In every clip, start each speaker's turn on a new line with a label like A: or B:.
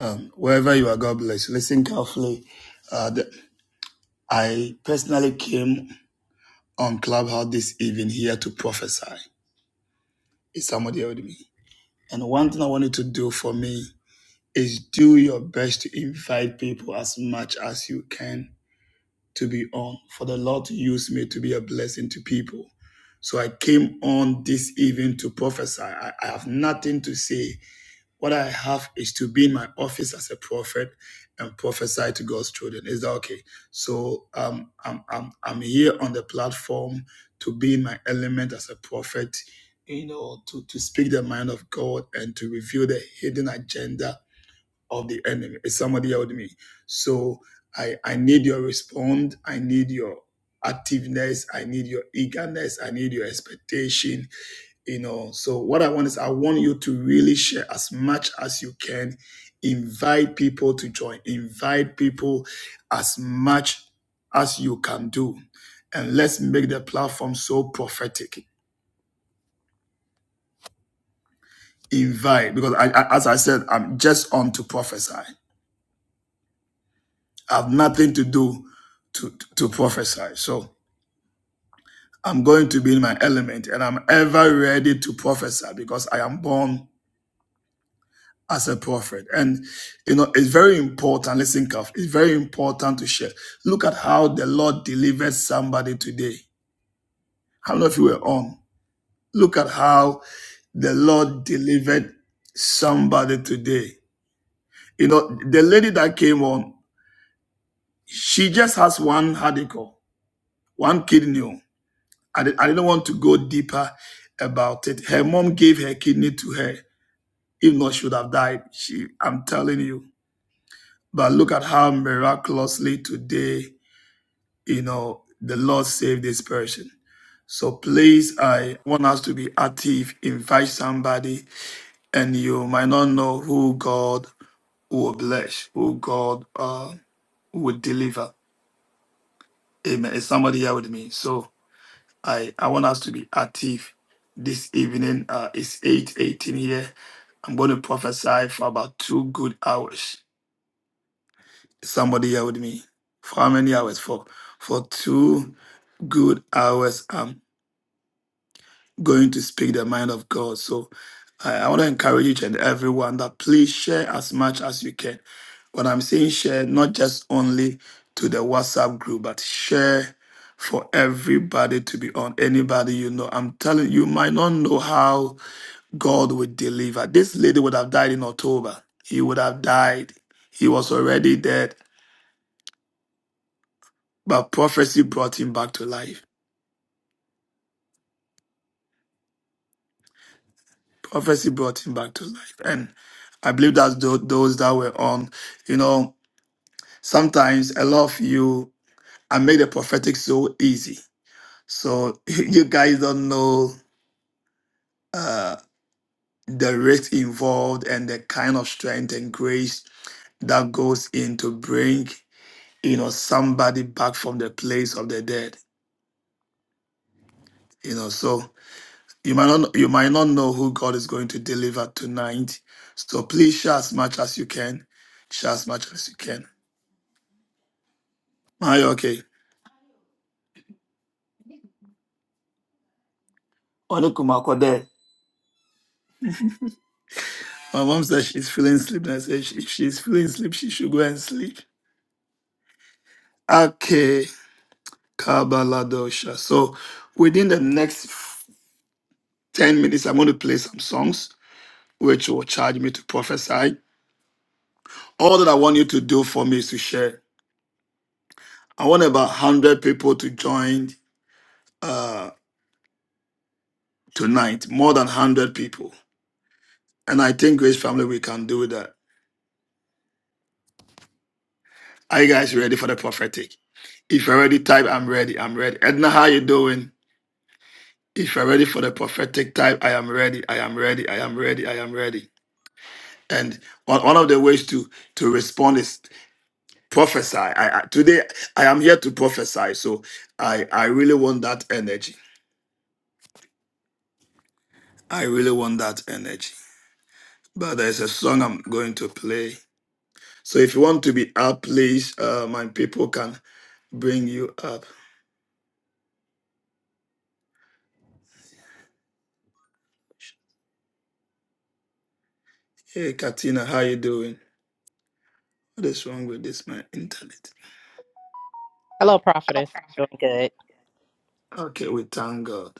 A: Um, wherever you are, God bless. you. Listen carefully. Uh, the, I personally came on Clubhouse this evening here to prophesy. Is somebody here with me? And one thing I want you to do for me is do your best to invite people as much as you can to be on, for the Lord to use me to be a blessing to people. So I came on this evening to prophesy. I, I have nothing to say What I have is to be in my office as a prophet and prophesy to God's children. Is that okay? So um, I'm, I'm, I'm here on the platform to be in my element as a prophet, you know, to, to speak the mind of God and to reveal the hidden agenda of the enemy. Is somebody here with me? So I, I need your response. I need your activeness. I need your eagerness. I need your expectation you know so what i want is i want you to really share as much as you can invite people to join invite people as much as you can do and let's make the platform so prophetic invite because I, I- as i said i'm just on to prophesy i have nothing to do to to prophesy so i'm going to be in my element and i'm ever ready to prophesy because i am born as a prophet. And you know, it's very important. Listen, carefully. It's very important to share. Look at how the Lord delivered somebody today. How many of you were on? Look at how the Lord delivered somebody today. You know, the lady that came on, she just has one article, one kidney. I, I didn't want to go deeper about it. Her mom gave her kidney to her. If not, she would have died. She, I'm telling you. But look at how miraculously today, you know, the Lord saved this person. So please, I want us to be active, invite somebody, and you might not know who God will bless, who God uh, will deliver. Amen. Is somebody here with me? So I, I want us to be active this evening. Uh, it's 8.18 here. I'm going to prophesy for about two good hours. Is somebody here with me? For how many hours? For for two. good hours I'm going to speak the mind of God. So I, I want to encourage each and everyone that please share as much as you can. When I'm saying share, not just only to the WhatsApp group, but share for everybody to be on. Anybody you know, I'm telling you, you might not know how God would deliver. This lady would have died in October. He would have died. He was already dead, but prophecy brought him back to life. prophecy brought him back to life. And I believe that's tho- those that were on. You know, sometimes a lot of you, I made the prophetic so easy. So you guys don't know uh, the risk involved and the kind of strength and grace that goes in to bring, you know, somebody back from the place of the dead. You know, so you might not you might not know who God is going to deliver tonight. So please share as much as you can. Share as much as you can. Are you okay? Onukumako there. My mom said she's feeling sleep. And I said she- if she's feeling sleep, she should go and sleep. Okay, Kabaladosha. So within the next 10 minutes, I'm going to play some songs, which will charge me to prophesy. All that I want you to do for me is to share. I want about 100 people to join uh, tonight, more than 100 people. And I think Grace Family, we can do that. Are you guys ready for the prophetic? If you're ready, type, I'm ready, I'm ready. Edna, how you doing? If you're ready for the prophetic time, I am ready. I am ready. I am ready. I am ready. And one, one of the ways to to respond is prophesy. I, I today I am here to prophesy. So I I really want that energy. I really want that energy. But there's a song I'm going to play. So if you want to be up, please, uh, my people can bring you up. Hey, Katina, how you doing? What is wrong with this my internet?
B: Hello, prophetess. Doing
A: Okay, we thank God.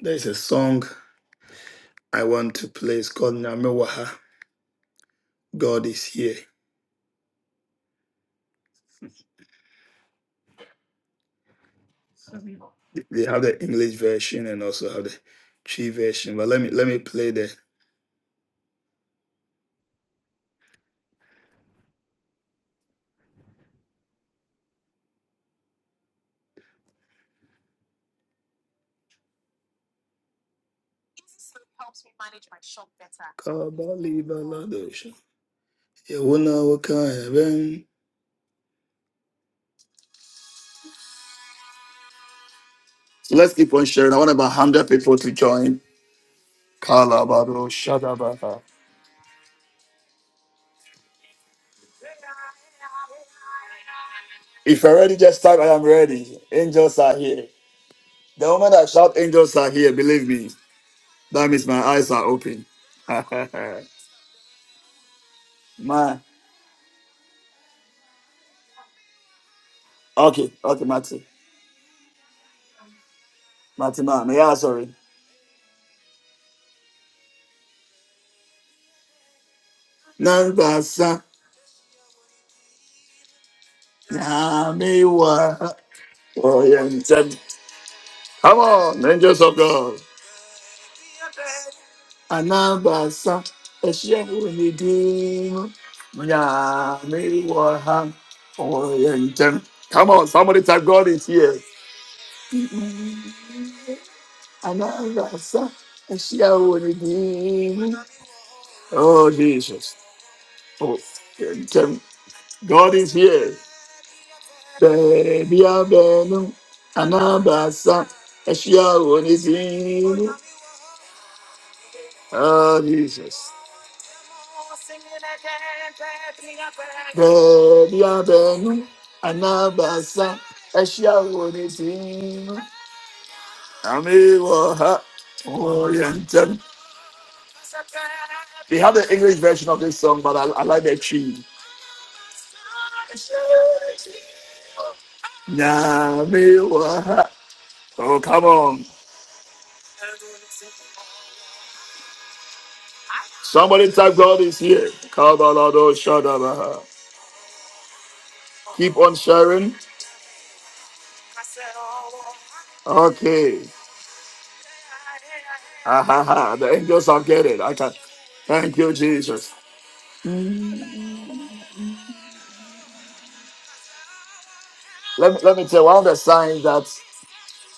A: There's a song. I want to play. It's called Nyamewaha. God is here. They have the English version and also have the tree version. But let me let me play the Kabali Baladosha. Yehuna Wakaya Ben. So let's keep on sharing. I want about 100 people to join. Kalabado Shadabaha. If you're ready, just type I am ready. Angels are here. The moment I shout, angels are here, believe me. That means my eyes are open. my okay, okay, Matty. Matty man, yeah, sorry. Nambasa, Namiwa, Oriented. Come on, angels of God. Anambasa, Eshehunidim, Namiwa, Oriented. Come on, somebody type God is here. Mm-hmm. Anambasa, Eshehunidim. Oh, Jesus. Oriented. God is here. baabi a bɛɛnu anaa baasa ahyia wɔ ne din mu oh jesus Baby, I bɛɛnu anaa baasa ahyia wɔ ne din mu ame wɔ ha wɔyɛ ntɛm they have the english version of this song but i, I like the tune nyame wɔ oh come on somebody type god is here kabaladoshadabaha keep on sharing Okay. Ah, ha, ha. The angels are getting. I can. Thank you, Jesus. Let me, let me tell you, one of the signs that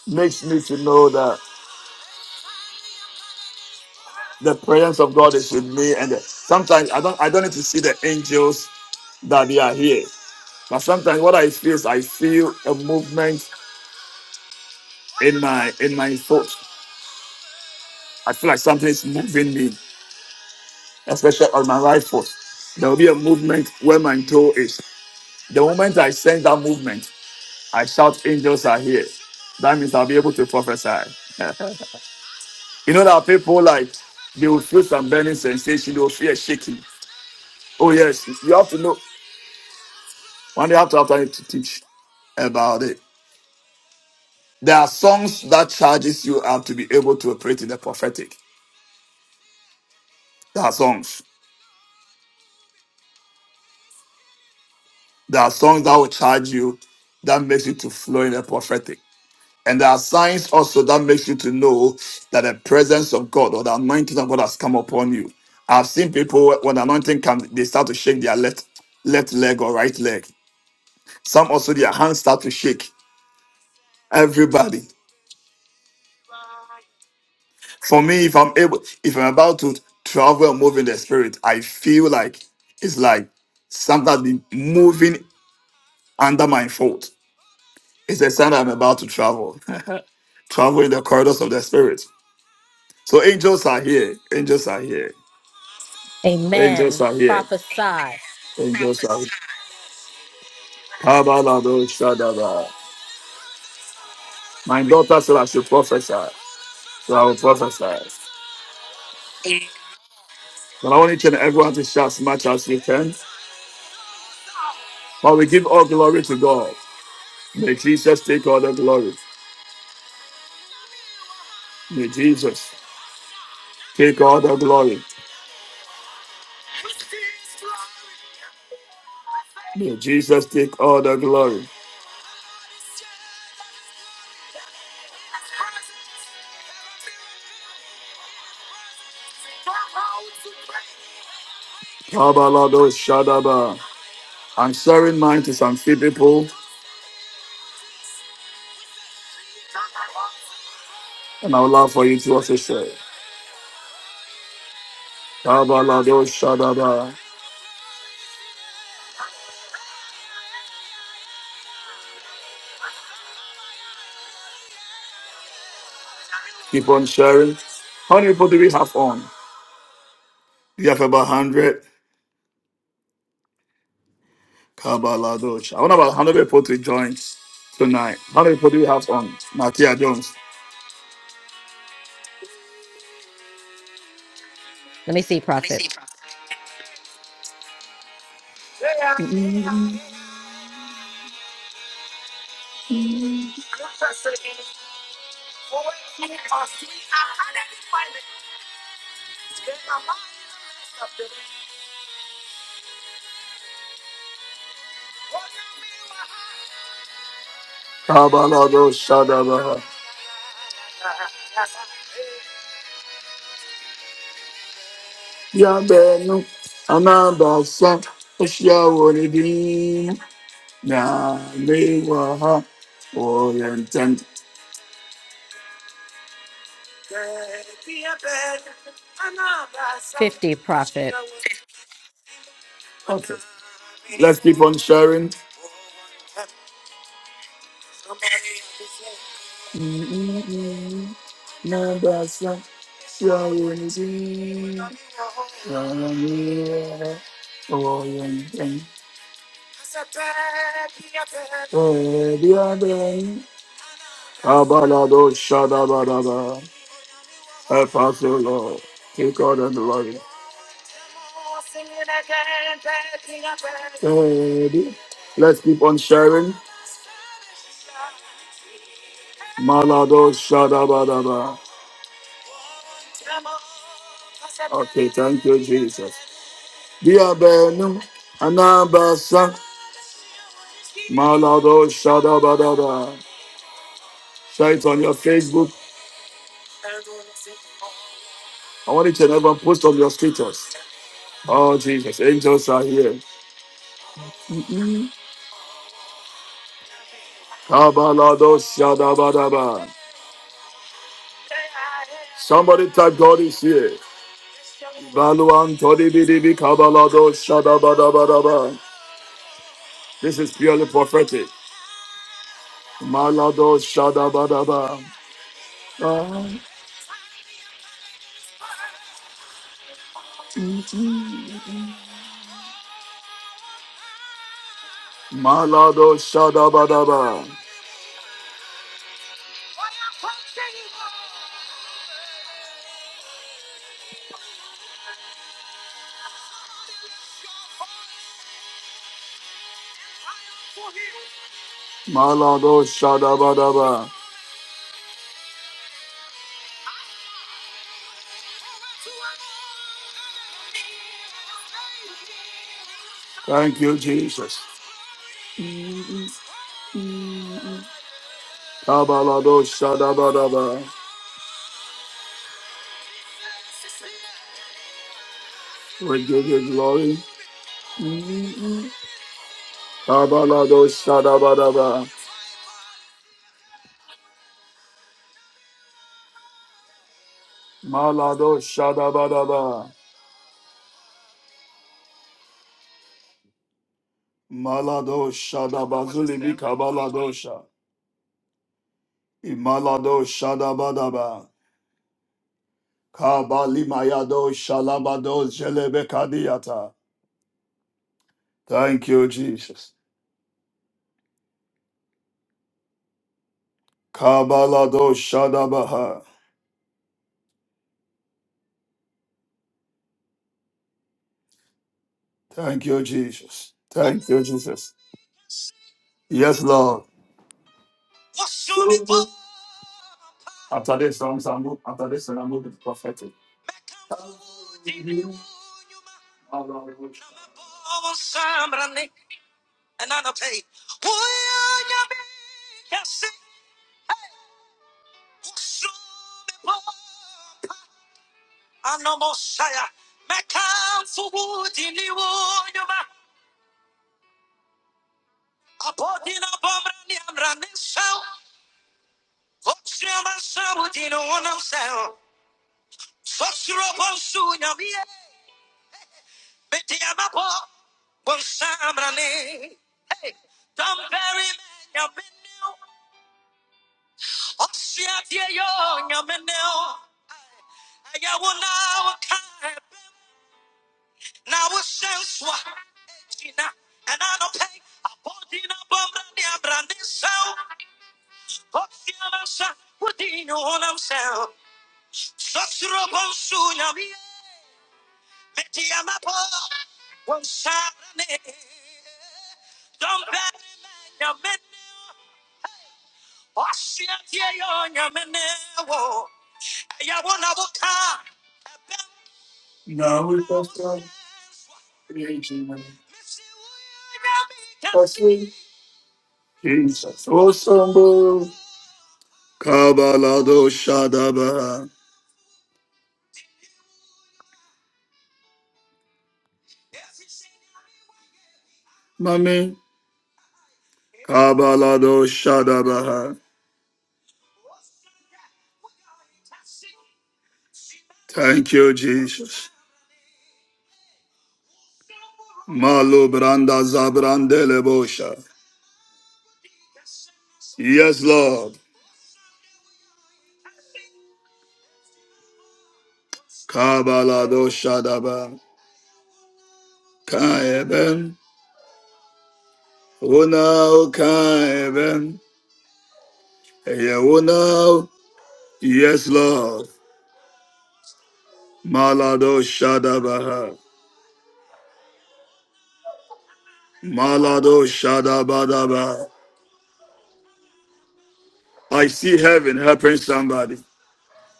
A: makes me to know that the presence of God is with me. And that sometimes I don't I don't need to see the angels that they are here. But sometimes what I feel is I feel a movement in my in my foot. I feel like something is moving me, especially on my right foot. There will be a movement where my toe is. The moment I sense that movement, I shout, angels are here. That means I'll be able to prophesy. You know that people like they will feel some burning sensation, they will feel shaking. Oh yes, you have to know. One day you have to have time to teach about it. There are songs that charges you up to be able to operate in the prophetic. There are songs. There are songs that will charge you that makes you to flow in the prophetic. And there are signs also that makes you to know that the presence of God or the anointing of God has come upon you. I've seen people when anointing comes, they start to shake their left left leg or right leg. Some also their hands start to shake. Everybody. For me, if I'm able, if I'm about to travel and move in the spirit, I feel like it's like something has been moving under my foot. It's a sign that I'm about to travel. travel in the corridors of the spirit. So angels are here. Angels are here. Angels
C: Amen.
A: are here.
C: Prophesy.
A: Angels are here. Exosai, Exosai. Kabalado Shadaba. My daughter said I should prophesy, so I will prophesy. But I want each and everyone to shout as much as you can. But we give all glory to God. May Jesus take all the glory. May Jesus take all the glory. May Jesus take all the glory. Kabalado Shadaba. I'm sharing mine to some few people, and I would love for you to also share. Kabalado Shadaba. Keep on sharing. How many people do we have on? You have about 100 Kabaladosh. I want about 100 people to join tonight. How many people do you have on? Nakia Jones.
C: Let me see, prophet.
A: Kabaladosh Shadabaha. Yabenu. Anabasa. Oshiawolidin. Yamewaha. Orientant.
C: 50, prophet.
A: Okay. Let's keep on sharing. Mm-mm-mm. Nabasa. Oshiawolidin. Yamewaha. Orientant. Eliaden, Abalado Shadabadaba. Help us, O Lord. Take God and glory. Ready? Let's keep on sharing. Malado Shadabadaba. Okay, thank you, Jesus. Dear Benum, Anabasa. Malado Shadabadaba. Share it on your Facebook. I want you to never post on your status. Oh, Jesus. Angels are here. Kabalado shadabadaba. Somebody type God is here. Baluan todibidibi kabalado shadabadabadaba. This is purely prophetic. Malado shadabadaba. Ah. Malado Shadabadaba. Malado Shadabadaba. Thank you, Jesus. Kabalado Shadabadaba. We give you glory. Kabalado Shadabadaba. Malado Shadabadaba. Malado Shadabazulimi Kabaladosha. Imalado Shadabadaba. Kabalimayado Shalabado Jelebe Kadiyata. Thank you, Jesus. Kabalado Shadabaha. Thank you, Jesus. Thank you, Jesus. Yes, Lord. After this song, I move, after this song, I move to the prophetic. Now we trust God. Jesus. Oh, Sambo. Kabalado Shadabaha. Mami. Kabalado Shadabaha. Thank you, Jesus. Malu Branda Zabrandele Bosha. Yes, Lord. Kabalado Shadaba. Kaeben. Unao Kaeben. Yeunao. Yes, Lord. Malado Shadabaha. Malado Shadabadaba. I see heaven helping somebody.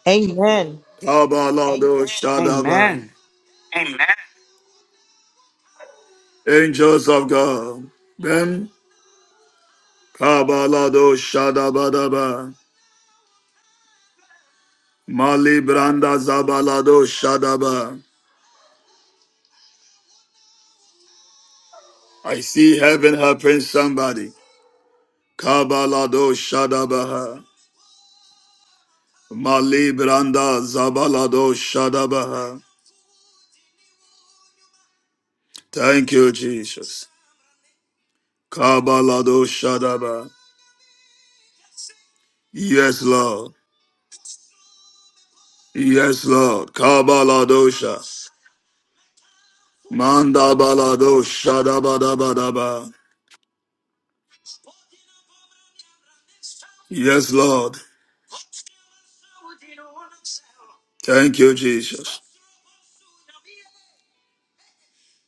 D: Amen.
A: Kabalado Shadaba.
E: Amen.
A: Angels of God. Ben. Kabalado Shadabadaba. Mali Branda Zabalado Shadaba. I see heaven helping somebody. Kabalado Shadabaha. Mali Branda Zabalado Shadabaha. Thank you, Jesus. Kabalado Shadaba. Yes, Lord. Yes, Lord. Kabaladosha. Manda balado shadabadabadaba. Yes, Lord. Thank you, Jesus.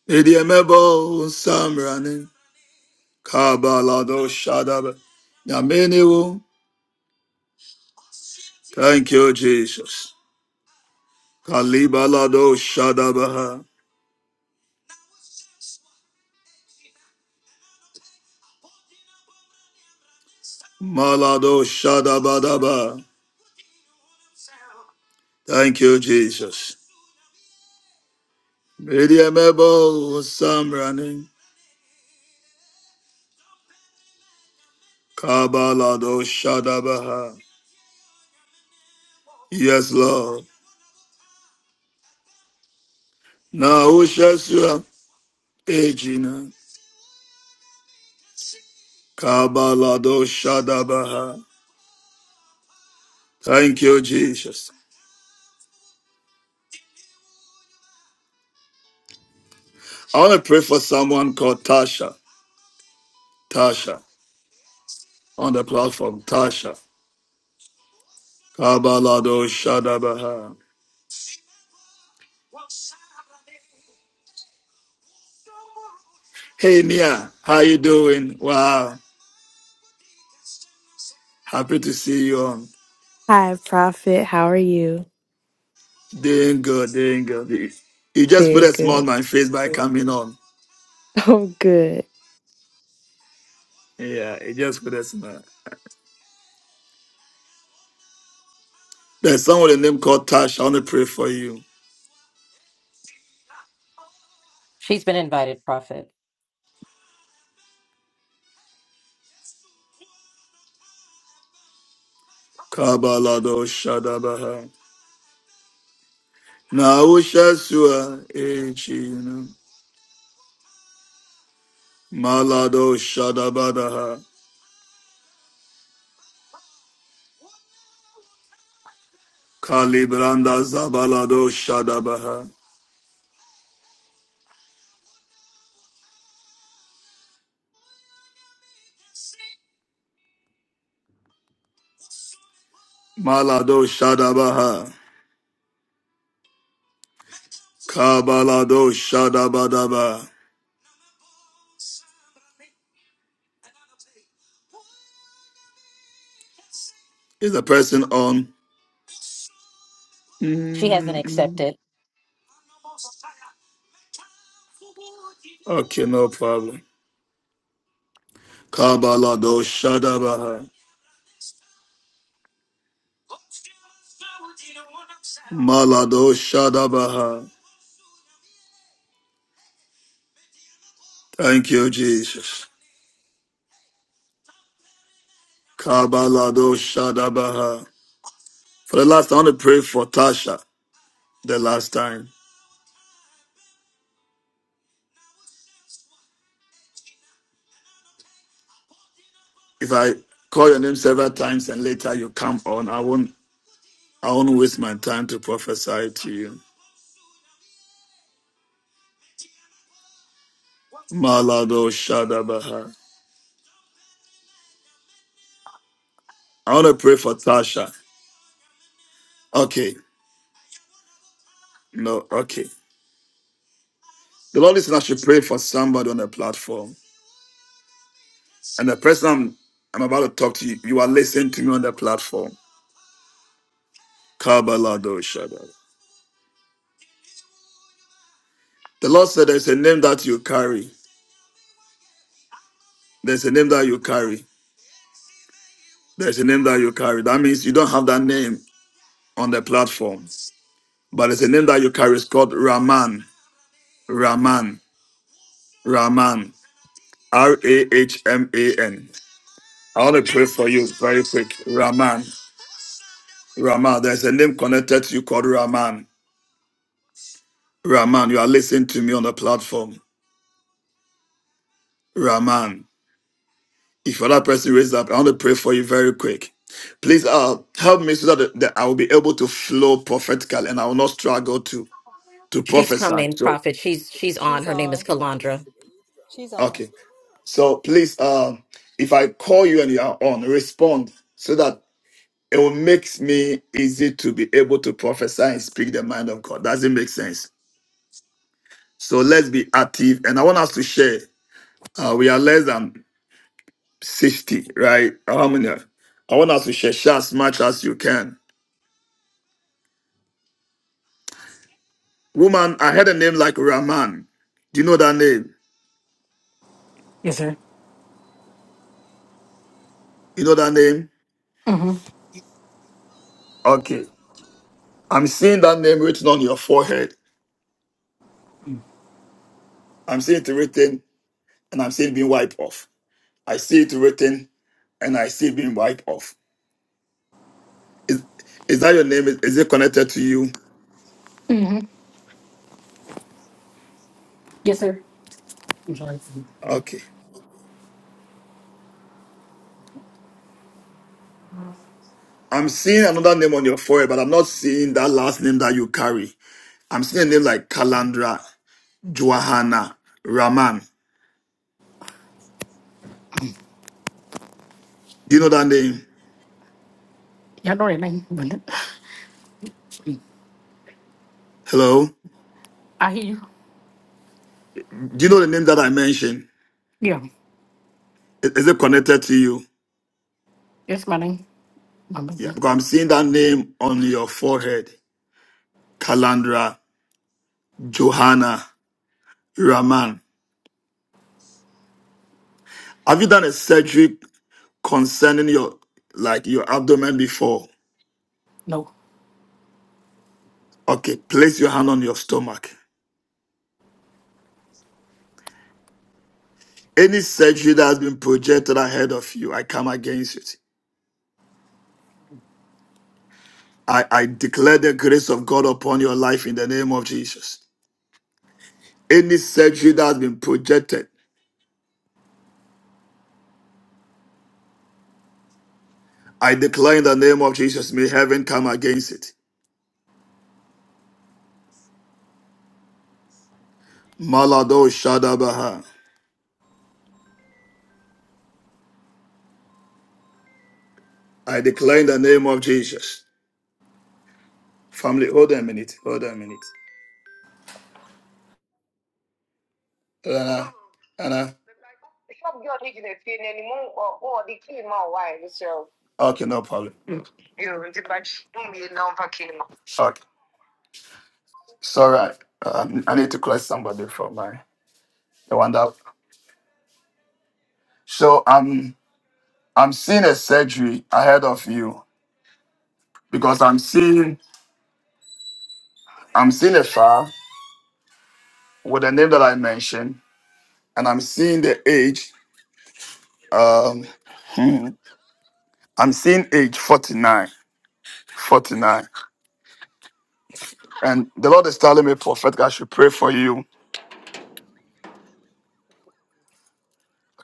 A: Idiamebo Samrani Kabalado Shadaba Yameniwo. Thank you, Jesus. Kalibalado Shadabaha Malado Shadabadaba. Thank you, Jesus. Idiamebo Samrani Kabalado Shadabaha. Yes, Lord. Naushasua Ejina Kabalado Shadabaha. Thank you, Jesus. I want to pray for someone called Tasha. Tasha on the platform. Tasha. Kabalado Shadabaha. Hey Mia, how you doing? Wow. Happy to see you on.
F: Hi, Prophet. How are you?
A: Doing good, doing good. You just put
F: Very
A: a smile on
F: good.
A: my face by coming on.
F: Oh, good.
A: Yeah, it just put a smile. There's someone with a name called Tasha. I want to pray for you.
C: She's been invited, prophet.
A: Kabalado Shadabaha. Naushasua Echino. Malado Shadabadaha. Kalibranda Zabalado Shadabaha. Malado Shadabaha. Kabalado Shadabadaba. Is the person on?
C: She hasn't
A: Mm,
C: accepted.
A: okay, no problem. Kabalado Shadabaha. Malado Shadabaha. Thank you, Jesus. Kabalado Shadabaha. For the last, I want to pray for Tasha the last time. If I call your name several times and later you come on, I won't I won't waste my time to prophesy to you. Malado Shadabaha. I want to pray for Tasha. Okay. No, okay. The Lord is I should pray for somebody on the platform. And the person I'm, I'm about to talk to you, you are listening to me on the platform. Kabalado Shadda. The Lord said there's a name that you carry. There's a name that you carry. There's a name that you carry. That means you don't have that name on the platform. But there's a name that you carry. It's called Rahman, Rahman, Rahman, R A H M A N. I want to pray for you very quick. Rahman." Rahman, there's a name connected to you called Rahman. Rahman, you are listening to me on the platform. Rahman, if you're that person, raise up. I want to pray for you very quick. Please uh, help me so that, that I will be able to flow prophetically and I will not struggle to to
C: She's
A: prophesy.
C: coming,
A: So,
C: prophet. She's she's on.
G: She's
C: Her name is
G: on.
C: Kalandra.
G: She's on.
A: okay. So please, uh, if I call you and you are on, respond so that it will make me easy to be able to prophesy and speak the mind of God. Does it make sense? So let's be active. And I want us to share. Uh, we are less than 60, right? How many? I want us to share as much as you can. Woman, I heard a name like Rahman. Do you know that name?
H: Yes, sir.
A: You know that name?
H: Mm-hmm.
A: Okay. I'm seeing that name written on your forehead. I'm seeing it written and I'm seeing it being wiped off. I see it written and I see it being wiped off. Is, is that your name? Is, is it connected to you?
H: Mm-hmm. Yes, sir.
A: Okay. I'm seeing another name on your forehead, but I'm not seeing that last name that you carry. I'm seeing a name like Kalandra, Johanna, Rahman. Do you know that name?
H: Y'all know that name, but
A: Hello?
H: I hear you.
A: Do you know the name that I mentioned?
H: Yeah,
A: I- Is it connected to you?
H: that's my name. My middle
A: Yeah,
H: name.
A: because I'm seeing that name on your forehead. Kalandra, Johanna, Raman. Have you done a surgery concerning your like your abdomen before?
H: No.
A: Okay, place your hand on your stomach. Any surgery that has been projected ahead of you, I come against it. I, I declare the grace of God upon your life in the name of Jesus. Any surgery that has been projected I declare in the name of Jesus, may heaven come against it. Malado Shadabaha. I declare in the name of Jesus. Family, hold on a minute. Hold on a minute. Anna. Anna. Okay, no problem. Okay. It's all right. Um, I need to call somebody from my the one that. So I'm I'm seeing a surgery ahead of you because I'm seeing I'm seeing a file with the name that I mentioned, and I'm seeing the age. Um, hmm, I'm seeing age 49, 49, and the Lord is telling me, prophetic, I should pray for you.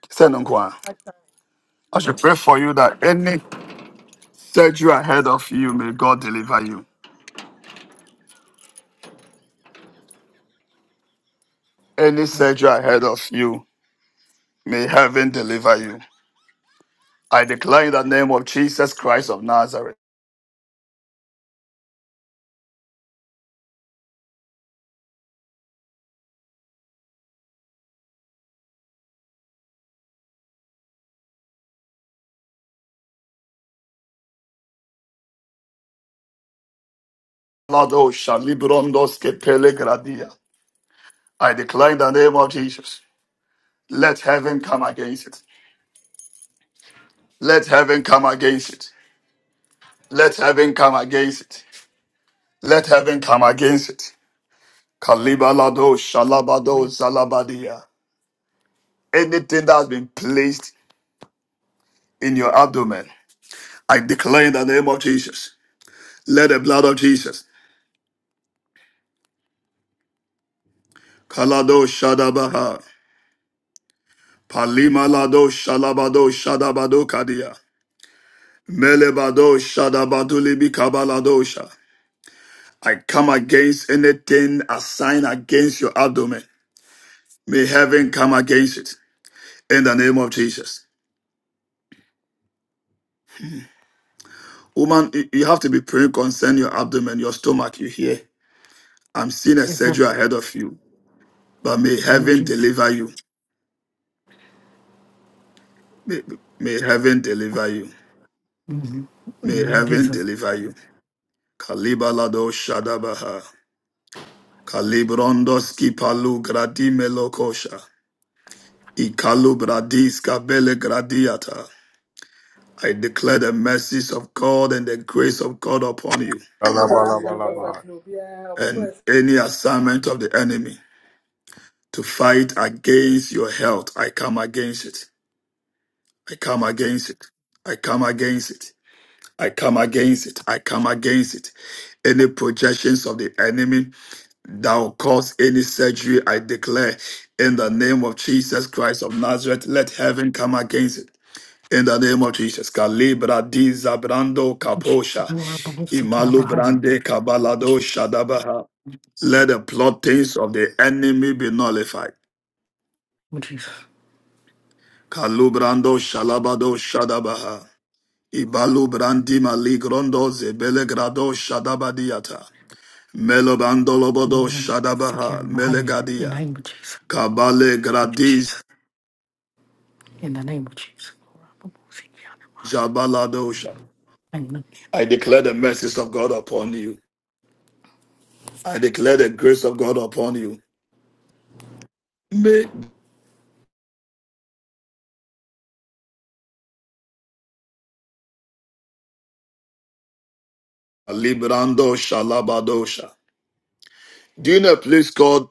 A: Send on choir. I should pray for you that any surgery ahead of you, may God deliver you. Any
H: Yeah.
A: surgery ahead of you, may heaven deliver you. I declare in the name of Jesus Christ of Nazareth. Lord, oh, Shalibrondos Kepele Gradia. I declare in the name of Jesus. Let heaven come against it. Let heaven come against it. Let heaven come against it. Let heaven come against it. Kalibalado, shalabado,
H: Amen.
A: zalabadia. Anything that has been placed in your abdomen, I declare in the name of Jesus. Let the blood of Jesus. Kalado shadabaha. Palimalado shalabado shadabado kadia. Melebado shadabado kabaladosha. I come against anything assigned against your abdomen. May heaven come against it. in the name of Jesus. Woman, you you have to be praying concerning your abdomen, your stomach. You hear? I'm seeing a
H: Yes, sir.
A: surgery ahead of you, but may
H: Name of
A: heaven
H: Jesus.
A: deliver you. May, may heaven deliver you.
H: Mm-hmm. In the
A: May
H: name of
A: heaven
H: Jesus.
A: deliver you. Kalibalado Shadabaha. Kalibrondoski palu gradi melokosha. Ikalu bradis kabele gradiata. I declare the mercies of God and the grace of God upon you
I: Alaba, alaba, Yɛmfa alaba. tene obiara,
A: and any assignment of the enemy. to fight against your health. I come against it. I come against it. I come against it. I come against it. I come against it. Any projections of the enemy that will cause any surgery, I declare in the name of Jesus Christ of Nazareth, let heaven come against it. In the name of Jesus. Kalibra di zabrando
H: Thank you, Jesus.
A: kaposha.
H: Lord, I'm gonna seek you, I'm
A: Imalu
H: behind you.
A: brande kabalado
H: Jesus.
A: shadabaha. Let the plottings of the enemy be nullified.
H: Oh, Jesus.
A: Kalubrando Shalabado Shadabaha. Ibalubrandi Maligrondo Zebelegrado Shadabadiata. Melobando
H: I'm
A: Lobodo
H: gonna seek you,
A: Shadabaha
H: I'm behind you. In the
A: Melegadia.
H: name of Jesus.
A: Kabale
H: Thank you,
A: Gradiz
H: Jesus. In the name of Jesus. Lord, I'm gonna seek you, I'm behind you.
A: Jabaladosha.
H: Thank you,
A: I
H: Lord.
A: declare the mercies of God upon you. I declare the grace of God upon you. May Librando Shalabadosha. Do you know a place called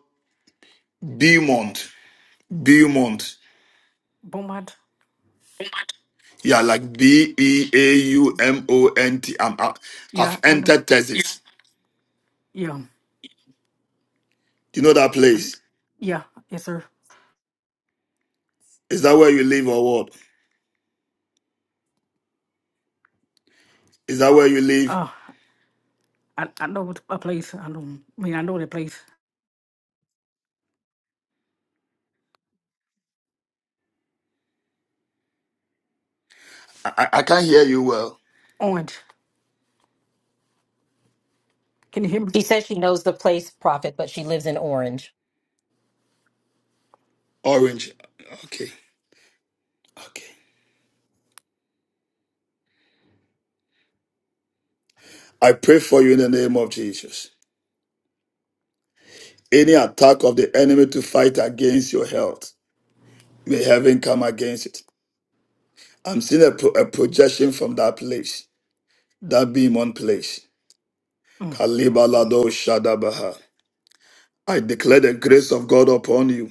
A: Beaumont? Beaumont.
H: Beaumont.
A: Yeah, like B E A U M O N T. I'm out.
H: Yeah,
A: I've
H: I know.
A: entered Texas.
H: Yeah.
A: Do you know that
H: I'm,
A: place?
H: yeah, yes, sir.
A: Is that where you live or what? Is that where you live?
H: Uh, I, I know what- a place. I know. I mean, I know the place.
A: I, I I can't hear you well.
H: Orange. Can you hear me?
C: She says she knows the place, prophet, but she lives in Orange.
A: Orange. Okay. Okay. I pray for you in the name of Jesus. Any attack of the enemy to fight against your health, may heaven come against it. I'm seeing a, pro- a projection from that place, that beam on place.
H: Mm.
A: Kalibalado Shadabaha. I declare the grace of God upon you.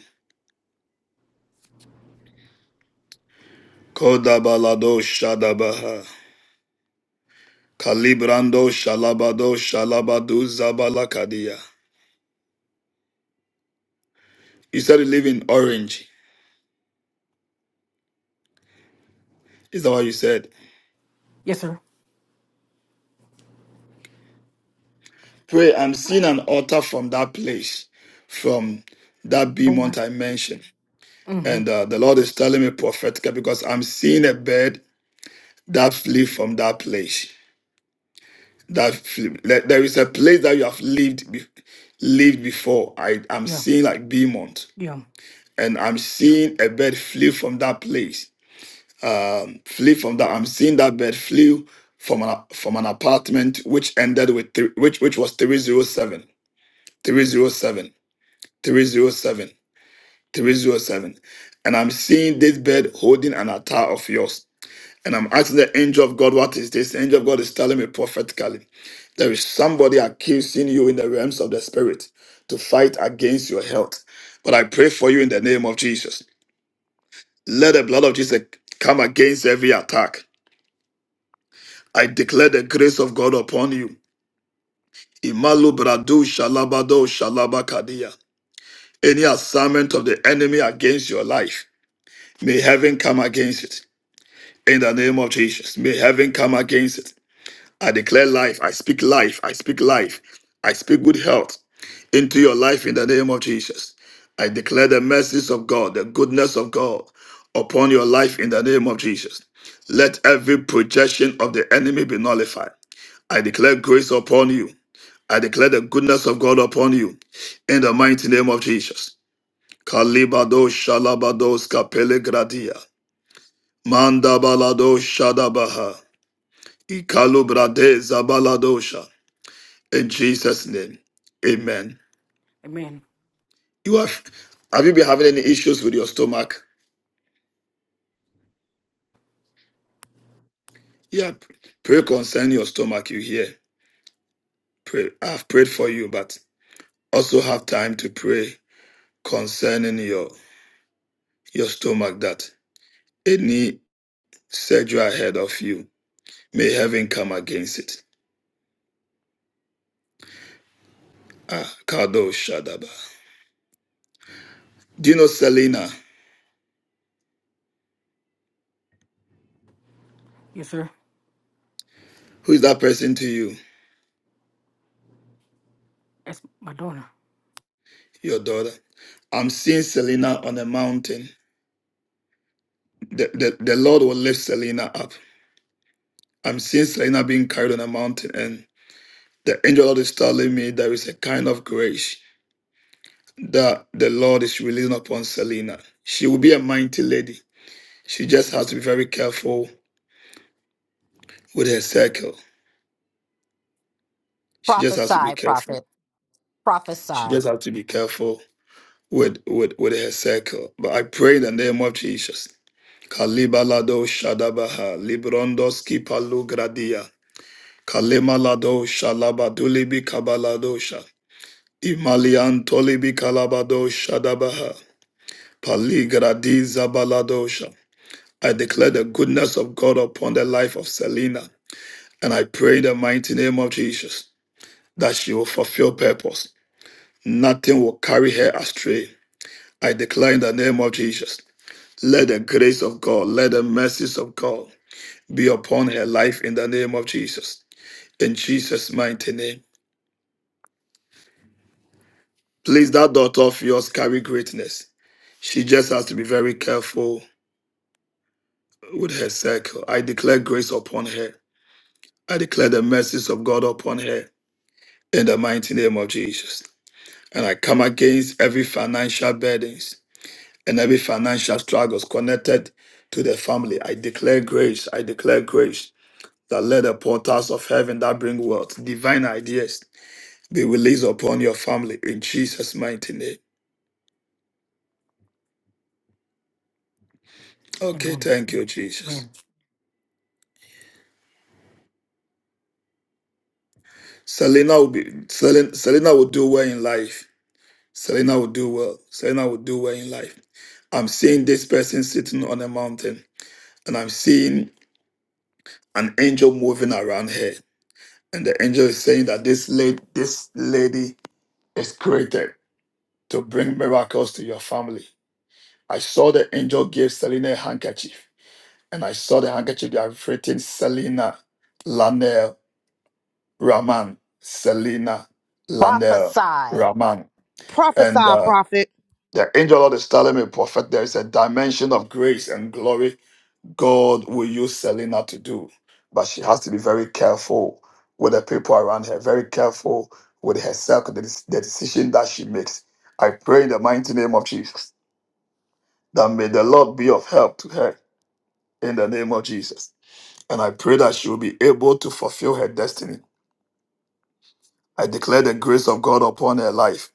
A: Kodabalado Shadabaha. Kalibrando Shalabado Shalabadu Zabalakadia. You said you live in Orange. Is that what you said?
H: Yes, sir.
A: Pray, I'm seeing an altar from that place, from that beamont
H: Beaumont.
A: I mentioned.
H: Mm-hmm.
A: And uh, the Lord is telling me prophetically because I'm seeing a bed that flee from that place. That flee. There there is a place that you have lived be- lived before. I, I'm
H: Yeah.
A: seeing like beamont.
H: Yeah.
A: And I'm seeing a bed flee from that place um, flee from that. I'm seeing that bird flew from an from an apartment which ended with three, which which was 307 307 307 307, And I'm seeing this bird holding an altar of yours. And I'm asking the angel of God, what is this? The angel of God is telling me prophetically, there is somebody accusing you in the realms of the spirit to fight against your health. But I pray for you in the name of Jesus. Let the blood of Jesus come against every attack. I declare the grace of God upon you. Imalu bradu shalabado shalabakadia. Any assignment of the enemy against your life, may heaven come against it. In the name of Jesus, may heaven come against it. I declare life. I speak life. I speak life. I speak good health into your life in the name of Jesus. I declare the mercies of God, the goodness of God upon your life in the name of Jesus. Let every projection of the enemy be nullified. I declare grace upon you. I declare the goodness of God upon you in the mighty name of Jesus. Kalibado shalabados kapele gradia. Mandabalado shadabaha. Ikalubrade zabaladosha. In Jesus' name. Amen.
H: Amen.
A: You have have you been having any issues with your stomach? Yeah. Pray concerning your stomach, you hear. Pray. I've prayed for you, but also have time to pray concerning your your stomach that any surgery ahead of you May heaven come against it. Ah, Kado Shadaba. Do you know Selena?
H: Yes, sir.
A: Who is that person to you?
H: That's my daughter.
A: Your daughter. I'm seeing Selena on a mountain. The, the, the Lord will lift Selena up. I'm seeing Selena being carried on a mountain, and the angel of the Lord is telling me there is a kind of grace that the Lord is releasing upon Selena. She will be a mighty lady. She just has to be very careful with her circle. She just has to be
C: Prophesy,
A: careful.
C: prophet.
A: She
C: Prophesy.
A: just has to be careful with with with her circle. But I pray in the name of Jesus. Kalibalado Shadabaha Librondos Kipalu Gradia Kalemalado Shalabadulibi Kabaladosha Imalian Tolibi Kalabado Shadabaha Paligradi Zabaladosha. I declare the goodness of God upon the life of Selena, and I pray in the mighty name of Jesus that she will fulfill purpose. Nothing will carry her astray. I declare in the name of Jesus. Let the grace of God, let the mercies of God be upon her life in the name of Jesus. In Jesus' mighty name. Please, that daughter of yours carry greatness. She just has to be very careful with her circle. I declare grace upon her. I declare the mercies of God upon her in the mighty name of Jesus. And I come against every financial burdens and every financial struggles connected to the family. I declare grace. I declare grace. that let the portals of heaven that bring wealth, divine ideas be released upon your family in Jesus' mighty name. Okay,
H: Amen.
A: thank you, Jesus.
H: Amen.
A: Selena will be Selena, Selena will do well in life. Selena will do well. Selena will do well in life. I'm seeing this person sitting on a mountain, and I'm seeing an angel moving around her. And the angel is saying that this lady, this lady is created to bring miracles to your family. I saw the angel give Selena a handkerchief and I saw the handkerchief they have written Selena Lanel Raman. Selena Lanel
C: Prophesy.
A: Raman. And
D: Prophesy,
A: uh,
D: prophet.
A: the angel of the is telling me, Prophet, there is a dimension of grace and glory God will use Selena to do. But she has to be very careful with the people around her, very careful with herself, the, the decision that she makes. I pray in the mighty name of Jesus that may the Lord be of help to her in the name of Jesus. and I pray that she will be able to fulfill her destiny. I declare the grace of God upon her life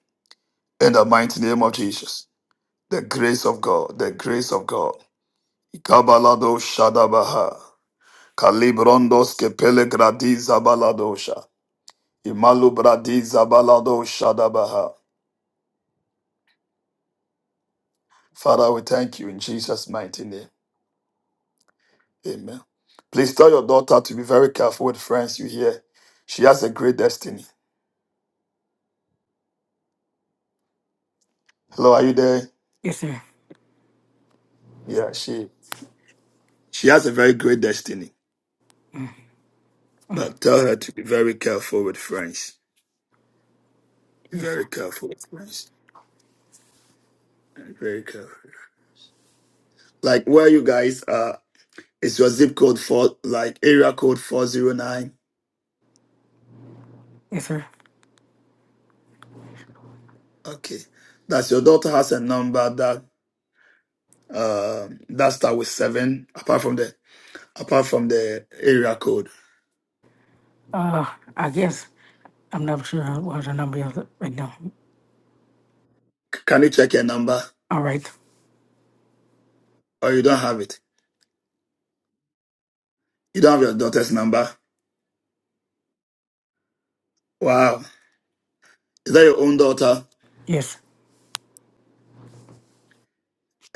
A: in the mighty name of Jesus. The grace of God, the grace of God. Ikabalado Shadabaha. Kalibrondos Kepele Gradiza Baladosha. Imalu Bradiza Balado Shadabaha. Father, we thank you in Jesus' mighty name. Amen. Please tell your daughter to be very careful with friends you hear. She has a great destiny. Hello, are you there?
H: Yes, sir.
A: Yeah, she she has a very great destiny.
H: Mm.
A: But tell her to be very careful with friends. Be
H: Yes.
A: very careful with friends. Very careful. Like where you guys are, is your zip code for like area code four zero nine?
H: Yes, sir.
A: Okay, that's your daughter has a number that um that start with seven. Apart from the apart from the area code,
H: Uh, I guess I'm not sure what the number is right now.
A: C- can you check your number
H: All right.
A: or you don't have it? You don't have your daughter's number. Wow, is that your own daughter
H: Yes.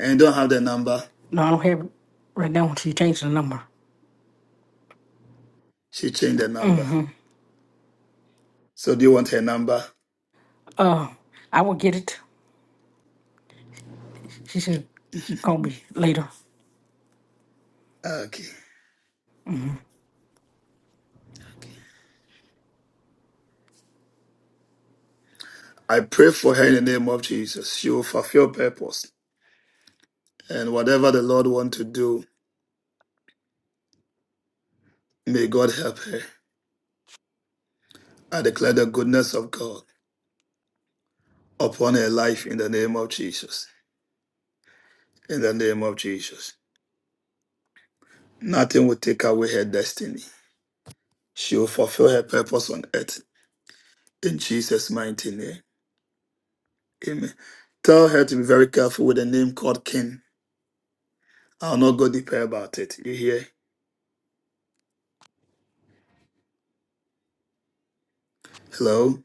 A: and you don't have the number?
H: No, I don't have it right now. She changed the number.
A: She changed the number.
H: Mm-hmm.
A: So do you want her number?
H: Uh, I will get it. She said, call me later.
A: Okay. I pray for her in the name of Jesus. She will fulfill purpose. And whatever the Lord wants to do, may God help her. I declare the goodness of God upon her life in the name of Jesus. In the name of Jesus. Nothing will take away her destiny. She will fulfill her purpose on earth in Jesus' mighty name. Amen. Tell her to be very careful with the name called King. I'll not go deeper about it. You hear? Hello?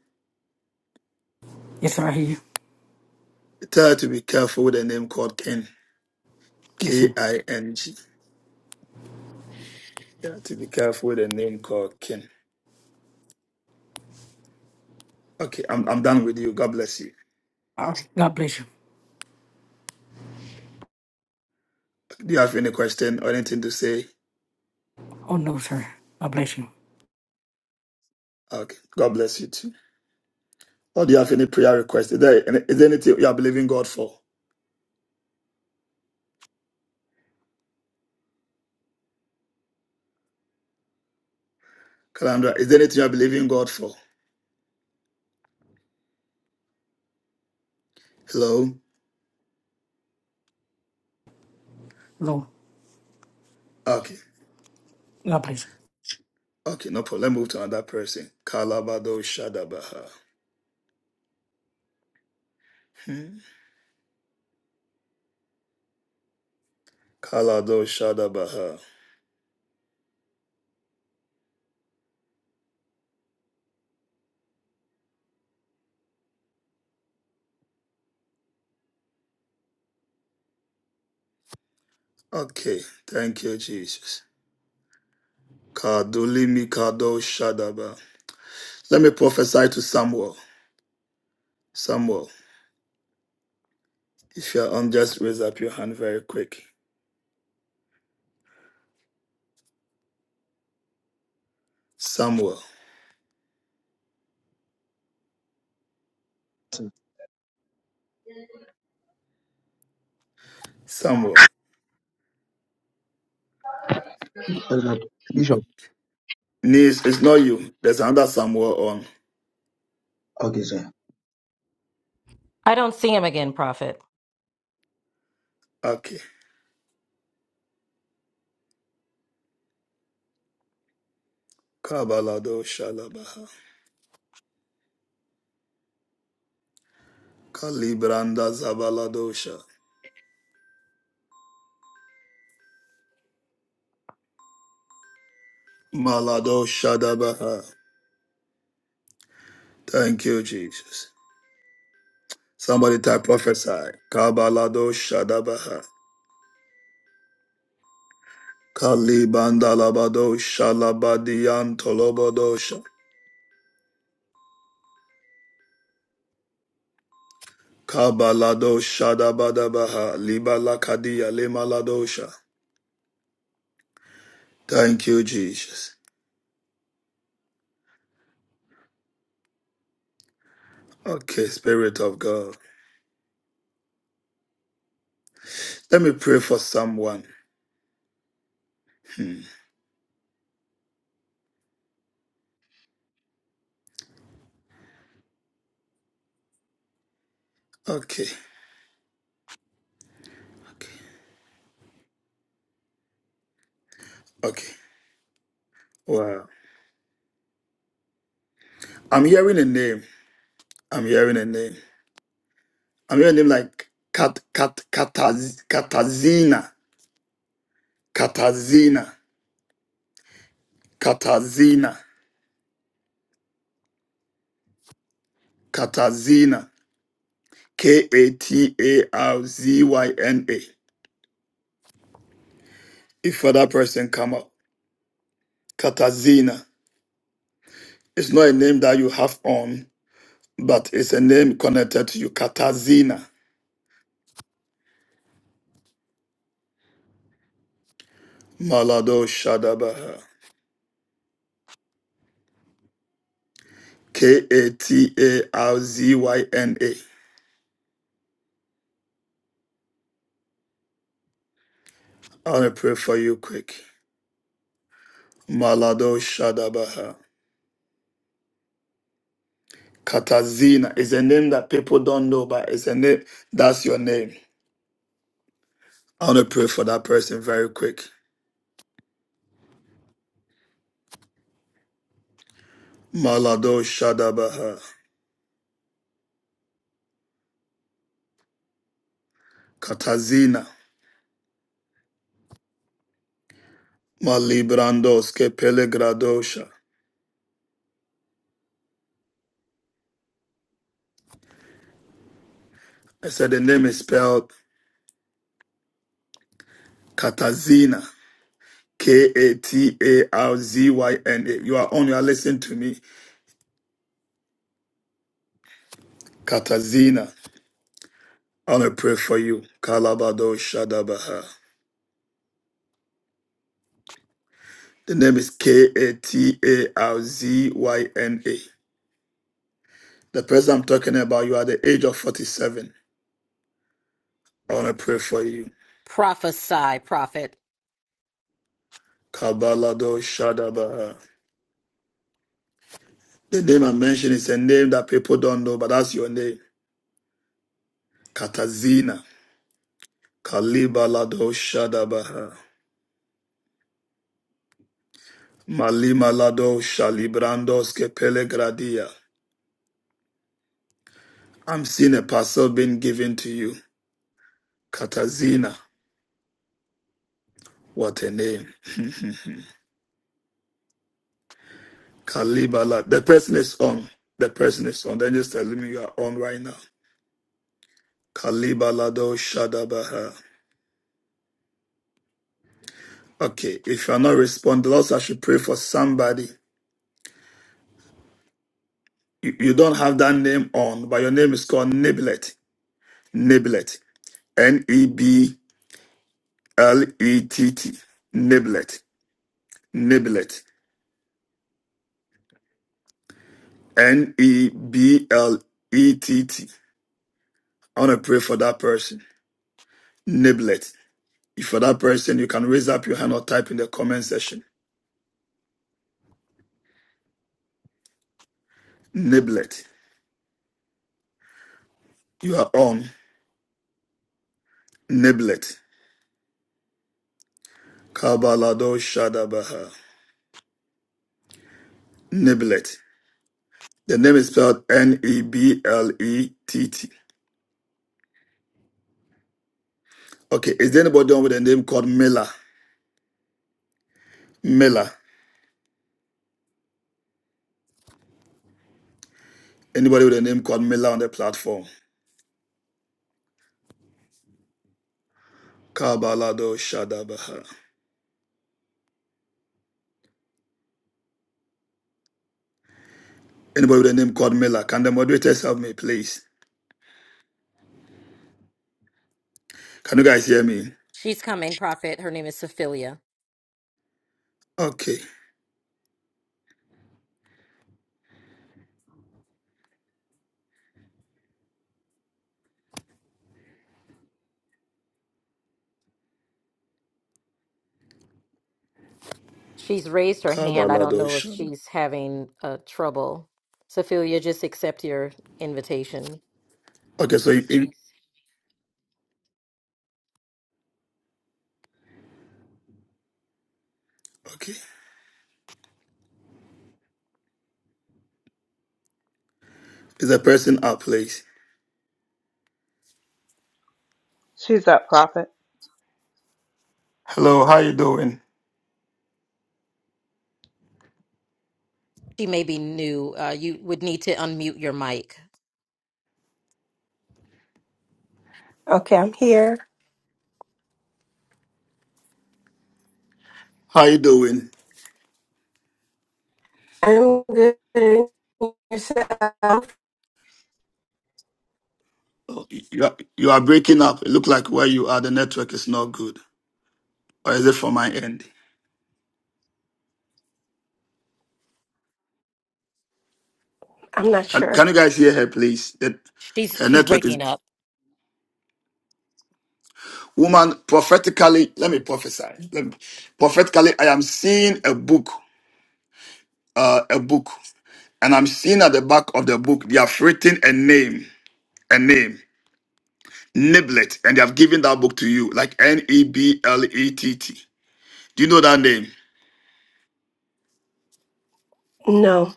H: Yes, sir. I hear you.
A: Tell her to be careful with the name called King.
H: Yes,
A: K
H: sir.
A: I N G. Yeah, to be careful with a name called Ken. Okay, I'm I'm done with you. God bless you.
H: All right. God bless you.
A: Do you have any question or anything to say?
H: Oh no, sir. God bless you.
A: Okay, God bless you too. Or do you have any prayer request? Is there any- is there anything you are believing God for? Calandra, is there anything you are believing God for? Hello.
H: No,
A: Okay.
H: God bless. you.
A: Okay, no problem. Let's move to another person. Kalabado Shadabaha. Hmm. Kalado Shadabaha. Okay, thank you, Jesus. Kadulimi Kado Shadaba. Let me prophesy to Samuel. Samuel. If you're on, just raise up your hand very quick. Samuel. Samuel.
J: Bishop
A: Niece, it's not you. There's another Samuel on.
J: Okay, sir.
C: I don't see him again, prophet.
A: Okay. Kabaladosha labaha. Kalibranda zabaladosha. Maladosha dabaha. Thank you, Jesus. Somebody type prophesy. Kabaladosha dabaha. Kalibanda labadosha labadiyan tolobodosha. Kabaladosha dabadabaha. Libalakadia limaladosha. Thank you, Jesus. Okay, Spirit of God. Let me pray for someone. Hmm. Okay. Okay. Okay. Wow. I'm hearing a name. I'm hearing a name. I'm hearing a name like Kat Kat Kataz, Katazina. Katazina. Katazina. Katazina. K A T A R Z Y N A. If other person come up, Katazina. It's not a name that you have on, but it's a name connected to you. Katazina. Malado Shadabaha. K A T A R Z Y N A. I want to pray for you quick. Malado Shadabaha. Katazina is a name that people don't know, but it's a name that's your name. I want to pray for that person very quick. Malado Shadabaha. Katazina. Malibrandos ke Pelegradosha. I said the name is spelled Katazina. K A T A R Z Y N A. You are on, you are listening to me. Katazina. I want to pray for you. Kalabado Shadabaha. The name is K A T A R Z Y N A. The person I'm talking about, you are the age of 47. I want to pray for you.
C: Prophesy, prophet.
A: Kabalado Shadabaha. The name I mentioned is a name that people don't know, but that's your name. Katazina. Kalibalado Shadabaha. Malimalado Shalibrandos Kepele Gradia. I'm seeing a parcel being given to you. Katazina. What a name. Kalibala. The person is on. The person is on. Then just tell me you are on right now. Kalibalado Shadabaha. Okay. If you are not responding, also I should pray for somebody. You, you don't have that name on, but your name is called Niblet. Niblet. N E B L E T T. Niblet. Niblet. N E B L E T T. I want to pray for that person. Niblet. If for that person, you can raise up your hand or type in the comment section. Niblet. You are on Niblet. Kabalado Shadabaha. Niblet. The name is spelled N E B L E T T. Okay, is there anybody on with a name called Miller? Miller. Anybody with a name called Miller on the platform? Kabalado Shadabaha. Anybody with a name called Miller? Can the moderators help me, please? Can you guys hear me?
C: She's coming, prophet. Her name is Sophia.
A: Okay.
C: She's raised her hand. I don't
A: Kabalado
C: know if
A: Shadabaha.
C: she's having uh, trouble. Sophia, just accept your invitation.
A: Okay, so you in. Okay. Is the person up, please?
K: She's up, Prophet.
A: Hello, how you doing?
C: She may be new. Uh, you would need to unmute your mic.
L: Okay, I'm here.
A: How you doing?
L: I'm good. Yourself?
A: Oh, you are, you are breaking up. It looks like where you are, the network is not good. Or is it from my end?
L: I'm not
A: Can, can
L: sure.
A: you guys hear her, please? That
C: She's
A: her
C: she's
A: network is.
C: breaking up.
A: Woman, prophetically, let me prophesy. Let me, prophetically, I am seeing a book, uh, a book, and I'm seeing at the back of the book, they have written a name, a name, Niblet, and they have given that book to you, like N E B L E T T. Do you know that name?
L: No.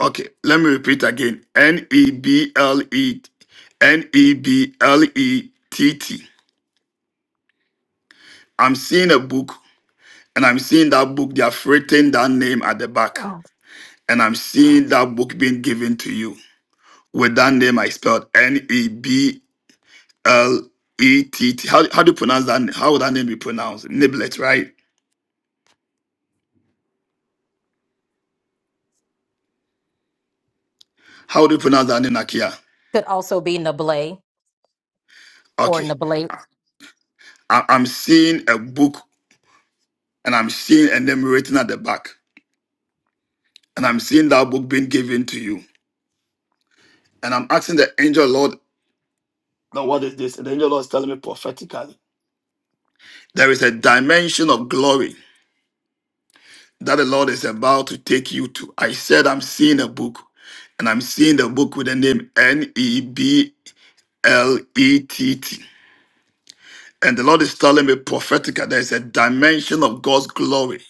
A: Okay, let me repeat again. N E B L E N E B L E T T. I'm seeing a book, and I'm seeing that book. They have written that name at the back,
L: Oh,
A: and I'm seeing that book being given to you with that name I spelled N E B L E T T. How how do you pronounce that? How would that name be pronounced? Niblet, right? How do you pronounce that name, Nakia?
C: Could also be Nablé or
A: Okay,
C: Nablé
A: I, I'm seeing a book, and I'm seeing a name written at the back, and I'm seeing that book being given to you. And I'm asking the angel Lord, now what is this? And the angel Lord is telling me prophetically, there is a dimension of glory that the Lord is about to take you to. I said, I'm seeing a book, and I'm seeing the book with the name N E B L E T T. And the Lord is telling me prophetically, there is a dimension of God's glory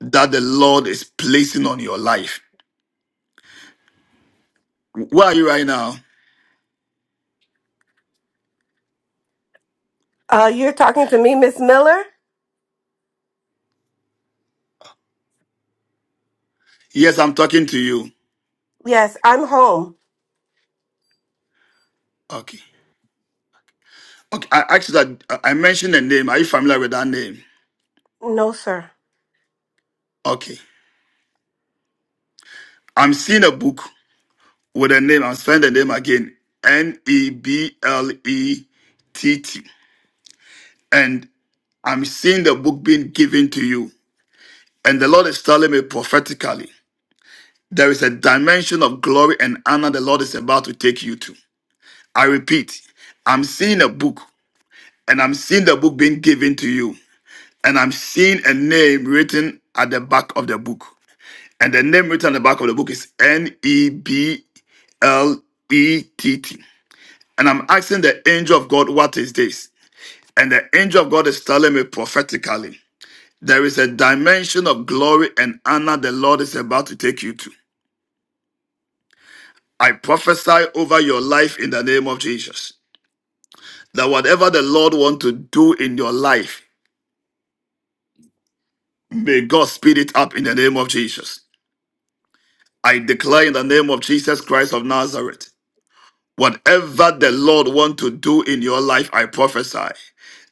A: that the Lord is placing on your life. Where are you right now?
L: Uh, you're talking to me, Miss Miller?
A: Yes, I'm talking to you.
L: Yes, I'm home.
A: Okay. Okay. I actually, I I mentioned a name. Are you familiar with that name?
L: No, sir.
A: Okay. I'm seeing a book with a name. I'm spelling the name again. N E B L E T T. And I'm seeing the book being given to you. And the Lord is telling me prophetically, there is a dimension of glory and honor the Lord is about to take you to. I repeat, I'm seeing a book and I'm seeing the book being given to you. And I'm seeing a name written at the back of the book. And the name written at the back of the book is N E B L E T T. And I'm asking the angel of God, what is this? And the angel of God is telling me prophetically, there is a dimension of glory and honor the Lord is about to take you to. I prophesy over your life in the name of Jesus. That whatever the Lord wants to do in your life, may God speed it up in the name of Jesus. I declare in the name of Jesus Christ of Nazareth, whatever the Lord wants to do in your life, I prophesy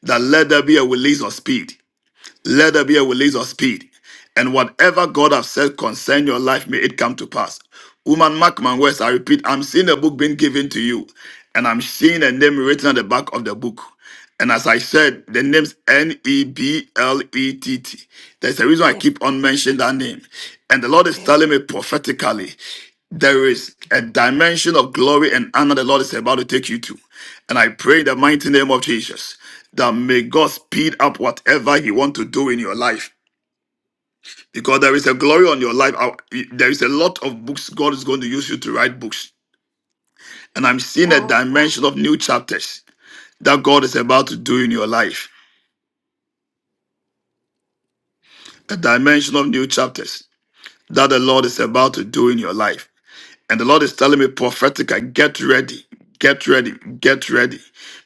A: that let there be a release of speed. Let there be a release of speed. And whatever God has said concerning your life, may it come to pass. Woman Mark, Markman West, I repeat, I'm seeing a book being given to you, and I'm seeing a name written on the back of the book. And as I said, the name's N E B L E T T. There's a reason I
L: yes.
A: keep on mentioning that name. And the Lord is
L: Okay.
A: telling me prophetically there is a dimension of glory and honor the Lord is about to take you to. And I pray in the mighty name of Jesus that may God speed up whatever He wants to do in your life. Because there is a glory on your life. I- There is a lot of books God is going to use you to write books. And I'm seeing a
L: Wow.
A: dimension of new chapters that God is about to do in your life. A dimension of new chapters that the Lord is about to do in your life. And the Lord is telling me prophetically, get ready, get ready, get ready.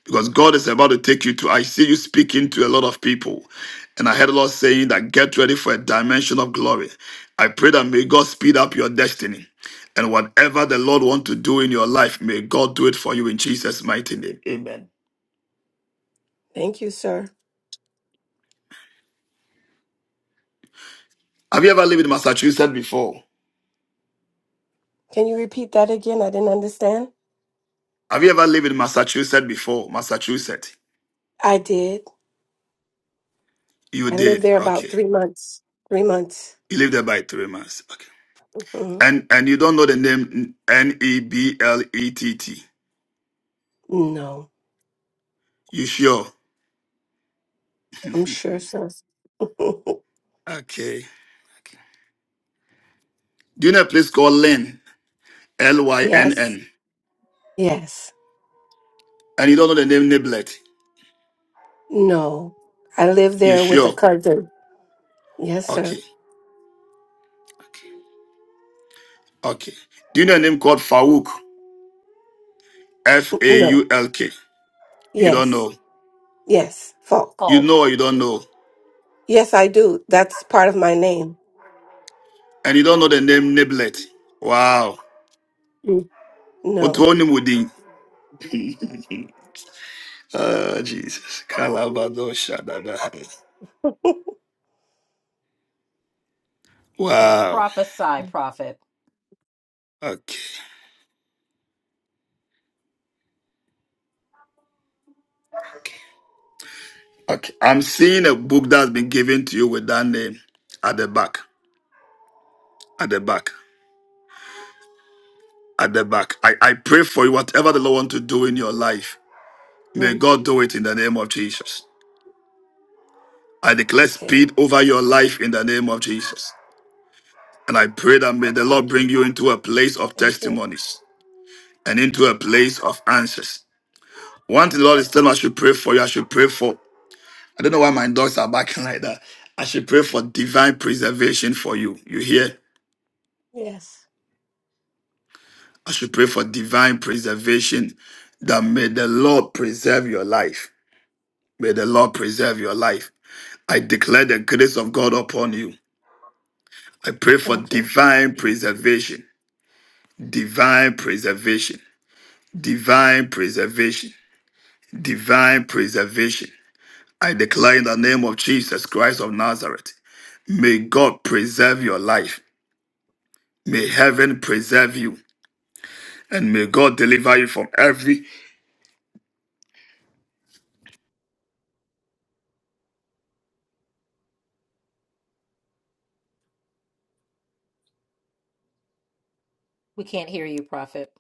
A: Because God is about to take you to, I see you speaking to a lot of people. And I heard the Lord saying that get ready for a dimension of glory. I pray that may God speed up your destiny. And whatever the Lord wants to do in your life, may God do it for you in Jesus' mighty name. Amen.
L: Thank you, sir.
A: Have you ever lived in Massachusetts before?
L: Can you repeat that again? I didn't understand.
A: Have you ever lived in Massachusetts before? Massachusetts.
L: I did.
A: You
L: I lived
A: did.
L: there about
A: Okay.
L: three months. Three months.
A: You lived there by three months. Okay.
L: hmm
A: And and you don't know the name N E B L E T T.
L: No,
A: You sure?
L: I'm sure, sir.
A: okay. Do you know a place called Lynn? L Y N
L: yes.
A: N.
L: Yes.
A: And you don't know the name Niblet?
L: No. I lived
A: You
L: there with a
A: sure?
L: cousin. Yes, sir.
A: Okay. Okay. Do you know a name called Fauk? F A
L: No.
A: U L K. You don't
L: Yes.
A: know.
L: Yes, Falk.
A: You
C: Folk.
A: know or you don't know.
L: Yes, I do. That's part of my name.
A: And you don't know the name Niblet. Wow.
L: Mm. No,
A: Otonimudin. Oh, Jesus. Kalabado Shadada.
L: no.
A: Wow.
C: Prophesy, prophet.
A: Okay. Okay. I'm seeing a book that's been given to you with that name at the back. At the back. At the back. I, I pray for you, whatever the Lord wants to do in your life, may
L: Mm.
A: God do it in the name of Jesus. I declare
L: Okay.
A: speed over your life in the name of Jesus. And I pray that may the Lord bring you into a place of
L: Thank you.
A: testimonies and into a place of answers. One thing the Lord is telling me I should pray for you, I should pray for. I don't know why my dogs are barking like that. I should pray for divine preservation for you. You hear?
L: Yes.
A: I should pray for divine preservation that may the Lord preserve your life. May the Lord preserve your life. I declare the grace of God upon you. I pray for
L: Thank you.
A: divine preservation, divine preservation, divine preservation, divine preservation. I declare in the name of Jesus Christ of Nazareth, may God preserve your life. May heaven preserve you and may God deliver you from every.
C: We can't hear you, prophet.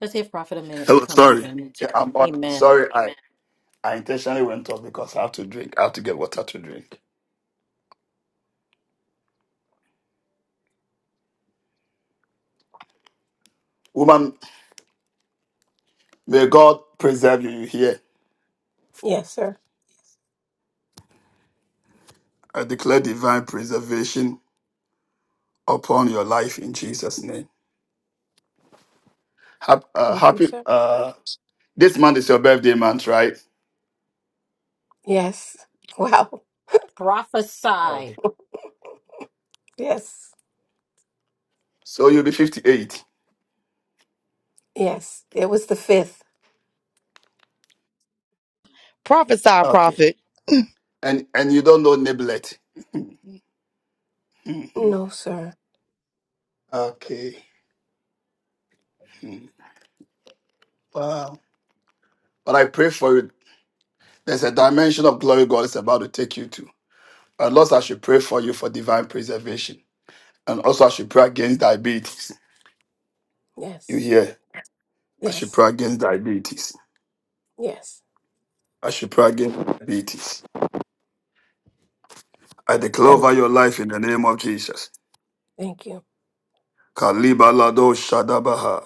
C: Let's give prophet a minute to
A: Hello,
C: come back
A: sorry.
C: in.
A: Yeah, I'm on.
C: Amen.
A: Sorry, I I intentionally went off because I have to drink. I have to get water to drink. Woman, may God preserve you here.
L: Yes, sir.
A: I declare divine preservation upon your life in Jesus' name. Hap- uh,
L: Thank you,
A: happy.
L: sir.
A: Uh, this month is your birthday month, right?
L: Yes. Wow.
A: Okay.
C: Prophesy,
L: Yes.
A: So you'll be 58.
L: Yes. It was the fifth.
D: Prophesy,
A: Okay.
D: prophet.
A: And and you don't know Niblet. Mhm.
L: No, sir.
A: Okay. Hmm. Wow. But I pray for you. There's a dimension of glory God is about to take you to. But Lord, I should pray for you for divine preservation. And also, I should pray against diabetes. You
L: Yes.
A: hear? I should
L: Yes.
A: pray against diabetes.
L: Yes.
A: I should pray against diabetes. I declare
L: Thank, Mm.
A: over your life in the name of Jesus.
L: thank you.
A: Kaliba lado shadabaha.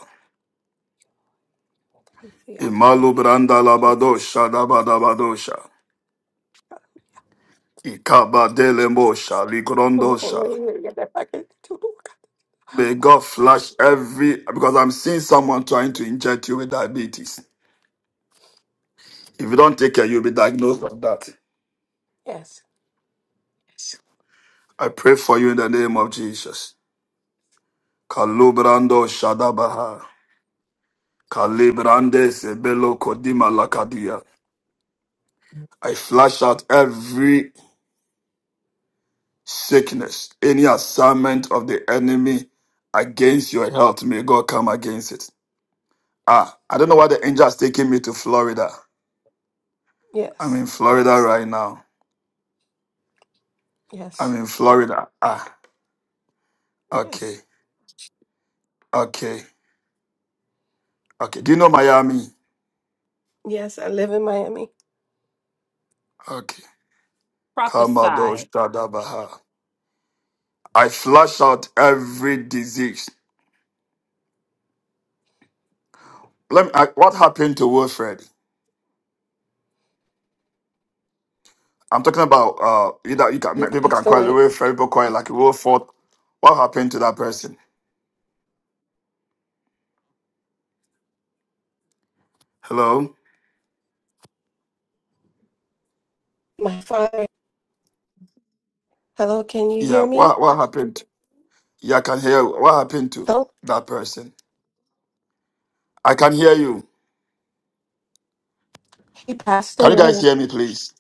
L: Hallelujah.
A: Imalu branda labado
L: Jesus.
A: shadabadabadosha.
L: Jesus.
A: Ikabadelemo shaligrondosha. May God flash every, because I'm seeing someone trying to inject you with diabetes. If you don't take care, you'll be diagnosed with that.
L: Yes.
A: I pray for you in the name of Jesus. Kalubrando shadabaha. Kalibrandes ebelo kodima lakadia. I flash out every sickness, any assignment of the enemy against your health. May God come against it. Ah, I don't know why the angel is taking me to Florida. I'm
L: Yes.
A: in Florida right now. I'm
L: Yes.
A: in Florida. Ah, okay,
L: Yes.
A: okay, okay. Do you know Miami?
L: Yes. I live in Miami.
A: Okay. Kamado
C: prophesy.
A: Shadabaha. I flush out every disease. Let me, I, what happened to Wilfred? I'm talking about uh, you that you can
L: He
A: people can
L: passed
A: cry,
L: away.
A: real friend, people cry like real fault. What happened to that person? Hello?
L: My father. Hello, can you
A: Yeah,
L: hear me?
A: what what happened? Yeah, I can hear you. What happened to
L: Hello?
A: that person? I can hear you.
L: He passed
A: Can you guys
L: away.
A: hear me, please?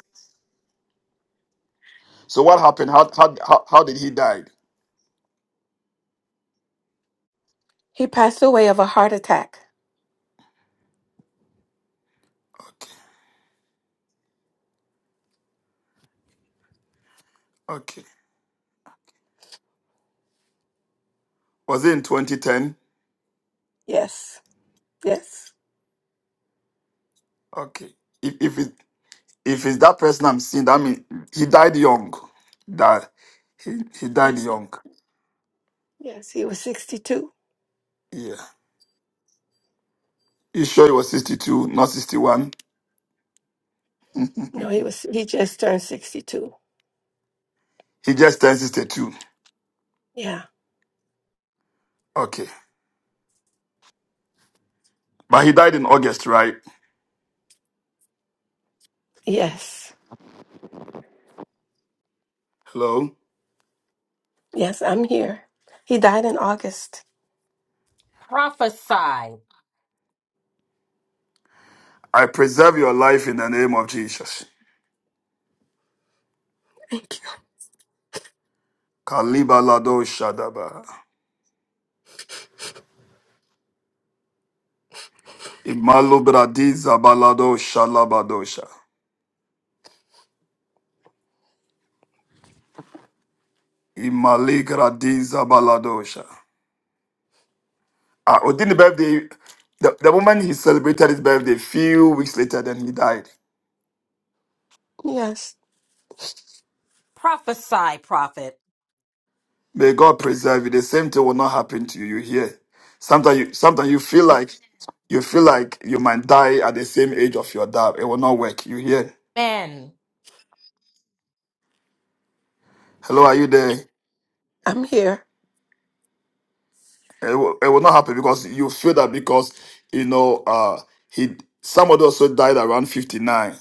A: So what happened? How how how, how did he die?
L: He passed away of a heart attack.
A: Okay, okay. Was it in 2010?
L: Yes. Yes.
A: Okay. If if it, if it's that person I'm seeing, that means he died young. That he he died
L: Yes.
A: young.
L: Yes. He was 62.
A: Yeah. You sure he was 62, not 61?
L: No, he was he just turned 62.
A: He just turned 62.
L: Yeah.
A: Okay. But he died in August, right?
L: Yes.
A: Hello?
L: Yes, I'm here. He died in August.
C: Prophesy,
A: I preserve your life in the name of Jesus.
L: Thank
A: Kaliba lado shadaba. Imalu bradiza balado shalabadosha. Imali gradiza baladosha. Ah, Odin birthday, the, the woman he celebrated his birthday few weeks later, then he died.
L: you. Yes.
C: prophesy, prophet.
A: May God preserve you. The same thing will not happen to you. You hear? Sometimes you sometimes you feel like you feel like you might die at the same age of your dad. It will not work. You hear?
C: Amen.
A: Hello, are you there?
L: I'm here.
A: It will, it will not happen because you feel that because you know uh he somebody also died around 59,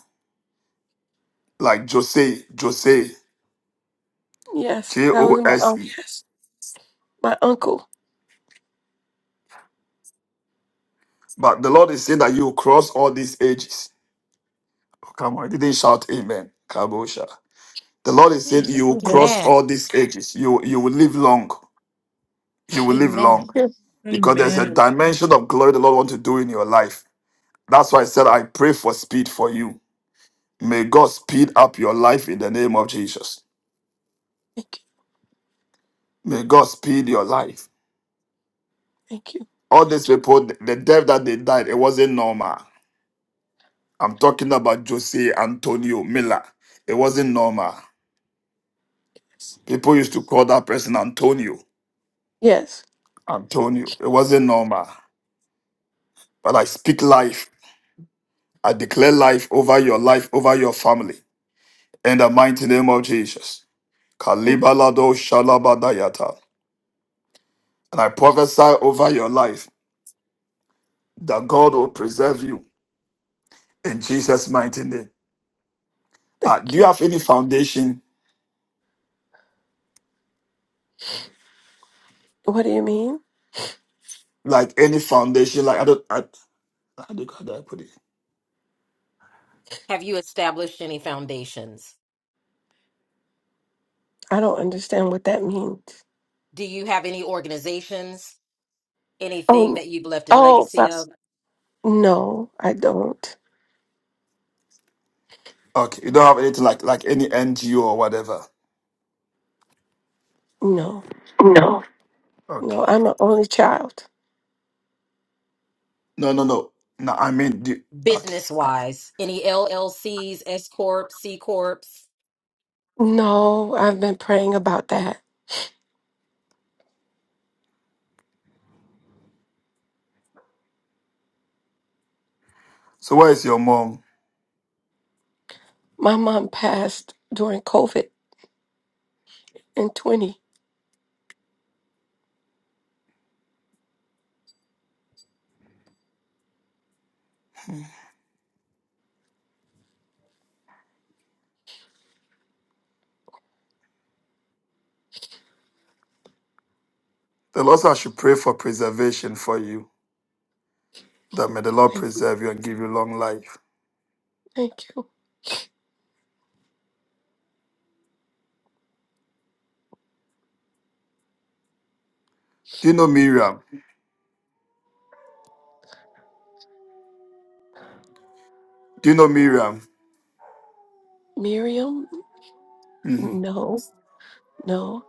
A: like Jose, Jose,
L: Yes.
A: J
L: That was
A: O
L: my
A: S
L: um,
A: E.
L: my uncle.
A: But the Lord is saying that you will cross all these ages. Oh, come on, I didn't shout amen. Kabosha. The Lord is saying you
C: Jesus.
A: will cross
C: Amen.
L: Yes.
A: all these ages. You you will live long. you will live long
C: Amen.
L: Here.
A: because there's a
M: Amen.
A: dimension of glory the Lord wants to do in your life. That's why I said, I pray for speed for you. May God speed up your life in the name of Jesus.
L: Thank you.
A: May God speed your life.
L: Thank you.
A: All these people, the death that they died, it wasn't normal. I'm talking about Jose Antonio Miller. It wasn't normal. People used to call that person Antonio.
L: Yes.
A: Antonio. It wasn't normal. But I speak life. I declare life over your life, over your family. In the mighty name of Jesus.
L: Thank you.
A: Kalibalado Shalabadayata. And I prophesy over your life that God will preserve you in Jesus' mighty name. Uh,
L: Thank
A: do you
L: you.
A: have any foundation,
L: What do you mean?
A: like any foundation, like I don't, I, how do how do I put it?
C: Have you established any foundations?
L: I don't understand what that means.
C: Do you have any organizations? Anything
L: Oh,
C: that you've left in
L: oh,
C: legacy
L: fa-
C: of
L: no, I don't.
A: Okay, you don't have anything like like any NGO or whatever.
L: No, no,
A: Okay.
L: I'm an only child.
A: No, no, no. No, I mean, do, okay.
C: business
A: Uh,
C: wise? Any LLCs, S Corp, C Corps?
L: No, I've been praying about that.
A: So where is your mom?
L: My mom passed during COVID in 20.
A: The Lord said I should pray for preservation for you. That may the Lord
L: Thank you.
A: preserve you and give you long life.
L: Thank you.
A: Do you know Miriam? Do you know Miriam?
L: Miriam?
A: Mhm.
L: No, no.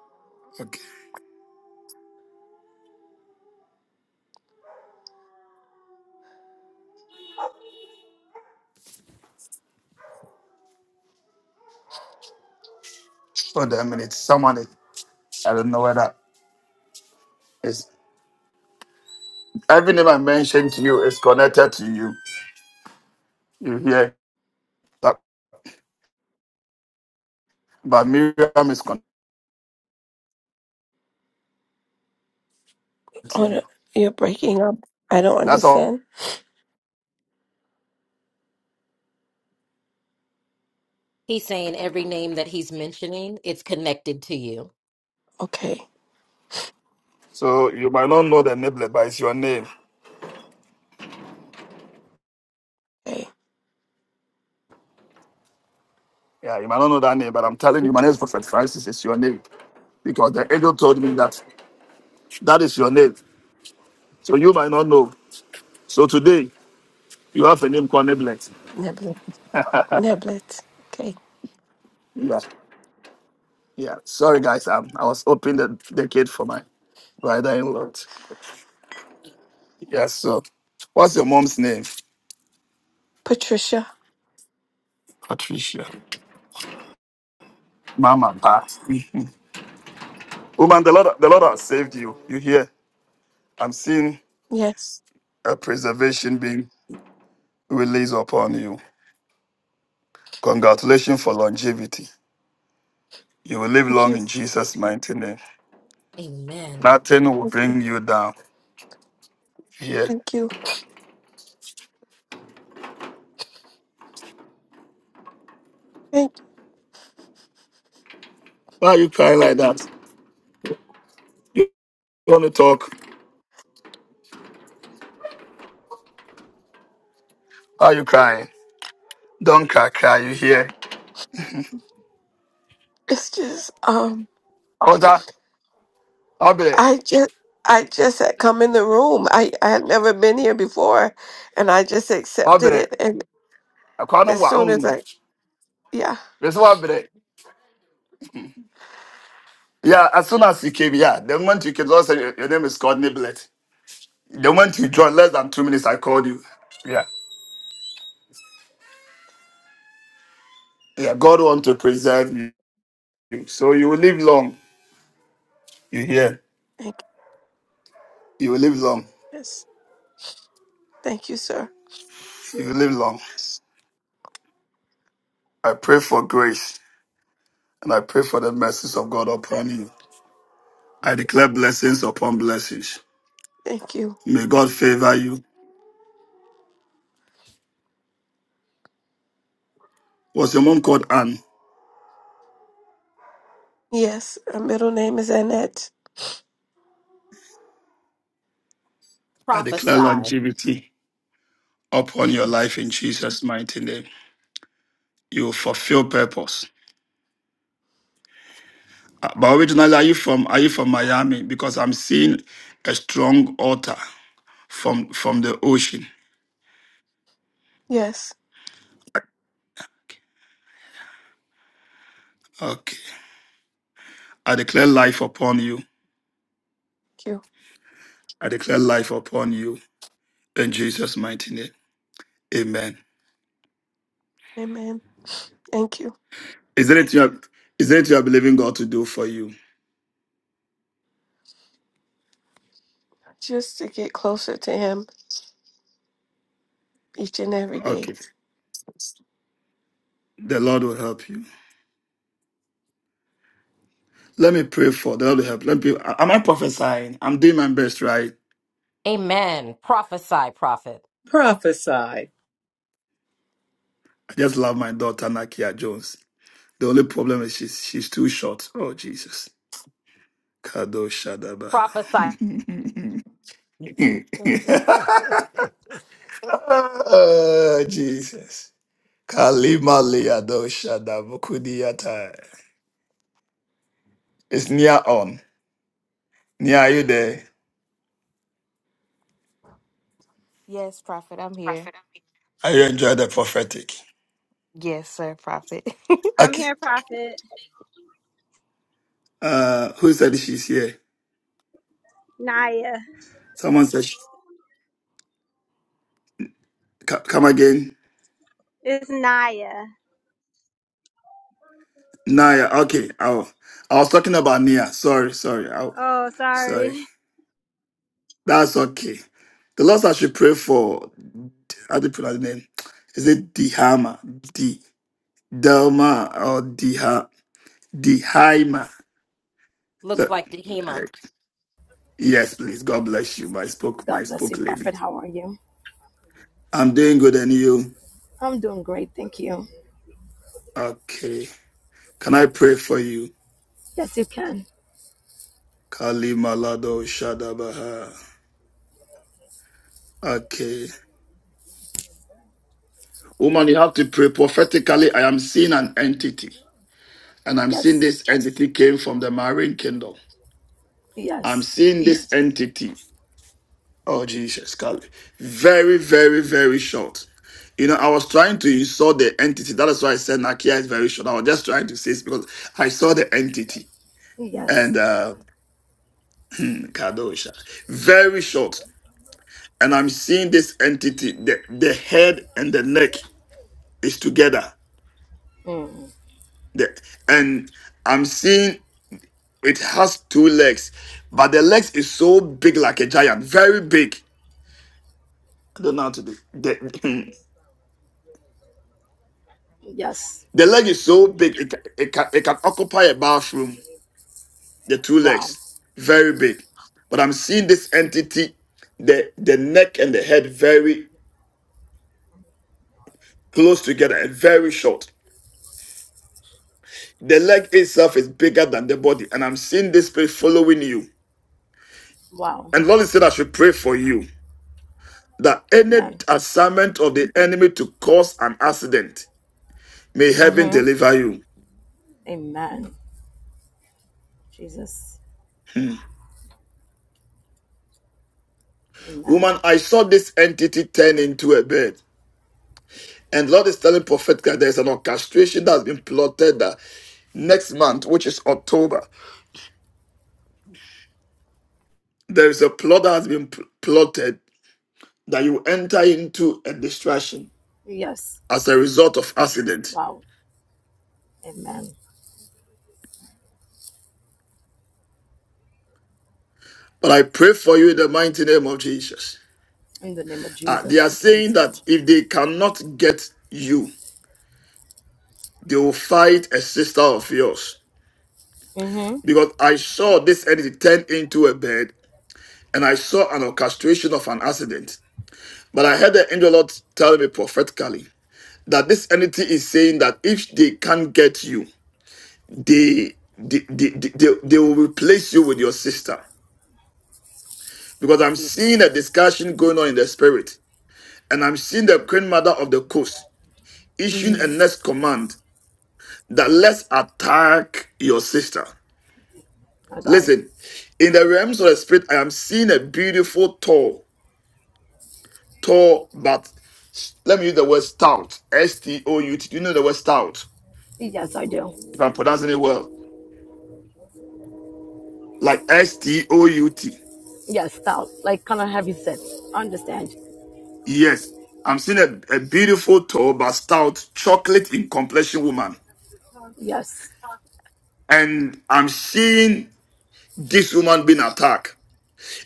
A: Hold on a minute. Someone is, I don't know whether it's everything I mentioned to you is connected to you. You hear that? But Miriam is connected to
L: Oh, no,
A: you.
L: you're breaking up. I don't
A: That's all.
L: understand.
C: He's saying every name that he's mentioning, it's connected to you.
L: Okay.
A: So you might not know the name, but it's your name.
L: Okay.
A: Yeah, you might not know that name, but I'm telling you, my name is Prophet Francis. It's your name because the angel told me that that is your name. So you might not know. So today you have a name called Niblet.
L: Neblet. Neblet. Okay.
A: Yeah, yeah. Sorry, guys. Um, I was opening the, the gate for my brother-in-law. Yes. So, what's your mom's name?
L: Patricia?
A: Patricia. Mama Pat. Woman, the Lord the Lord has saved you. You hear? I'm seeing
L: Yes.
A: a preservation being released upon you. Congratulations for longevity. You will live
L: Thank
A: long
L: you.
A: in Jesus' mighty name.
C: Amen.
A: Nothing will
L: Thank you.
A: bring you down. You hear?
L: Thank you. Thank you.
A: Why are you crying like that? You want to talk? Why are you crying? Don't cry, cry, you hear?
L: It's just, um,
A: I was that Obere,
L: I just I just had come in the room. I, I had never been here before and I just accepted
A: Obere,
L: it and
A: I can't
L: as
A: wa
L: soon as
A: um.
L: I yeah,
A: This Obere. Yeah, as soon as you came, yeah, the moment you came, also your, your name is called Niblet. The moment you join, less than two minutes, I called you. Yeah. Yeah. God want to preserve you. So you will live long. You hear?
L: thank
A: You will live long.
L: you. Yes. Thank you, sir.
A: You will live long. I pray for grace and I pray for the mercies of God upon you. I declare blessings upon blessings.
L: Thank you.
A: May God favor you. Was your mom called Anne?
L: Yes. Her middle name is Annette.
A: I declare
C: Prophesy.
A: longevity upon your life in
C: Jesus.
A: Jesus' mighty name. You will fulfill purpose. Uh, But originally, are you from are you from Miami? Because I'm seeing a strong altar. from from the ocean.
L: Yes.
A: Okay. I declare life upon you.
L: Thank you.
A: I declare life upon you in Jesus' mighty name. Amen.
L: Amen. Thank you.
A: Is there anything you are, is there anything you are believing God to do for you?
L: Just to get closer to him each and every day.
A: Okay. The Lord will help you. Let me pray for the Lord will help. Let me. Am I prophesying? I'm doing my best, right?
C: Amen. Prophesy, prophet.
M: Prophesy.
A: I just love my daughter Nakia Jones. The only problem is she's she's too short. Oh Jesus. Kado
C: Prophesy.
A: oh, Jesus. Kalima Liado Shadabukudiata. It's near on. Near are you there?
F: Yes, Prophet. I'm here.
A: Are you enjoying the prophetic?
F: Yes, sir, Prophet.
N: I'm
A: Okay.
N: here, Prophet.
A: Uh, who said she's here?
N: Naya.
A: Someone said she, co- come again.
N: It's Naya.
A: Naya. Okay. Oh, I was talking about Nia. Sorry, sorry. I,
N: Oh, sorry.
A: sorry. That's okay. The Lord I should pray for. How do you pronounce the name? Is it Dihama? D Delma or Diha Dihaima?
C: Looks like Dehema.
A: Look. Yes, please. God bless you. My spoke, my
O: God bless
A: spoke
O: you,
A: lady.
O: Prophet. How are you?
A: I'm doing good, and you?
O: I'm doing great. Thank you.
A: Okay. Can I pray for you?
O: Yes, you can.
A: Kali Malado Shadabaha. Okay. Woman, you have to pray prophetically. I am seeing an entity, and I'm seeing
O: Yes.
A: this entity came from the marine kingdom. I'm
O: Yes.
A: seeing this entity. Oh, Jesus, Kali. Very, very, very short. You know, I was trying to insult the entity. That is why I said Nakia is very short. I was just trying to say this because I saw the entity. And
O: Yes.
A: uh, Kadosha. Very short. And I'm seeing this entity, the, the head and the neck is together.
O: Mm.
A: The, and I'm seeing it has two legs, but the legs is so big like a giant, very big. I don't know how to do the,
O: Yes.
A: the leg is so big, it, ca- it, can, it can occupy a bathroom, the two
O: Wow.
A: legs, very big. But I'm seeing this entity, the, the neck and the head very close together and very short The leg itself is bigger than the body, and I'm seeing this spirit following you.
O: Wow.
A: And Lord said, I should pray for you that any
O: Amen.
A: assignment of the enemy to cause an accident may heaven
O: Mm-hmm.
A: deliver you.
O: Amen. Jesus. Amen.
A: Woman, I saw this entity turn into a bird. And Lord is telling prophet that there's an orchestration that has been plotted that next month, which is October, there is a plot that has been pl- plotted that you enter into a distraction
O: Yes.
A: as a result of accident.
O: Wow. Amen.
A: But I pray for you in the mighty name of Jesus.
O: In the name of
A: Ah, they
O: Jesus,
A: are
O: we can
A: saying
O: do.
A: that if they cannot get you, they will fight a sister of yours.
O: Mm-hmm.
A: Because I saw this entity turn into a bird and I saw an orchestration of an accident. But I heard the angel of the Lord tell me prophetically that this entity is saying that if they can't get you, they they, they, they, they they will replace you with your sister. Because I'm seeing
O: Jesus.
A: a discussion going on in the spirit, and I'm seeing the queen mother of the coast issuing a
O: Mm-hmm.
A: next command that let's attack your sister.
O: My God.
A: Listen, in the realms of the spirit, I am seeing a beautiful tall, tall, but let me use the word stout. S T O U T. Do you know the word stout?
O: Yes, I do.
A: If I'm pronouncing it well, like S T O U T.
O: Yes, stop. Like kind of heavy set. Understand.
A: Yes, I'm seeing a, a beautiful tall but stout, chocolate in complexion woman,
O: Yes.
A: and I'm seeing this woman being attacked.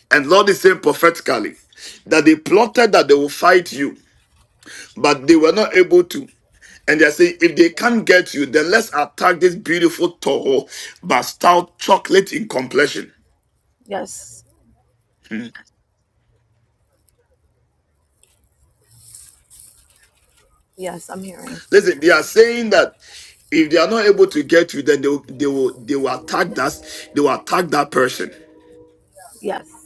A: And Lord is saying prophetically that they plotted that they will fight you, but they were not able to. And they say, if they can't get you, then let's attack this beautiful Toho but stout chocolate in complexion.
O: Yes.
A: Hmm.
O: Yes, I'm hearing.
A: Listen, they are saying that if they are not able to get you, then they will they will they will attack that they will attack that person.
O: Yes.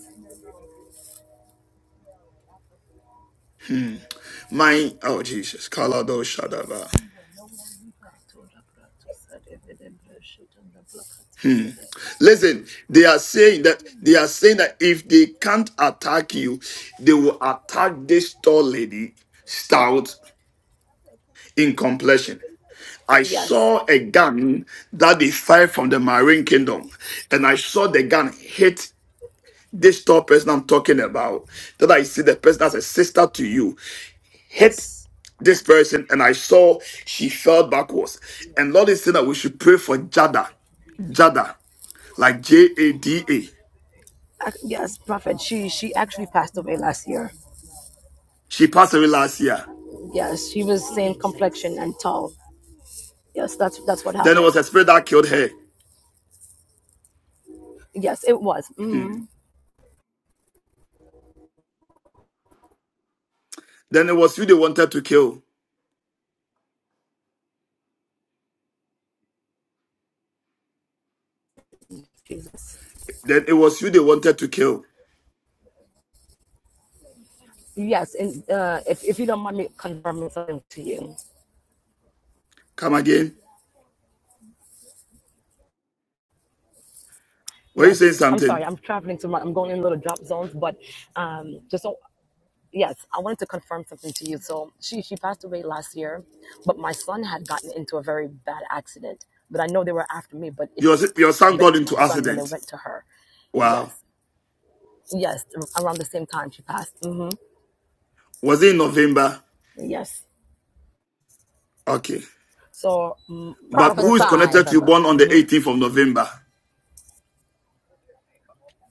A: Hmm. My oh Jesus, Kalado Shadaba. Hmm. Listen, they are saying that they are saying that if they can't attack you, they will attack this tall lady stout in complexion. I
O: Yes,
A: saw a gun that they fired from the Marine Kingdom, and I saw the gun hit this tall person I'm talking about. That I see the person that's a sister to you hit
O: yes,
A: this person, and I saw she fell backwards. And Lord is saying that we should pray for Jada, Jada, like J A D A.
O: Ac- yes, Prophet. She she actually passed away last year.
A: She passed away last year.
O: Yes, she was same complexion
C: Jesus.
O: and tall. Yes, that's that's what
A: Then it
O: happened.
A: was a spirit that killed her.
O: Yes, it was. hmm
A: Then it was you they wanted to kill.
O: Jesus.
A: Then it was you they wanted to kill.
O: Yes, and uh, if if you don't mind me confirming something to you.
A: Come again? Were you
O: Yes,
A: saying
O: I'm sorry.
A: something?
O: I'm traveling to my. I'm going in little drop zones, but um, just so yes, I wanted to confirm something to you. So she she passed away last year, but my son had gotten into a very bad accident. But I know they were after me, but it
A: Your, your son
O: went
A: got
O: to my
A: into
O: son, then
A: accident.
O: it went to her.
A: Wow.
O: Yes, yes, around the same time she passed. hmm
A: Was it in November?
O: Yes.
A: Okay.
O: So mm, her
A: But who is
O: birthday is in
A: connected
C: Prophesy,
A: to you
O: November.
A: born on the
O: hmm
A: 18th of November?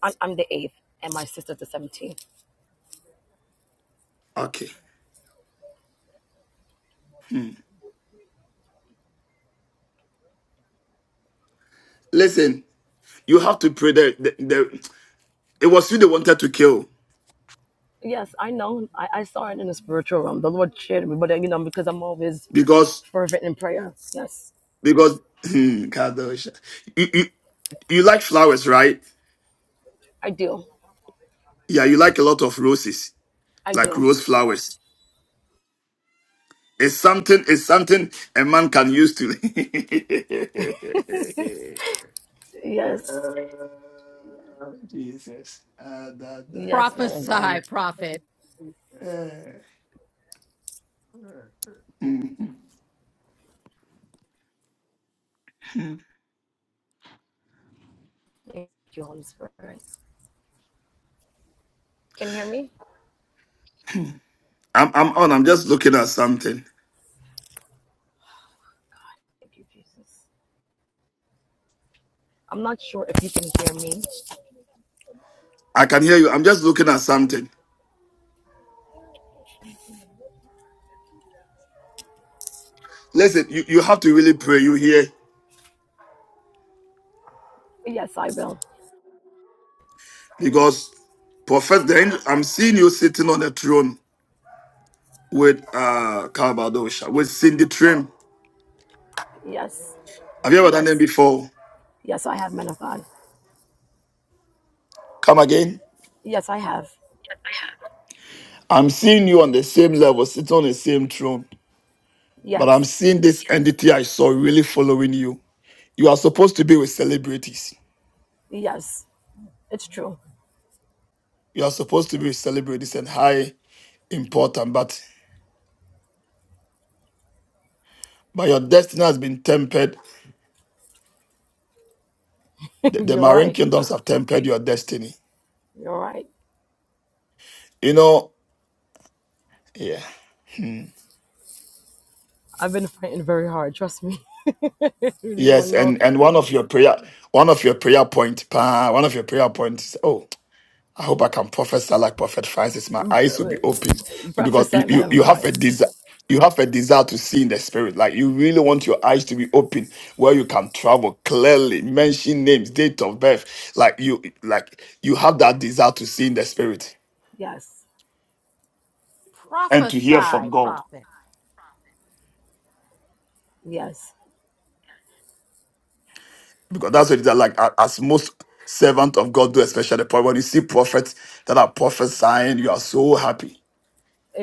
O: I'm, I'm the eighth, and my sister's the seventeenth.
A: Okay. Hmm. Listen, you have to pray that the, the, it was you they wanted to kill
O: Yes, I know. I, I saw it in the spiritual realm. The Lord shared me, but uh, you know, because I'm always
A: because
O: fervent in prayer. Yes,
A: because hmm, Kadosha. You, you you like flowers, right?
O: I do.
A: Yeah, you like a lot of roses,
O: I
A: like
O: do.
A: rose flowers. It's something it's something a man can use to
O: Yes.
A: Jesus. Ah, da, da,
O: Yes,
A: da,
O: man
A: da.
O: of
C: prophesy,
O: God.
C: prophet,
A: Mm. I'm,
O: Thank you, Holy Spirit. Can you hear me?
A: I'm on. I'm just looking at something.
O: Thank you, Jesus. I'm not sure if you can hear me.
A: I can hear you. I'm just looking at something. Listen, you, you have to really pray. You hear?
O: Yes, I will.
A: Because Prophet, then I'm seeing you sitting on the throne with uh Calvadosha, with Cindy Trim.
O: Yes,
A: Have you ever done that
O: yes,
A: before?
O: yes, I have, men of God.
A: Come again.
O: Yes, I have.
A: I'm seeing you on the same level, sitting on the same throne. But I'm
O: Yes,
A: seeing this entity I saw really following you. You are supposed to be with celebrities.
O: yes, it's true.
A: You are supposed to be with celebrities and high important. But but your destiny has been tempered. The, the
O: You're
A: marine
O: right.
A: kingdoms have tempered your destiny.
O: You're right.
A: You know, yeah. Hmm.
O: I've been fighting very hard. Trust me. you don't want
A: Yes,
O: no
A: and and one of your prayer, one of your prayer point, pa, one of your prayer points. Oh, I hope I can prophesy like Prophet Francis. My eyes will be open because
O: breakfast
A: you
O: that
A: you,
O: man of
A: you have
O: God.
A: a desire. You have a desire to see in the spirit. Like you really want your eyes to be open where you can travel clearly, mention names, date of birth. Like you like you have that desire to see in the spirit
O: Yes,
A: and to hear from
C: prophesy,
A: God.
C: prophet,
O: yes,
A: because that's what it is like a- as most servant of God do, especially the point when you see prophets that are prophesying, you are so happy.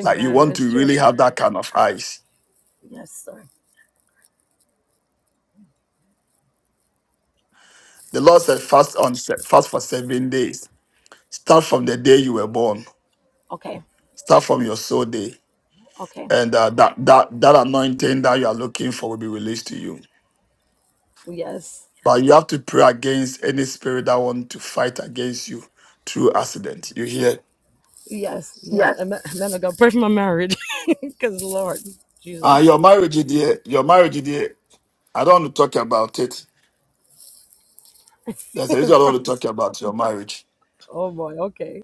A: Like you want
O: It's
A: to
O: true.
A: really have that kind of eyes.
O: Yes, sir.
A: The Lord said, fast on se- fast for seven days. Start from the day you were born.
O: Okay,
A: Start from your soul day,
O: okay.
A: and uh, that that that anointing that you are looking for will be released to you.
O: Yes,
A: But you have to pray against any spirit that want to fight against you through accident. You hear?
O: Yes, yes. I'm, I'm gonna go pray for my marriage, because Lord
A: Ah,
O: Jesus.
A: your marriage, dear. Your marriage, dear. I don't want to talk about it. That's the reason I don't want to talk about your marriage.
O: oh boy. Okay.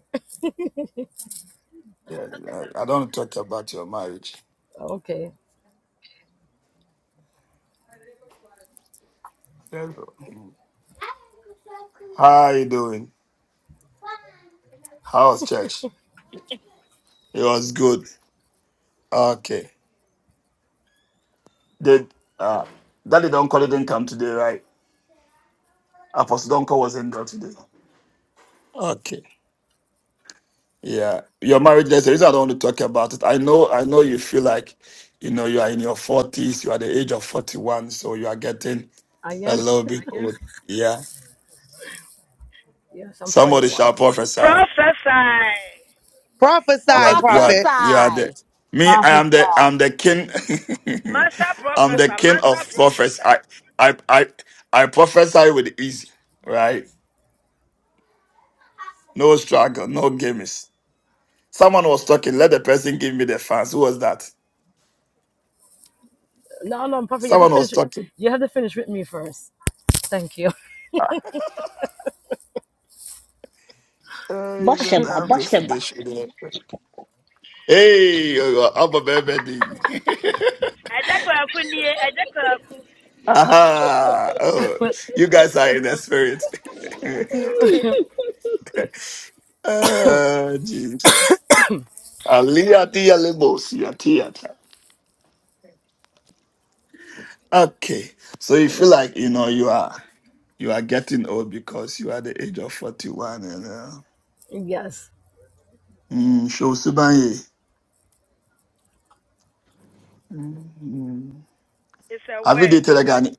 A: Yeah, I, I don't want to talk about your marriage.
O: Okay.
A: Yes. How are you doing? How was church? It was good. Okay. Did uh Daddy Donko didn't come today, right? Apostle Donko wasn't there today. Okay. Yeah. Your marriage, that's the reason I don't want to talk about it. I know I know you feel like you know you are in your forties, you are the age of forty one, so you are getting
O: I
A: a
O: am.
A: little bit old. Yeah.
O: Yes, I'm
A: Somebody shall
O: 41.
A: prophesy.
P: Prophesy.
A: You
D: Prophesy,
A: are you are
D: prophet.
A: you are the
C: prophesy.
A: me. I am the I'm the king.
P: Master
A: I'm the
P: Professor,
A: king
P: Master
A: of prophets.
P: prophesy.
A: I I I I prophesy with easy, right? No struggle, no games. Someone was talking. Let the person give me the fans. Who was that?
O: No, no, Prophet, you have to
A: Someone was
O: finish.
A: talking.
O: You have to finish with me first. Thank you.
A: Hey, you don't
Q: Bosheba,
A: have to
Q: Bosheba.
A: finish with it. Hey, you are up a baby.
P: Ejakuakunie. Ejakuaku
A: Aha! Oh, you guys are in the spirit. oh, Jesus. Alia tia labels, your theater. Okay. So you feel
O: yes.
A: like you know you are you are getting old because you are the age of 41 and uh
O: Yes.
A: mm, so Subanye.
P: is a
A: Have you
P: word.
A: dated a Ghanaian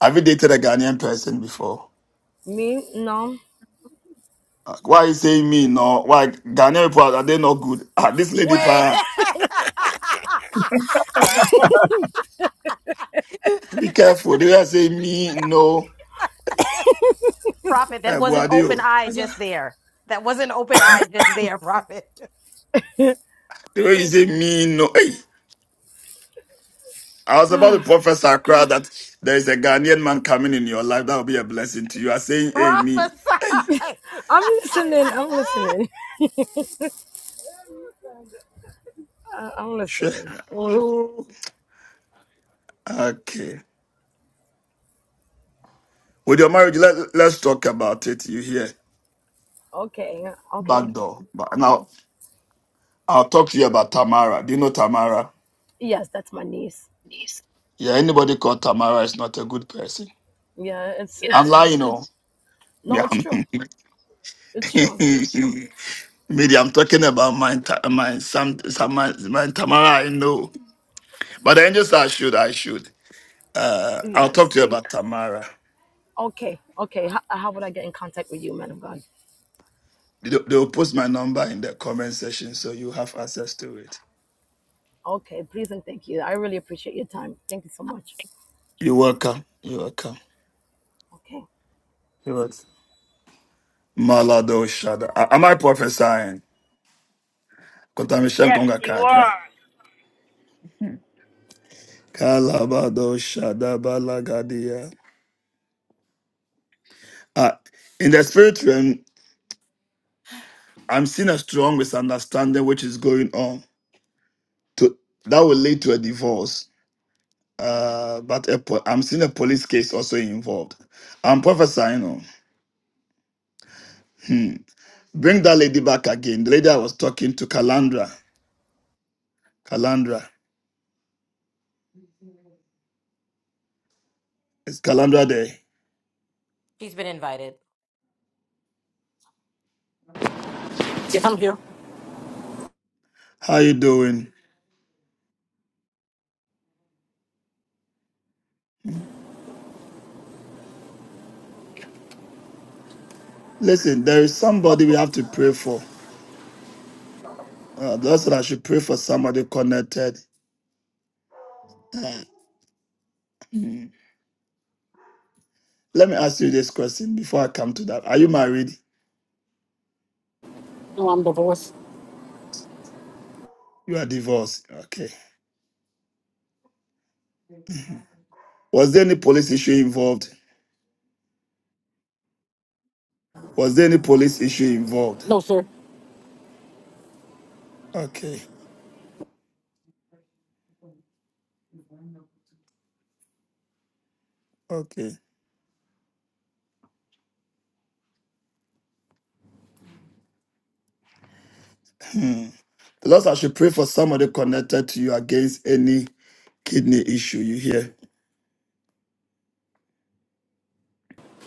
A: have you dated a Ghanaian person before?
O: Me? No.
A: Uh, Why you saying me no? Why Ghanaian people are they not good? Ah, this lady
C: Wait,
A: pa be careful. They will say me no.
C: Prophet, that
A: Eh,
C: wasn't open
A: Buadio.
C: eye just there. That wasn't open eye just there, Prophet.
A: They will say me no. Hey! I was about to prophesy crowd that there is a Ghanaian man coming in your life. That will be a blessing to you. I saying, hey, me.
C: prophesy.
O: I'm listening. I'm listening. I- I'm
A: Sure.
O: listening.
A: Oh, Okay. With your marriage, let, let's talk about it. You hear?
O: Okay. Okay.
A: Back door. But now, I'll talk to you about Tamara. Do you know Tamara?
O: Yes, that's my niece.
A: Yeah, anybody called Tamara is not a good person.
O: Yeah, it's
A: Yeah. I'm
O: it's
A: lying, oh.
O: no,
A: Yeah.
O: it's true. It's true.
A: Maybe I'm talking about my Ta- my some some my, my Tamara I know, but the angels I should I should. Uh, I'll talk
O: Yes.
A: to you about Tamara.
O: Okay, okay. How, how would I get in contact with you, man of God?
A: They'll they'll post my number in the comment section so you have access to it.
O: Okay, please and thank you. I really appreciate your time. Thank you so much.
A: You're welcome. You're welcome.
O: Okay.
A: You're welcome. Malado Shada. A- Am I prophesying? Kontamishem
P: Yes,
A: Konga
P: you
A: Kaka.
P: are.
A: Kalabado Shada Balagadia. Ah, In the spirit realm, I'm seeing a strong misunderstanding which is going on. To, that will lead to a divorce. Uh, but a po- I'm seeing a police case also involved. I'm prophesying. oh. Hmm. Bring that lady back again. The lady I was talking to, Kalandra. Calandra. It's Calandra Day.
C: She's been invited.
H: Yes, I'm here.
A: How you doing? Listen, there is somebody we have to pray for. Uh, that's what I should pray for somebody connected. Uh, mm. Let me ask you this question before I come to that. Are you married?
H: No, I'm divorced.
A: You are divorced. Okay. Was there any police issue involved? Was there any police issue involved?
H: No, sir.
A: Okay. Okay. The Lord, I should pray for somebody connected to you against any kidney issue. You hear?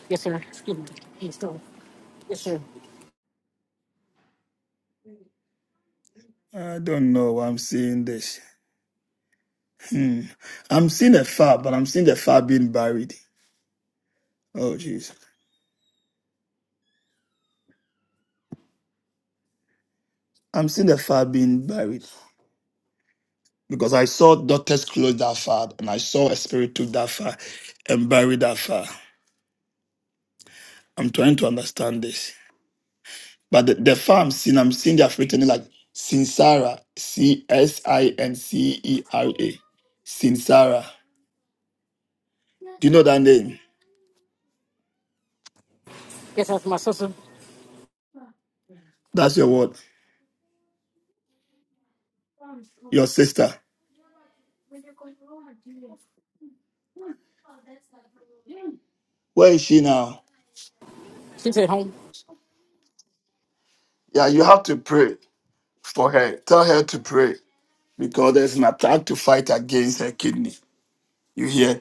H: Yes, sir. Excuse me. Yes, sir. Yes, sir.
A: I don't know why I'm seeing this. Mm. I'm seeing the fire, but I'm seeing the fire being buried. Oh, jeez. I'm seeing the fire being buried because I saw doctors close that fire and I saw a spirit took that fire and buried that fire. I'm trying to understand this. But the, the fire I'm seeing, I'm seeing they're written it like Sincera, C S I N C E R A. Sincera. Do you know that name?
H: Yes, that's my sister.
A: That's your word. Your sister. Where is she now?
H: She's at home.
A: Yeah, you have to pray for her. Tell her to pray. because there's an attack to fight against her kidney. You hear?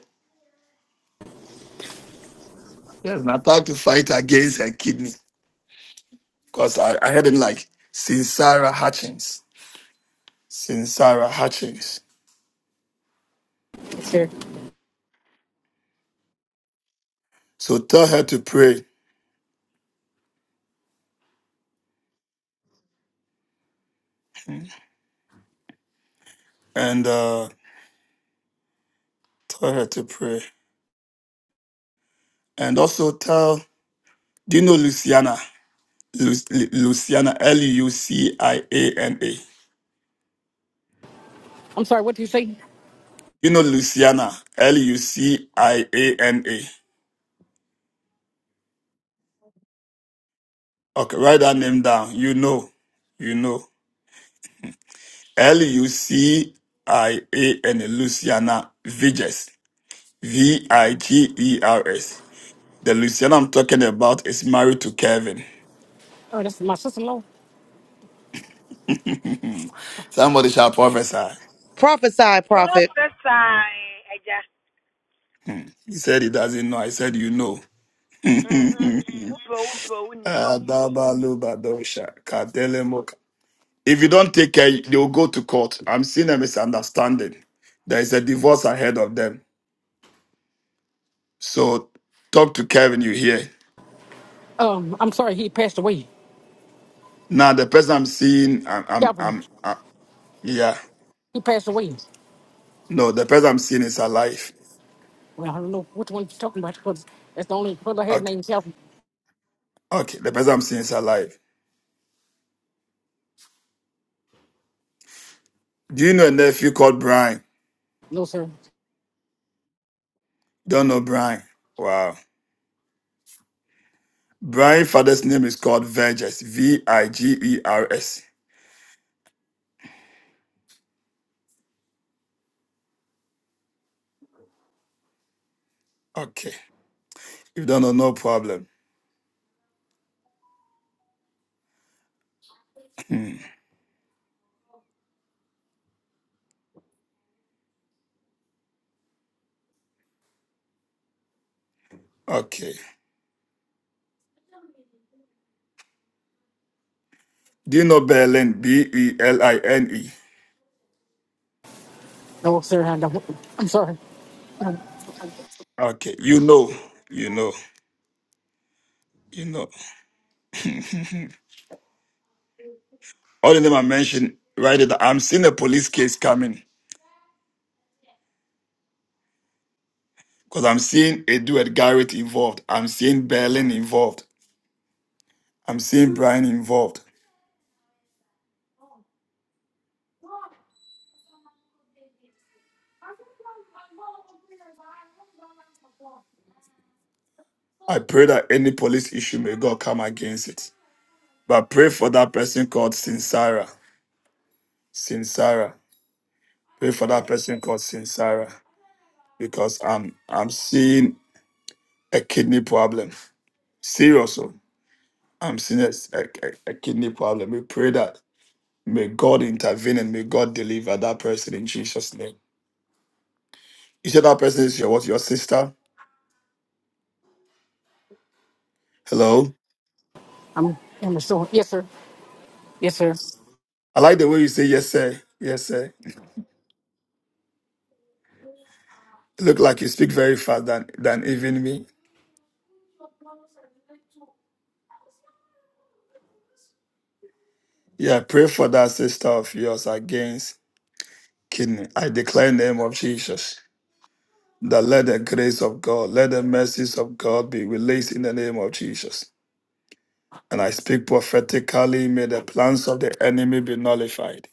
A: There's an attack to fight against her kidney. Because I, I heard it like Sincera Hutchins. Sincera Hutchins.
H: Yes, sir.
A: So tell her to pray. And uh, tell her to pray. And also tell, do you know Luciana? Lu- Lu- Luciana, L U C I A N A.
H: I'm sorry. What did you say?
A: You know Luciana, L U C I A N A. Okay, write that name down. You know. You know. L U C I A N A, Luciana Vigers. V I G E R S. The Luciana I'm talking about is married to Kevin.
H: Oh, that's my sister-in-law.
A: Somebody shall prophesy.
D: Prophesy, prophet.
P: Prophesy. Eja.
A: He said he doesn't know. I said, You know.
P: mm
A: Adabalubadosha, kadelemoka. If you don't take care, they will go to court. I'm seeing a misunderstanding. There is a divorce ahead of them. So talk to Kevin, you hear.
H: Um, I'm sorry. He passed away.
A: Now, the person I'm seeing, I'm, I'm,
H: Calvin.
A: I'm, i yeah.
H: He passed away.
A: No, the person I'm seeing is alive.
H: Well, I don't know which one you're talking about because that's the only brother I had
A: Okay.
H: named Calvin.
A: Okay, the person I'm seeing is alive. Do you know a nephew called Brian?
H: No, sir.
A: Don't know Brian. Wow. Brian father's name is called Verges. V I G E R S. Okay. If you don't know, no problem. Hmm. Okay. Do you know Berlin? B E L I N E.
H: No, sir. I don't. I'm sorry.
A: Okay. You know. You know. You know. All the name I mentioned, right it. I'm seeing a police case coming. Because I'm seeing Edward Garrett involved. I'm seeing Berlin involved. I'm seeing Brian involved. I pray that any police issue may God come against it. But pray for that person called Sincera. Sincera. Pray for that person called Sincera. Because I'm I'm seeing a kidney problem. Seriously. I'm seeing a, a, a kidney problem. We pray that may God intervene and may God deliver that person in Jesus' name. You said that person is your what, your sister? Hello?
H: I'm. I'm sorry. Yes, sir. Yes, sir.
A: I like the way you say yes, sir. Yes, sir. Look like you speak very fast than than even me. Yeah, pray for that sister of yours against kidney. I declare in the name of Jesus that let the grace of God, let the mercies of God be released in the name of Jesus. And I speak prophetically, may the plans of the enemy be nullified.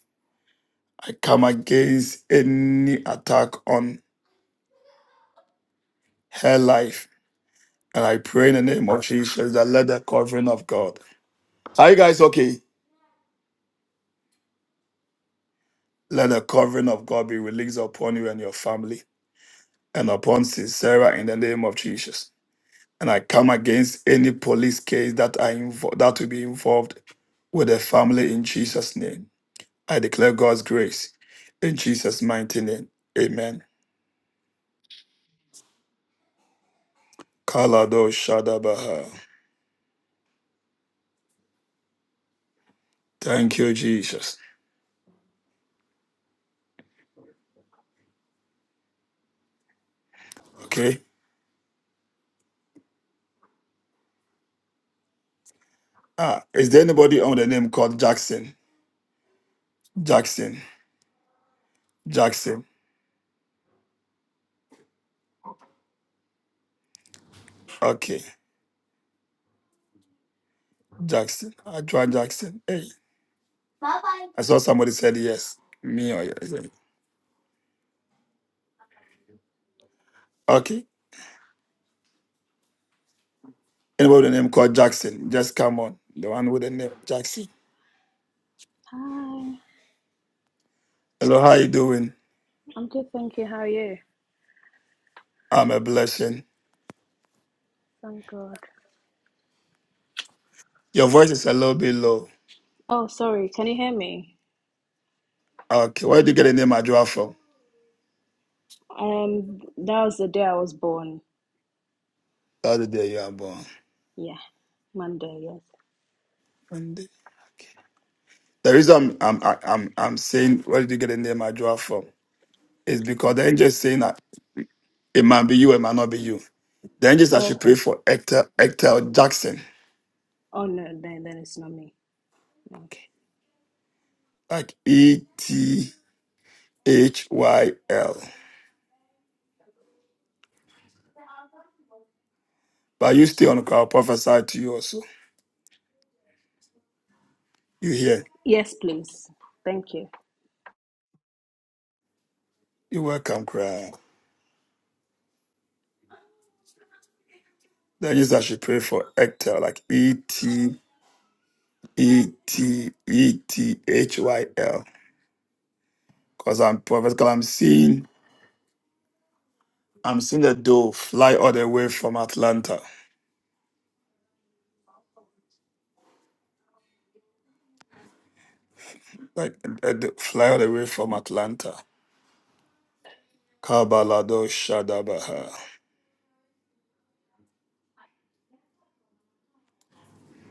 A: I come against any attack on her life. And I pray in the name of Jesus that let the covering of God. Are you guys okay? Let the covering of God be released upon you and your family and upon Sarah in the name of Jesus. and I come against any police case that I invo- that will be involved with the family in Jesus' name. I declare God's grace in Jesus' mighty name. Amen. Kalado Shadabaha. Thank you, Jesus. Okay. Ah, is there anybody on the name called Jackson? Jackson. Jackson. Okay. Jackson. I Adrian Jackson. Hey. I saw somebody said yes. Me or yes. Okay. Anybody with the name called Jackson? Just come on. The one with the name Jackson.
R: Hi,
A: Hello, how you doing?
R: I'm good, thank you. How are you?
A: I'm a blessing.
R: Thank God.
A: Your voice is a little bit low.
R: Oh, sorry, can you hear me?
A: Okay, where did you get the name Adua from?
R: Um, that was the day I was born.
A: The other day you are born.
R: Yeah, Monday, yes.
A: One day. Okay. The reason I'm I'm I'm, I'm saying where did you get the name Adua from is because
R: Mm.
A: the angel is saying that it might be you, it might not be you. The angels I
R: Oh,
A: should pray
R: okay.
A: for Hector Hector Jackson.
R: Oh, no, then, then it's not me. No.
A: Okay. Like E T H Y L. But you stay on the call, prophesy to you also. You hear?
R: Yes, please. Thank you.
A: You're welcome, cry. Then you that should pray for Ectel, like E T E T E T H Y L. Because I'm because I'm seeing I'm seeing the dough fly all the way from Atlanta. Like a doe fly all the way from Atlanta. Kabalado Shadabaha.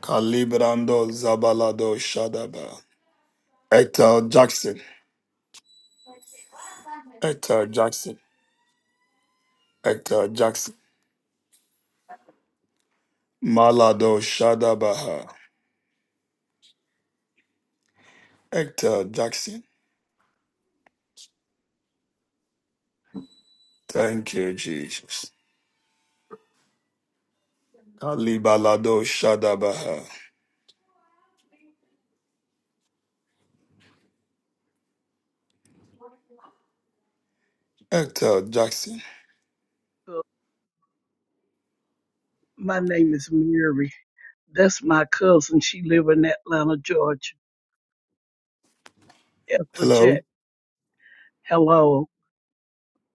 A: Calibrando Zabalado Shadaba. Ectel Jackson. Ectel Jackson. Ectel Jackson. Malado Shadabaha. Ectel Jackson. Thank you, Jesus. Ali Balado Shadabaha. Hector Jackson.
S: Uh, My name is Mary. That's my cousin. She live in Atlanta, Georgia. Ethel Jack.
A: Hello.
S: Hello.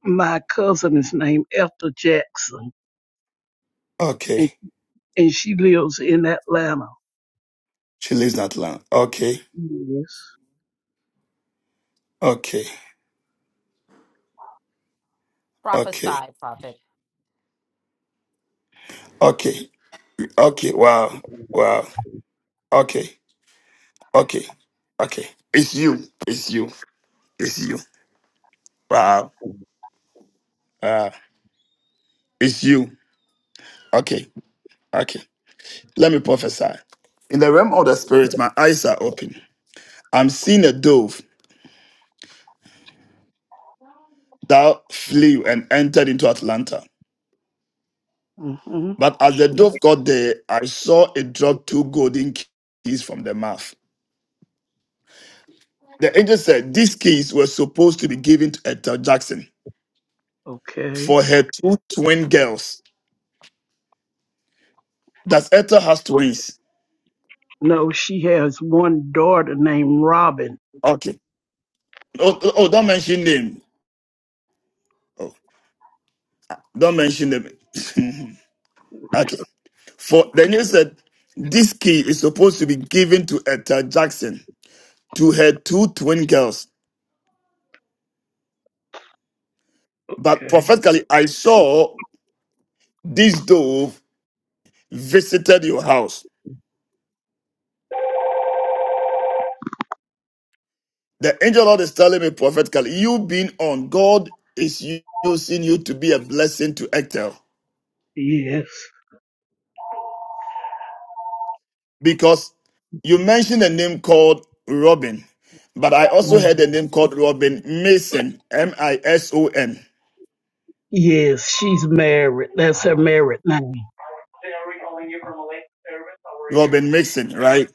S: My cousin is named Ethel Jackson,
A: Okay.
S: and, and she lives in Atlanta.
A: She lives in Atlanta. Okay.
S: Yes.
A: Okay. Okay.
C: Prophesy, Prophet.
A: Okay. Okay. Wow. Wow. Okay. Okay. Okay. It's you. It's you. It's you. Wow. Wow. It's you. Okay. Okay. Let me prophesy. In the realm of the spirit, my eyes are open. I'm seeing a dove that flew and entered into Atlanta.
S: hmm
A: But as the dove got there, I saw it drop two golden keys from the mouth. The angel said these keys were supposed to be given to Ethel Jackson
S: Okay.
A: for her two twin girls. Does Ethel has twins?
S: No, she has one daughter named Robin.
A: Okay. Oh, oh, oh, don't mention name. Oh, don't mention them. okay. For the angel said this key is supposed to be given to Ethel Jackson to her two twin girls. But
S: Okay.
A: prophetically, I saw this dove visited your house. The angel of the Lord is telling me prophetically, you being on, God is using you to be a blessing to Ectel.
S: Yes.
A: Because you mentioned a name called Robin, but I also heard a
S: Mhm.
A: name called Robin Mason, M I S O N,
S: Yes, she's married. That's her married name.
A: Robin Mason, right?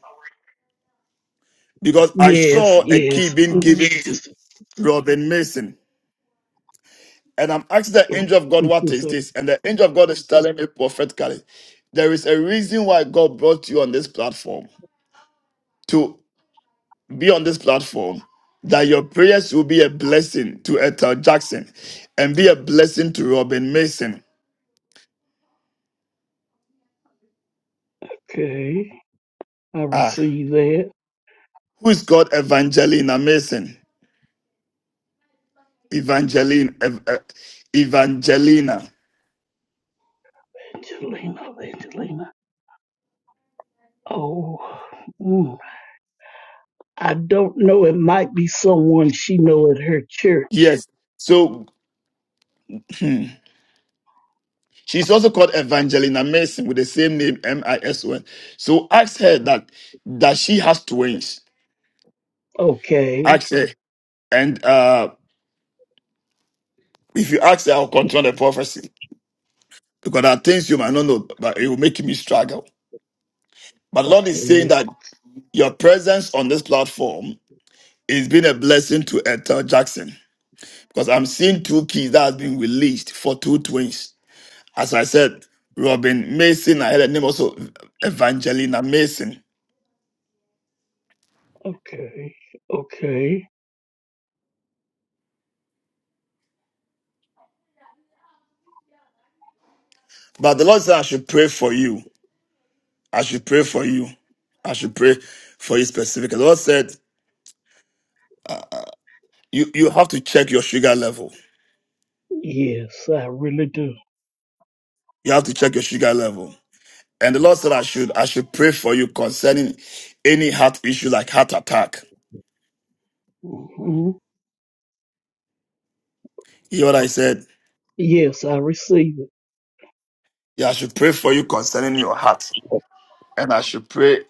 A: Because I
S: Yes,
A: saw a key
S: yes.
A: being
S: Mhm.
A: given to Robin Mason. And I'm asking the angel of God, what
S: It's
A: is this? And the angel of God is telling me prophetically, there is a reason why God brought you on this platform to. be on this platform that your prayers will be a blessing to Ethel Jackson and be a blessing to Robin Mason.
S: okay. I
A: Ah,
S: received that.
A: who is called Evangelina Mason? Evangeline, Ev- eh, Evangelina.
S: Angelina, Angelina. Oh, mm. I don't know. It might be someone she know at her church.
A: Yes. So hmm, she's also called Evangelina Mason with the same name, M I S O N. So ask her that that she has twins.
S: Okay,
A: Ask her, and uh, if you ask her, I'll control the prophecy because there are things you might not know, but it will make me struggle. But Lord is saying
S: okay,
A: that your presence on this platform is been a blessing to Ethel Jackson because I'm seeing two keys that has been released for two twins. As I said, Robin Mason, I heard the name also Evangelina Mason.
S: okay, okay.
A: But the Lord said I should pray for you. I should pray for you. I should pray for you specifically. The Lord said you you have to check your sugar level.
S: Yes, I really do.
A: You have to check your sugar level. And the Lord said I should I should pray for you concerning any heart issue like heart attack.
S: hmm
A: You know what I said?
S: Yes, I receive it.
A: Yeah, I should pray for you concerning your heart. And I should pray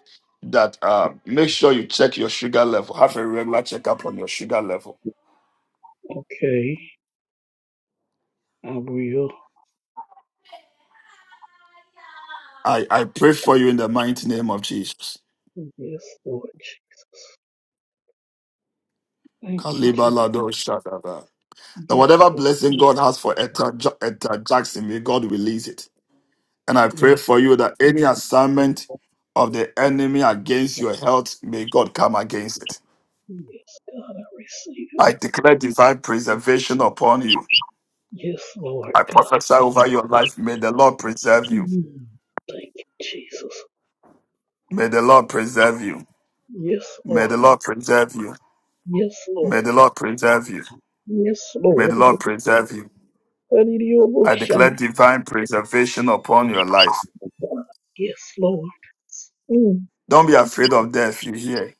A: that um, make sure you check your sugar level. Have a regular checkup on your sugar level.
S: Okay, I will.
A: I, I pray for you in the mighty name of Jesus.
S: Yes, Lord. Thank you,
A: Kaliba
S: Jesus.
A: lado shadaba. That
S: Yes,
A: whatever
S: Lord.
A: blessing God has for Etta, Ja- Etta Jackson, may God release it. And I pray
S: yes,
A: for you that any assignment of the enemy against your health, may God come against it.
S: yes, God, I receive it.
A: I declare divine preservation upon you.
S: Yes, Lord
A: I
S: God.
A: prophesy over your life. May the Lord preserve you.
S: Mm. Thank you, Jesus.
A: May the Lord preserve you.
S: Yes,
A: May
S: Lord.
A: the Lord preserve you.
S: Yes,
A: May
S: Lord.
A: the Lord preserve you.
S: Yes,
A: May the
S: Lord.
A: Lord preserve you. I
S: Hallelujah.
A: declare divine preservation upon your life.
S: Yes, Lord. Mm.
A: Don't be afraid of death, you hear?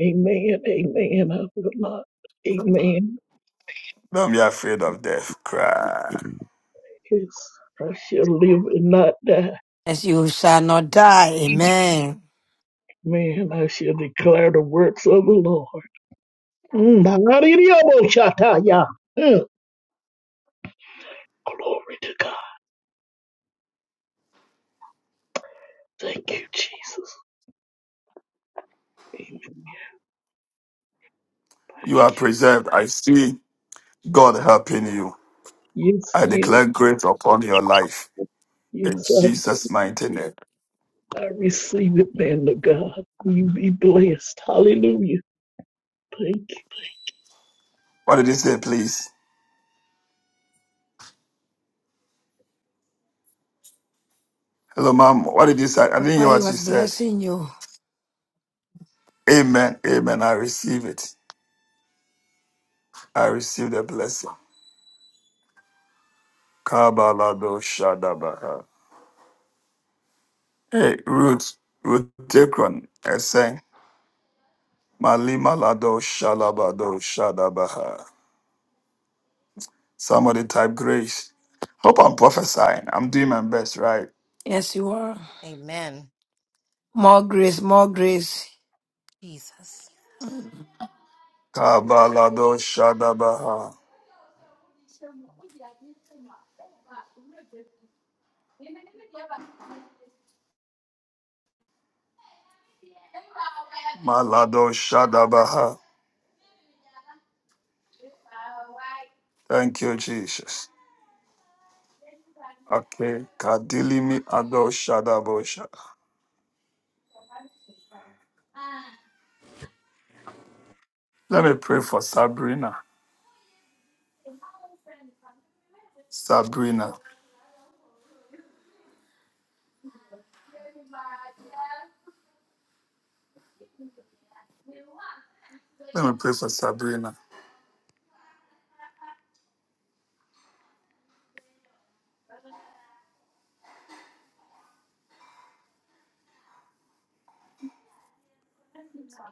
S: Amen. Amen. I will not. Amen.
A: Don't be afraid of death. Cry.
S: Yes. I shall live and not die. Man, I shall declare the works of the Lord. Mm. Hallelujah. Mm. Glory to God. Thank you, Jesus. Amen. Thank
A: You are
S: you.
A: preserved. I see God helping you.
S: Yes,
A: I
S: yes.
A: declare grace upon your life. In
S: Yes,
A: Jesus' mighty name.
S: I, I receive it, man of God. You be blessed. Hallelujah. Thank you.
A: What did he say, please? Hello, ma'am. What did you say? I didn't hear what you said. Amen. Amen. I receive it. I receive the blessing. Kabalado Shadabaha. Hey, Ruth, Ruth Dekron, I say, Malima Lado Shalabado Shadabaha. Somebody type grace. Hope I'm prophesying. I'm doing my best, right?
P: Yes, you are.
C: Amen.
P: More grace, more grace.
C: Jesus.
P: Mm.
A: Kabalado Shadabaha. Malado Shadabaha. Thank you, Jesus. Okay. Kadilimi Ado Shadabosha. Let me pray for Sabrina. Sabrina. Let me pray for Sabrina.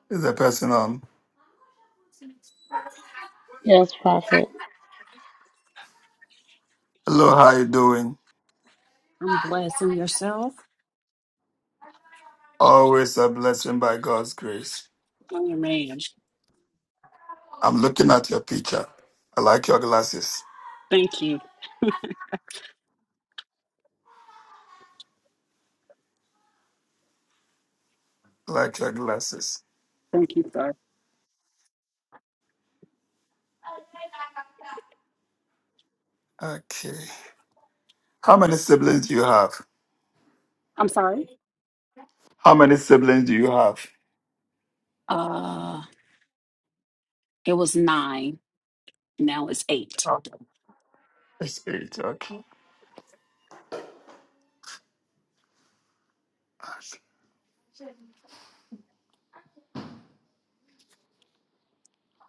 A: Is the person on?
K: Yes, Prophet.
A: Hello, how you doing?
T: I'm blessing yourself.
A: Always a blessing by God's grace.
T: Oh man.
A: I'm looking at your picture. I like your glasses.
T: Thank you.
A: I like your glasses.
T: Thank you, sir.
A: Okay. How many siblings do you have?
T: I'm sorry.
A: How many siblings do you have?
T: Uh it was nine. Now it's eight.
A: Oh, It's eight. Okay.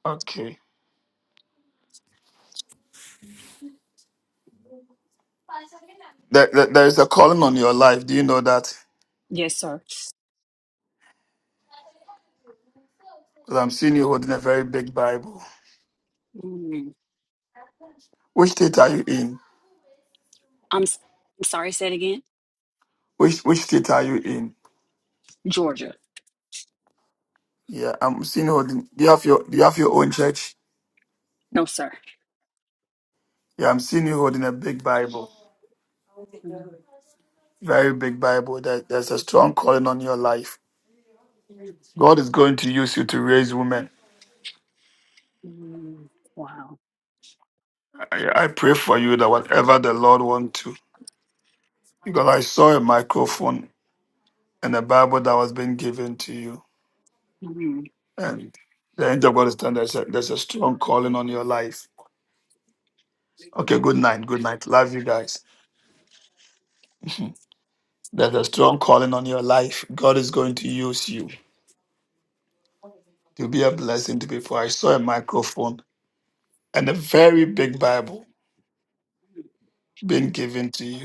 A: Okay. There, there, there is a calling on your life. Do you know that?
T: Yes, sir.
A: Because I'm seeing you holding a very big Bible.
T: Mm,
A: Which state are you in?
T: I'm s- I'm sorry, say it again.
A: Which which state are you in?
T: Georgia.
A: Yeah, I'm seeing you holding. Do you have your Do you have your own church?
T: No, sir.
A: Yeah, I'm seeing you holding a big Bible.
T: Mm,
A: Very big Bible. That there's a strong calling on your life. God is going to use you to raise women.
T: mm, wow.
A: I, I pray for you that whatever the Lord wants to, because I saw a microphone and a Bible that was being given to you,
T: Mm, mm.
A: and the angel of God is telling there's a, there's a strong calling on your life. Okay, good night, good night. Love you guys. There's a strong calling on your life. God is going to use you to be a blessing to people. I saw a microphone and a very big Bible being given to you.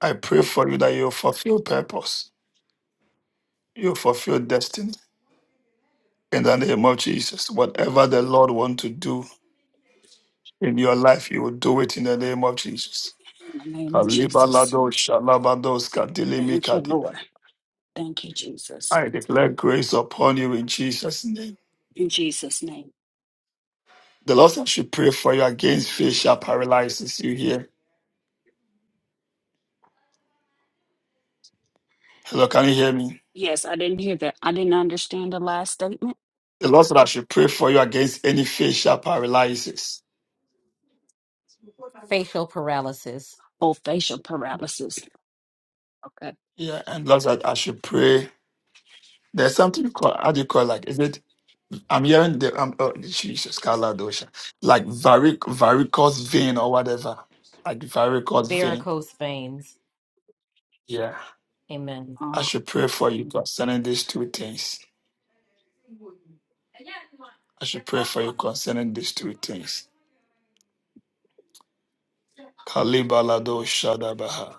A: I pray for you that you fulfill purpose, you fulfill destiny in the name of Jesus. Whatever the Lord wants to do in your life, you will do it in the name of Jesus.
T: in the name of Jesus.
A: Kalibalado shalabados
T: Thank you, Lord.
A: kadilimikadia.
T: Thank you, Jesus.
A: I declare grace upon you in Jesus' name.
T: In Jesus' name.
A: The Lord said I should pray for you against facial paralysis. You hear? Hello, can you hear me?
T: Yes, I didn't hear that. I didn't understand the last statement.
A: The Lord said I should pray for you against any facial paralysis.
C: Facial paralysis,
T: Oh, facial paralysis. Okay.
A: Yeah, and Lord said I should pray. There's something called, how do you call it? like, is it I'm hearing the um, oh, Jesus, Kaladosha, like varic varicose vein or whatever, like varicose vein.
C: varicose veins.
A: Yeah,
C: Amen.
A: I
T: Uh,
A: should pray for you concerning these two things. I should pray for you concerning these two things. Kalibalado Shadabaha.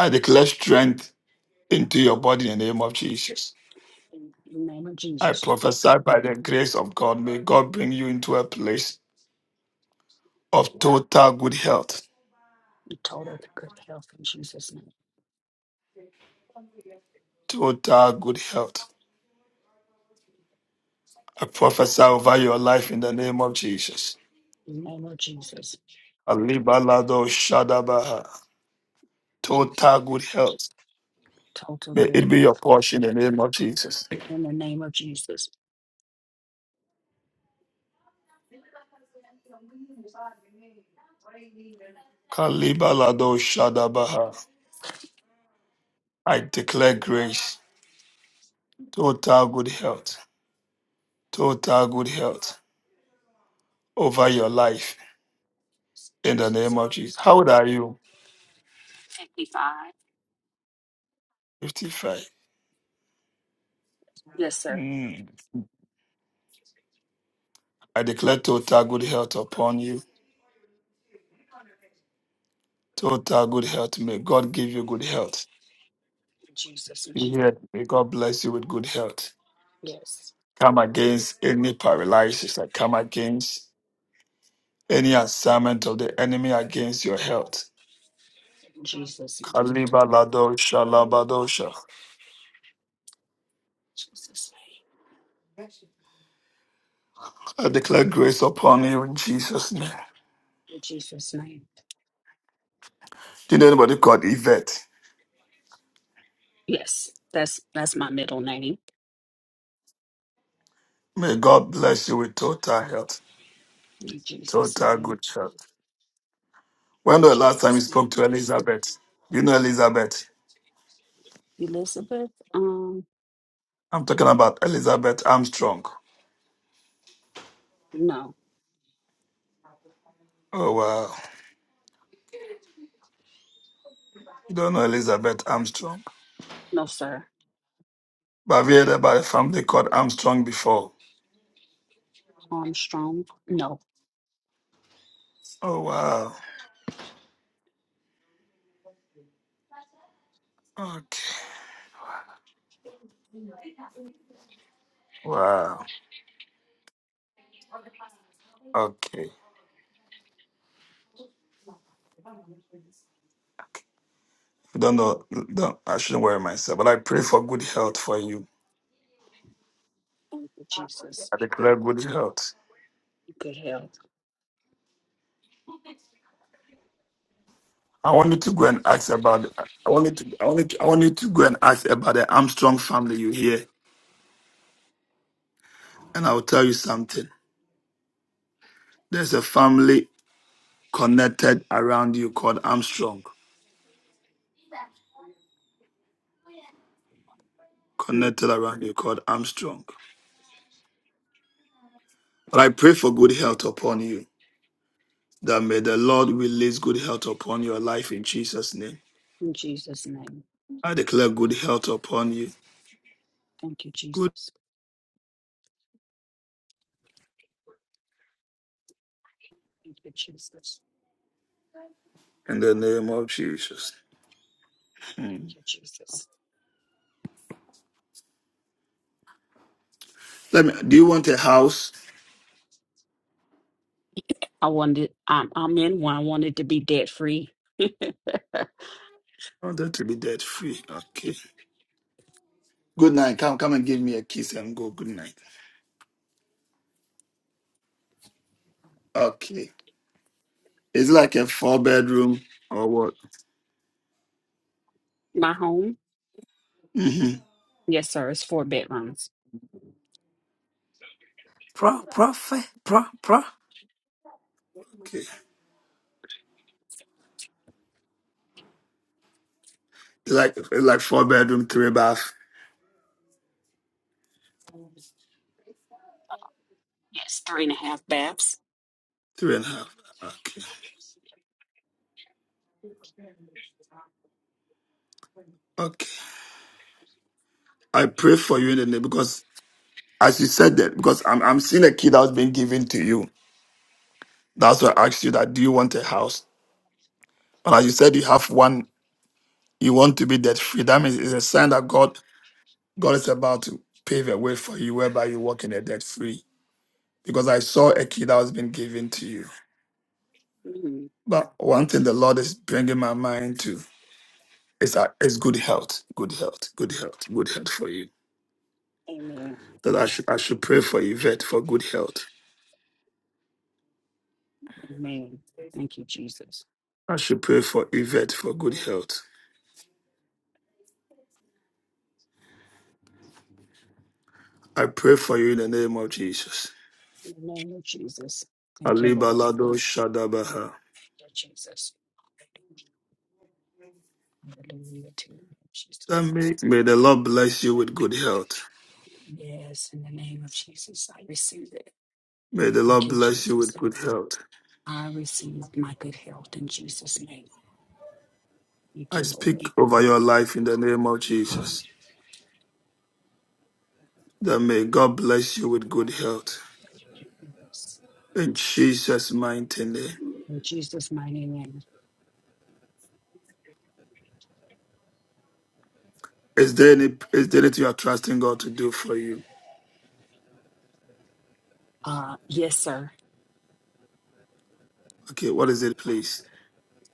A: I declare strength into your body in the name of Jesus.
T: In the name of
A: I
T: Jesus,
A: prophesy by the grace of God. May God bring you into a place of total good health.
T: total good health in Jesus' name.
A: Total good health. I prophesy over your life in the name of Jesus.
T: In the name of Jesus,
A: Alibalado Shadabaha.
T: Jesus,
A: Total good health.
T: total
A: May
T: good
A: it be your
T: health.
A: portion in the name of Jesus.
T: In the name of Jesus,
A: Kalibalado Shadabaha. I declare grace, total good health, total good health over your life in the
T: Jesus.
A: name of Jesus. How old are you?
T: 55.
A: 55.
T: Yes, sir.
A: Mm. I declare total good health upon you. Total good health. May God give you good health.
T: In Jesus'
A: Be
T: name.
A: here. May God bless you with good health.
T: Yes.
A: Come against any paralysis. I come against Any assignment of the enemy against your health.
T: In Jesus' name.
A: Kaliba labadosha.
T: Jesus' name.
A: I declare grace upon you in Jesus' name.
T: In Jesus' name.
A: Do you know anybody called Yvette?
T: Yes. That's that's my middle name.
A: May God bless you with total health,
T: In Jesus'
A: total
T: name.
A: good health. When was the last time you
T: Jesus' name.
A: spoke to Elizabeth? You know Elizabeth.
T: Elizabeth, um,
A: I'm talking about Elizabeth Armstrong.
T: no.
A: Oh, wow. You don't know Elizabeth Armstrong.
T: No, sir.
A: But have you heard about a family called Armstrong before?
T: Armstrong, no.
A: Oh, wow. Okay. Wow. Okay. Don't know. Don't, I shouldn't worry myself, but I pray for good health for you.
T: Thank you, Jesus.
A: I declare good health.
T: Good health.
A: I want you to go and ask about. I want you to. I want you to, I want you to go and ask about the Armstrong family you hear, and I will tell you something. There's a family connected around you called Armstrong.
T: Hmm.
A: Connected around you called Armstrong. But I pray for good health upon you. That may the Lord release good health upon your life in Jesus' name.
T: In Jesus' name.
A: I declare good health upon you.
T: Thank you,
A: Good
T: Jesus. Thank you, Jesus.
A: in the name of Jesus. Hmm.
T: Thank you, Jesus.
A: Let me. Do you want a house?
T: I wanted, I'm, I'm in one. I wanted to be debt free.
A: I want that to be debt free. Okay. Good night. Come, come and give me a kiss and go. Good night. Okay. It's like a four bedroom or what?
T: My home,
A: hmm
T: yes, sir, it's four bedrooms.
P: Pro, prophet, pro, pro.
A: Okay. It's like it's like four bedroom, three bath,
T: Yes, three and a half baths.
A: three and a half. Okay. Okay. I pray for you in the name because as you said that because I'm I'm seeing a key that was being given to you. That's why I asked you that. Do you want a house? And as you said, you have one. You want to be debt free. That means it's a sign that God God is about to pave a way for you whereby you walk in a debt free. Because I saw a key that was being given to you.
T: Mm,
A: But one thing the Lord is bringing my mind to is, uh, is good health, good health, good health, good health for you.
T: amen.
A: That I should, I should pray for Yvette for good health.
T: Amen. Thank you, Jesus.
A: I should pray for Yvette for good health. I pray for you in the name of Jesus.
T: In the name of Jesus. Thank you, Lord.
A: Alibalado Shadabaha.
T: Thank you, Jesus. Hallelujah to you,
A: That
T: Jesus.
A: may, may the Lord bless you with good health.
T: Yes, in the name of Jesus, I receive it.
A: May the
T: Thank
A: Lord
T: you,
A: bless you with
T: Jesus.
A: good health.
T: I receive my good health in Jesus' name. Thank
A: I
T: you, Lord.
A: speak over your life in the name of Jesus. That may God bless you with good health. In Jesus' mighty name.
T: In Jesus' mighty name.
A: Is there any is there anything you are trusting God to do for you?
T: Uh, yes, sir.
A: Okay, what is it, please?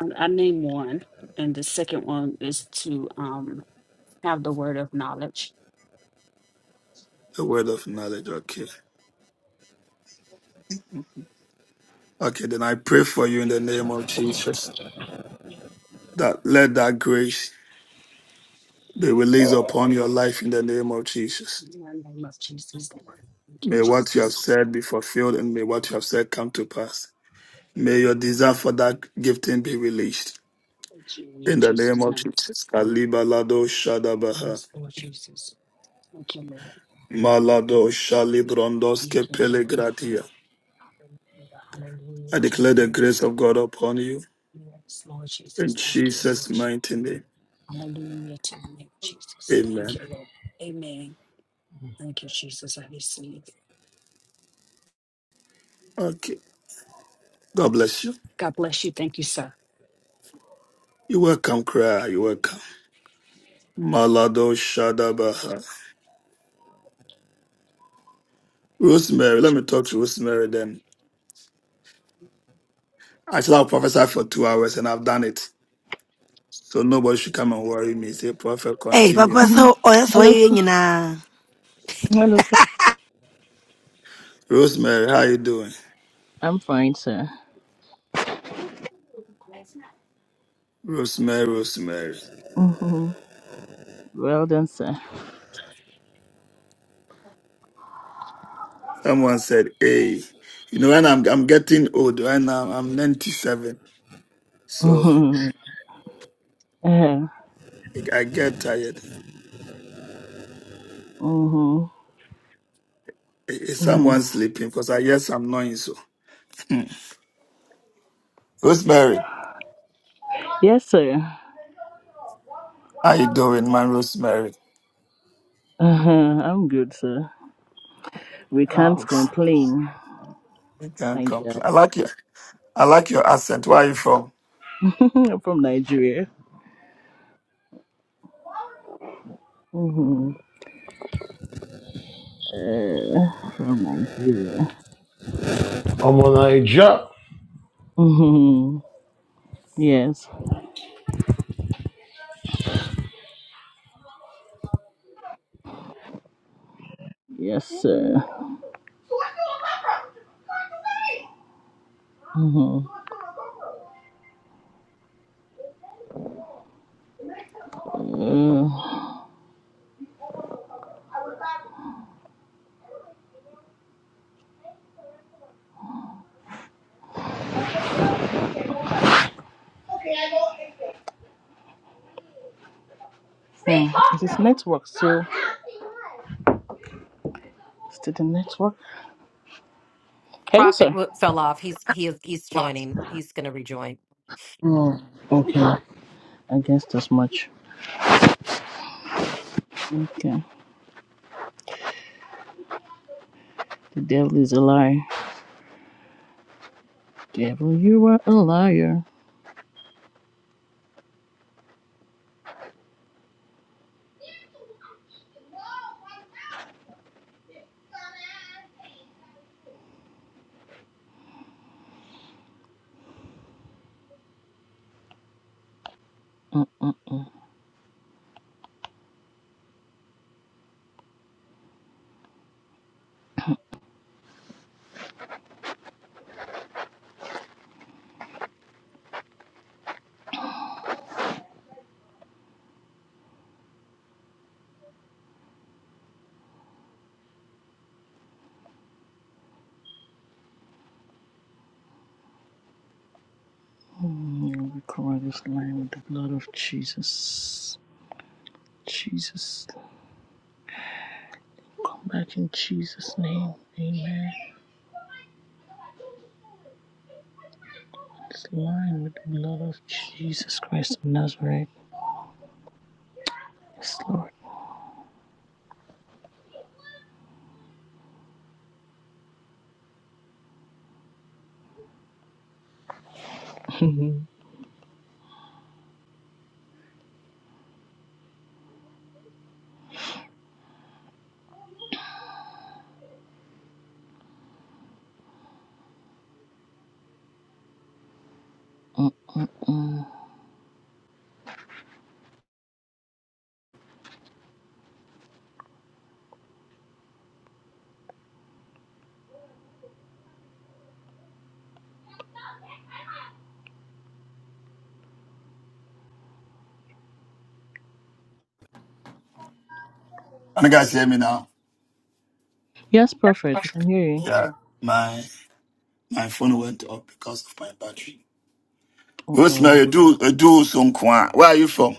T: I, I named one, and the second one is to um have the word of knowledge.
A: The word of knowledge. Okay. Okay, then I pray for you in the name of Jesus.
T: In
A: That let that grace be released upon your life in the name of Jesus.
T: the name of Jesus, Lord. Thank you,
A: May what you have
T: Jesus.
A: said be fulfilled and may what you have said come to pass. May your desire for that gifting be released.
T: Thank you, in
A: In the name
T: Jesus'
A: of
T: name.
A: Jesus. Kalibalado Shadabaha.
T: Yes, Lord Jesus. Thank you, Lord.
A: Malado
T: Thank
A: Shalibrondoske
T: you, Lord God.
A: Pelegratia.
T: Hallelujah. Hallelujah.
A: I
T: to
A: declare the
T: you.
A: grace of God upon you.
T: Yes, Lord Jesus.
A: In
T: Thank you,
A: Jesus'
T: Lord.
A: mighty name.
T: Hallelujah to your name, Jesus. Thank
A: Amen.
T: you, Lord. Amen. Thank you, Jesus. I receive.
A: Okay. God bless you.
T: God bless you. Thank you, sir.
A: You welcome, cry. You welcome. Malado Shadabaha. Rosemary, let me talk to Rosemary then. I shall have prophesied for two hours and I've done it. So nobody should come and worry me. Say, prophet,
P: Hey,
A: continue.
P: Papa,
U: Mhm.
P: so oh, that's why
U: Hello, sir.
P: you know.
U: hello. sir.
A: Rosemary, how you doing?
U: I'm fine, sir.
A: Rosemary, Rosemary.
U: hmm Well done, sir.
A: Someone said, "Hey, you know, when I'm I'm getting old. Right now, I'm 97, so
U: hmm Uh,
A: I I get tired.
U: hmm
A: Is is
U: hmm
A: someone sleeping? Because I guess I'm noise. So, Hmm. Rosemary,
U: Yes, sir.
A: how you doing, man? Rosemary,
U: Uh-huh. I'm good, sir. We
A: I'm
U: can't
A: good.
U: complain.
A: You can't
U: Thank God.
A: complain. I like your I like your accent. Where are you from?
U: I'm from Nigeria. hmm Uh, from Nigeria.
V: I'm on a jet.
U: hmm Yes. Yes, sir. hmm Uh, hmm. Is this network still? Still the network? Hello,
C: Prophet
U: sir.
C: w- fell off. He's he is he's joining. He's going to rejoin.
U: Oh, okay. I guess that's much. Okay. The devil is a liar. Devil, you are a liar. Mm-mm-mm. Mm, We cover this line with the blood of Jesus. Jesus. Come back in Jesus' name. Amen. This line with the blood of Jesus Christ of Nazareth. Yes, Lord. Mm-mm-mm.
A: Can you guys hear me now?
U: yes, prophet, we can hear you.
A: Yeah, my my phone went off because of my battery.
U: Uh-oh.
A: Rosemary, do do some Where are you from?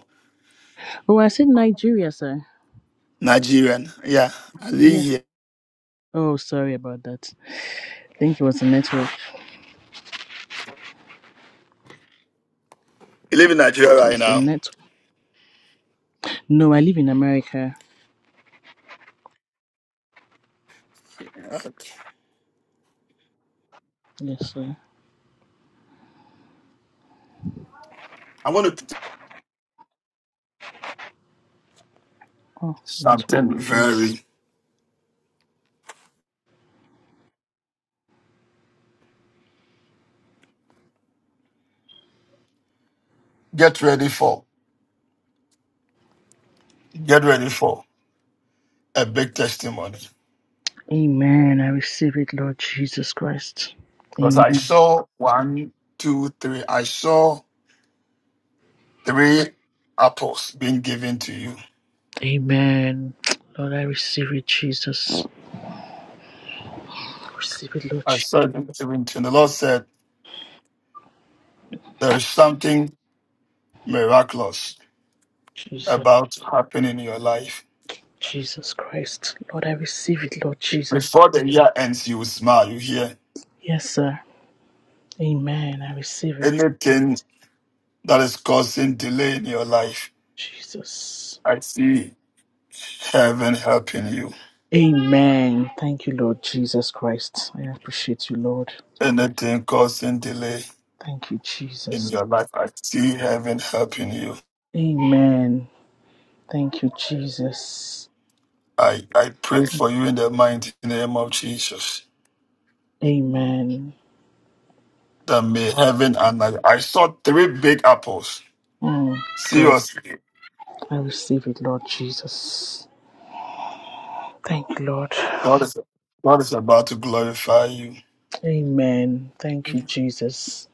U: Oh, I said Nigeria, sir.
A: Nigerian. Yeah, I live
U: Yes. sir.
A: here.
U: Oh, sorry about that. I think it was the network.
A: You live in Nigeria
U: It
A: right
U: was the
A: now.
U: network. No, I live in America.
A: Okay.
U: Yes, sir.
A: I want to tell you
U: Oh, let's
A: something
U: walk, please.
A: very get ready for. Get ready for a big testimony.
U: Amen. I receive it, Lord Jesus Christ.
A: Because I
U: Amen.
A: saw one, two, three. I saw three apples being given to you.
U: Amen. Lord, I receive it, Jesus. Receive it, Lord
A: I
U: Je-
A: saw them given to you. And the Lord said, There is something miraculous
U: Jesus.
A: about to happen in your life.
U: Jesus Christ. Lord, I receive it, Lord Jesus.
A: Before the year ends, you will smile. You hear
U: Yes, sir. Amen. I receive it,
A: anything that is causing delay in your life.
U: Jesus.
A: I see heaven helping you.
U: Amen. Thank you, Lord Jesus Christ. I appreciate you, Lord.
A: Anything causing delay.
U: Thank you,
A: in
U: Jesus.
A: your life. I see heaven helping you.
U: Amen. Thank you, Jesus.
A: I, I pray for you in the mighty name of Jesus.
U: Amen.
A: That may heaven and I, I saw three big apples.
U: Mm, God,
A: Seriously,
U: I receive it, Lord Jesus. Thank you, Lord.
A: God is God is about to glorify you.
U: Amen. Thank you, Jesus.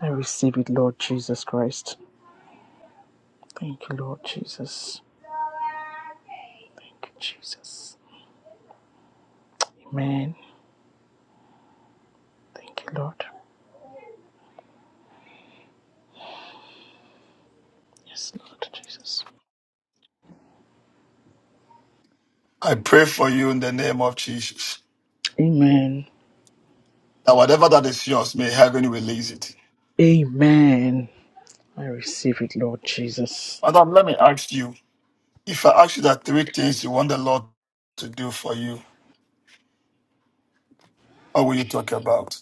U: I receive it, Lord Jesus Christ. Thank you, Lord Jesus. Thank you, Jesus. Amen. Thank you, Lord. Yes, Lord Jesus.
A: I pray for you in the name of Jesus.
U: Amen.
A: That whatever that is yours, may heaven release it.
U: Amen. I receive it, Lord Jesus.
A: Madam, let me ask you. If I ask you that three things you want the Lord to do for you, what will you talk about?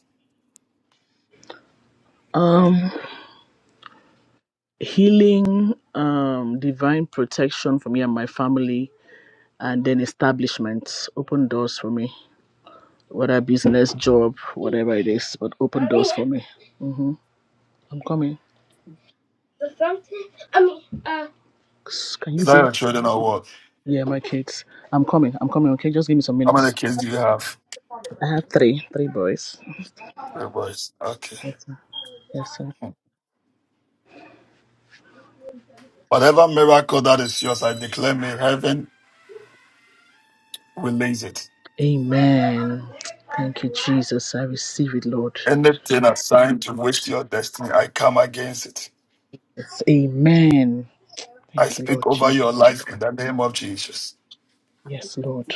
U: Um, healing, um, divine protection for me and my family, and then establishment. Open doors for me. whether business, job, whatever it is, but open doors for me. hmm I'm coming. Ks- Can
A: Is
U: you
A: that
U: go?
A: your children or what?
U: Yeah, my kids. I'm coming. I'm coming. Okay, just give me some
A: How many
U: minutes.
A: kids do you have?
U: I have three, three boys.
A: Three boys. Okay.
U: Yes, sir. Yes, sir.
A: Whatever miracle that is yours, I declare may heaven release it.
U: Amen. Thank you, Jesus. I receive it, Lord.
A: Anything assigned to waste your destiny, I come against it.
U: Yes. Amen.
A: I
U: Thank you,
A: speak
U: Lord
A: over
U: Jesus.
A: your life in the name of Jesus.
U: Yes, Lord.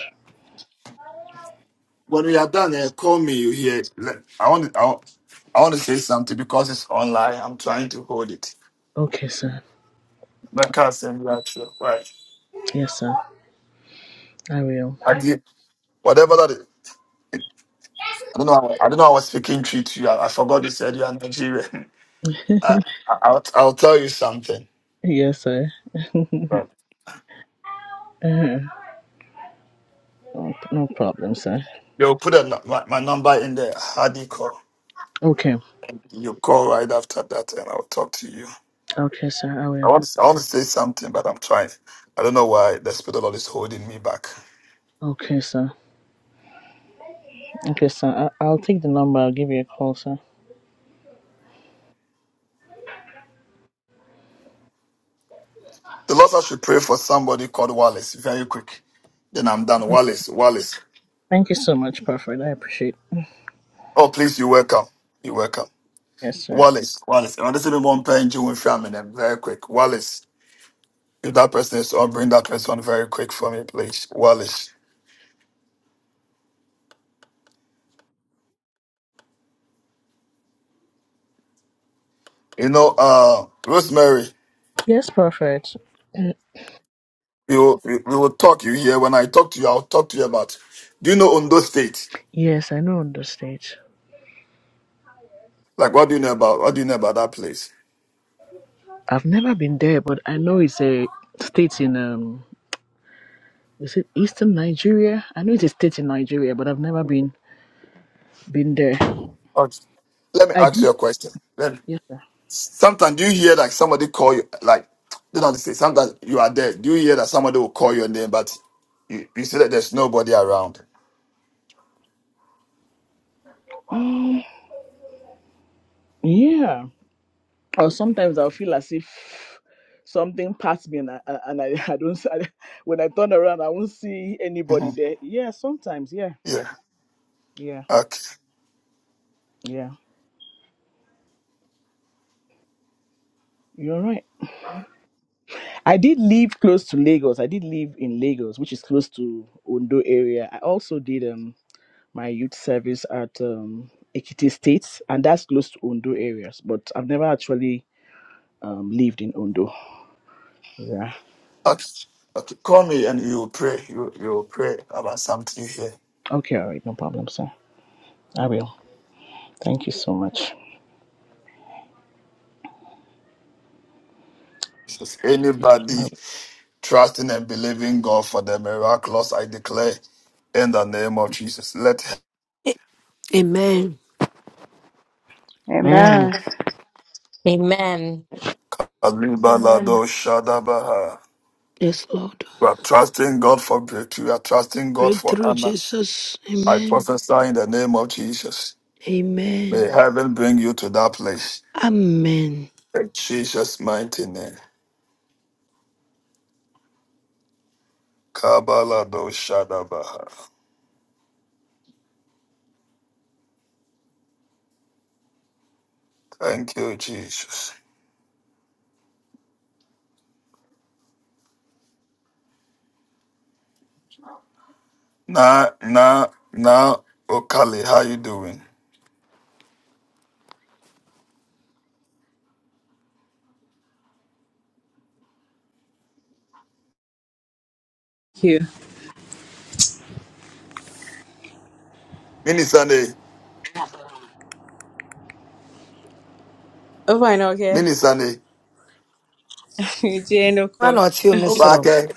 A: When you are done, eh, call me. You hear? Let- I want. I want I want to say something because it's online. I'm trying to hold it.
U: Okay, sir.
A: My can't send that to right.
U: Yes, sir. I will.
A: I did whatever that is. I don't know. how I I don't know. how I was speaking to you. I, I forgot. You said you are Nigerian. I, I, I'll, I'll tell you something.
U: Yes, sir. Uh, no no problem, sir.
A: Yo, put a, nu- my, my number in the hardy call.
U: Okay.
A: You call right after that, and I'll talk to you.
U: Okay, sir. I
A: I
U: will.
A: want to, I want to say something, but I'm trying. I don't know why the Spirit of the Lord is holding me back.
U: Okay, sir. Okay, sir. I- I'll take the number. I'll give you a call, sir.
A: The Lord said I should pray for somebody called Wallace very quick. Then I'm done. Wallace, Wallace.
U: Thank you so much, Prophet. I appreciate it.
A: Oh, please, you're welcome. You're welcome.
U: Yes, sir.
A: Wallace, Wallace. I want to see me one paying you with family Then very quick. Wallace, if that person is on, bring that person very quick for me, please. Wallace. You know, uh, Rosemary.
U: Yes, Prophet.
A: we will, we we will talk you here. When I talk to you, I'll talk to you about. Do you know Ondo State?
U: Yes, I know on the stage.
A: Like, what do you know about? What do you know about that place?
U: I've never been there, but I know it's a state in um is it Eastern Nigeria? I know it's a state in Nigeria, but I've never been been there.
A: Okay. Let me
U: I
A: ask
U: did
A: you a question. Then
U: yes sir.
A: sometimes do you hear like somebody call you like? they don't say. Sometimes you are there. Do you hear that somebody will call your name, but you, you see that there's nobody around?
U: Um, yeah. Or sometimes I'll feel as if something passed me and I I- and I, I don't s- I, when I turn around I won't see anybody
A: Mhm.
U: there. Yeah, sometimes, Yeah.
A: Yeah.
U: yeah.
A: Okay.
U: Yeah. You're right. I did live close to Lagos. I did live in Lagos, which is close to Ondo area. I also did um my youth service at um Ekiti State, and that's close to Ondo areas. But I've never actually um lived in Ondo. Yeah.
A: Okay. Okay. Call me and you will pray. You you will pray about something here.
U: Okay. All right. No problem, sir. I will. Thank you so much.
A: Just anybody. trusting and believing God for the miraculous, I declare in the name of Jesus. Let
P: Amen.
U: Amen.
K: Amen.
C: Amen.
M: Amen.
A: Alibalado Shadabaha.
P: Yes, Lord.
A: We are trusting God for breakthrough. We are trusting God for
P: Breakthrough,
A: honor.
P: Jesus.
A: I
P: Amen.
A: prophesy in the name of Jesus.
P: Amen.
A: May heaven bring you to that place.
P: Amen.
A: In Jesus' mighty name. Kabalado Shadabaha. Thank you, Jesus. Now, now, now, Okali, how you doing?
W: you.
A: Mini Sunday,
W: Oh, fine, okay.
A: Mini Sunday,
P: Why
W: Jenoko.
P: not you, Mr. Rob?
A: Obake.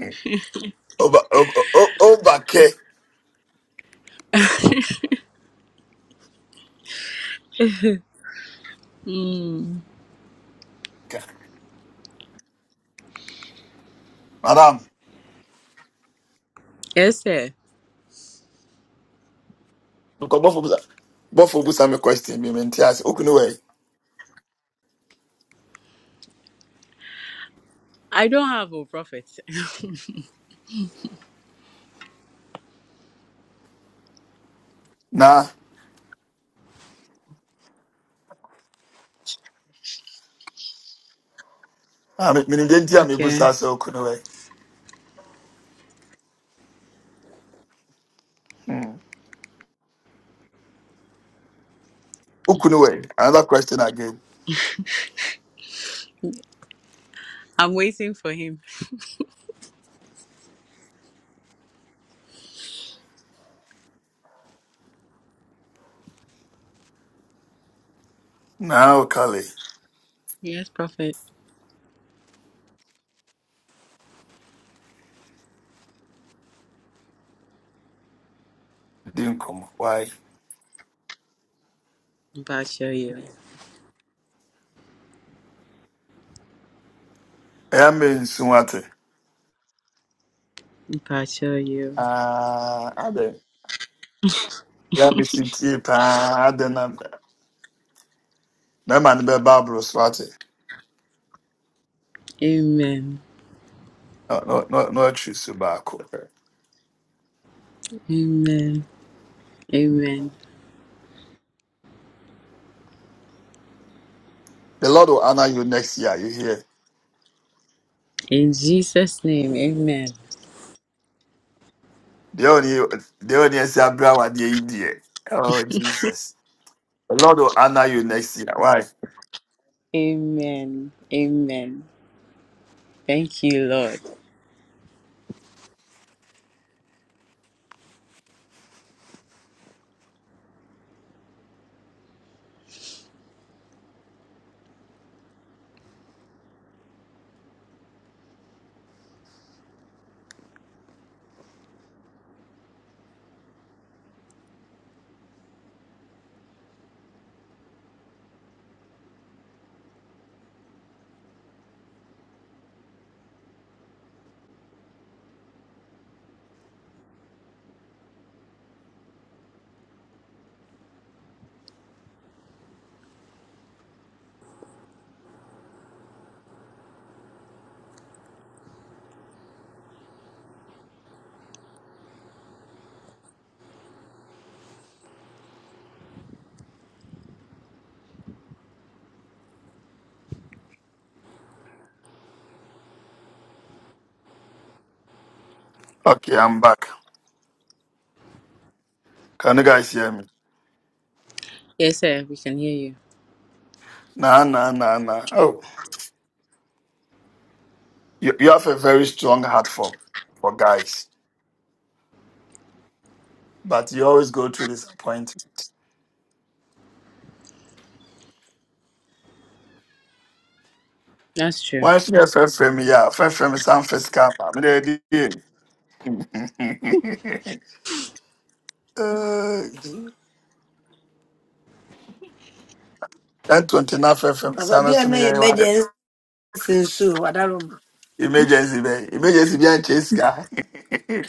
A: Over, over, over, over Okay,
W: Hmm.
A: Madam,
W: Yes, sir.
A: look, both of us, both of us, I'm a question. Me menti as okunowe.
W: I don't have a prophet.
A: Nah, I mean, me didn't me
W: Okay.
A: busa se okunowe. Okunowe. Another question again.
W: I'm waiting for him.
A: Now, Kali,
W: Yes, prophet.
A: didn't come. Why?
W: Bachelor you.
A: I am in Sumate.
W: Bachelor you.
A: Ah, I don't. Yeah, be city. Ah, I don't. know. No man be Barbara Swate.
W: Amen.
A: No, no, no, no. Choose Subako.
W: Amen. Amen.
A: The Lord will honor you next year. You hear?
W: In Jesus' name, amen.
A: The only the only Sabra what the idiot. Oh Jesus. The Lord will honor you next year. Why?
W: Amen. Amen. Thank you, Lord.
A: Okay, I'm back. Can you guys hear me?
W: Yes, sir. We can hear you.
A: Nah nah nah nah. Oh. You you have a very strong heart for for guys. But you always go through disappointment.
W: That's true.
A: Why should you have frame yeah, first frame is some first cap. I'm ready. Ten twenty nine first frame is
P: Papa
A: some
P: bi a na yɛ
A: emergency.
P: emergency nso o, wadaro mu.
A: Emergency, baby, Emergency behind chase guy.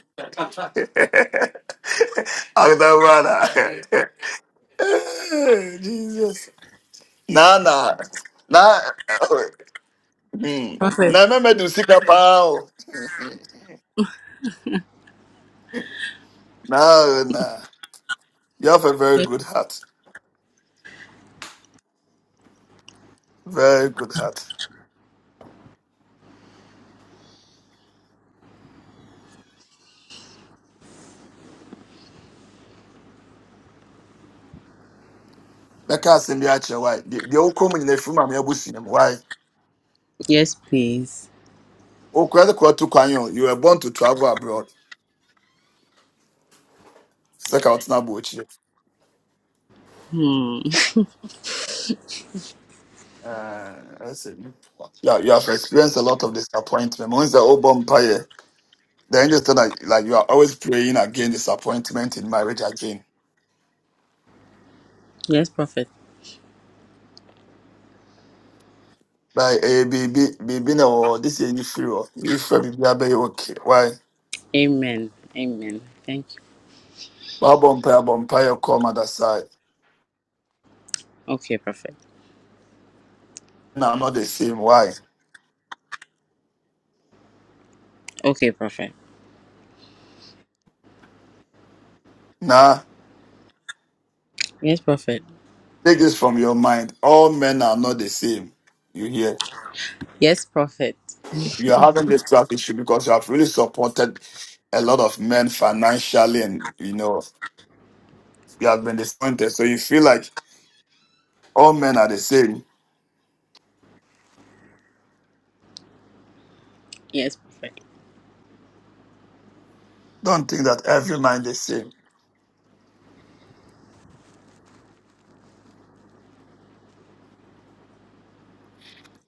A: Akdabara. Jesus. Nah, nah. Nah. Hmm.
W: Prophet.
A: Nah,
W: Yes,
A: remember to seek up out. Nah, nah. You have a very good heart. Very good heart. Meka asembi akyerɛ why. Deɛ deɛ wokɔ mu nyinaa firi maame abusu mu why.
W: yes, please.
A: Okura de kura to kwan yi o. You were born to travel abroad. Sɛ ka ɔtena abɔ
W: Hmm.
A: Yeah, you have experienced a lot of disappointment. Mo n sɛ o bɔ mpaeɛ. The angel said that like you are always praying against disappointment in marriage again.
W: Yes, prophet.
A: Like eh, be be be be no, this is any fear. If be be be okay, why?
W: Amen. Amen. Thank you.
A: But bumpire, bumpire, come other side.
W: Okay, Prophet.
A: Men are not the same. Why?
W: Okay, Prophet.
A: Nah,
W: Yes, Prophet.
A: take this from your mind. All men are not the same. You hear?
W: Yes, Prophet.
A: You are having this trust issue because you have really supported a lot of men financially, and you know you have been disappointed. So you feel like all men are the same.
W: Yes, Prophet.
A: Don't think that every man is the same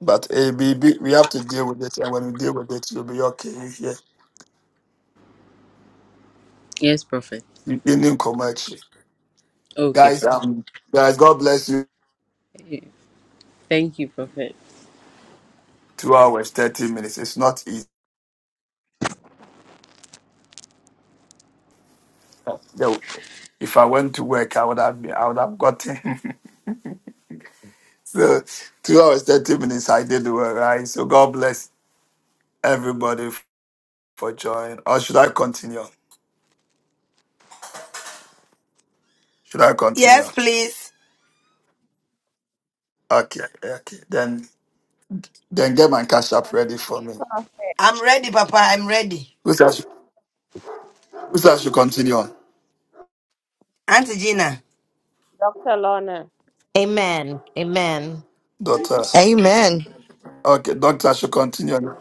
A: But eh, we have to deal with it, and when we deal with it, it'll be okay. Yeah.
W: Yes, Prophet.
A: Indian commercial.
W: Okay,
A: Guys,
W: Prophet.
A: um, guys, God bless you.
W: Thank you, Prophet.
A: Two hours, thirty minutes. It's not easy. Yo, If I went to work, I would have been, I would have gotten so two hours, thirty minutes. I did the work, right? So God bless everybody f- for joining. Or should I continue? Should I
P: Yes,
A: continue?
P: please.
A: Okay, okay. Then then get my cash up ready for me.
P: I'm ready, Papa. I'm ready.
A: Who says who says I should continue, on,
P: Auntie Gina,
X: Dr. Lorna.
C: Amen. Amen.
A: doctor?
D: Amen.
A: Okay, doctor, I should continue.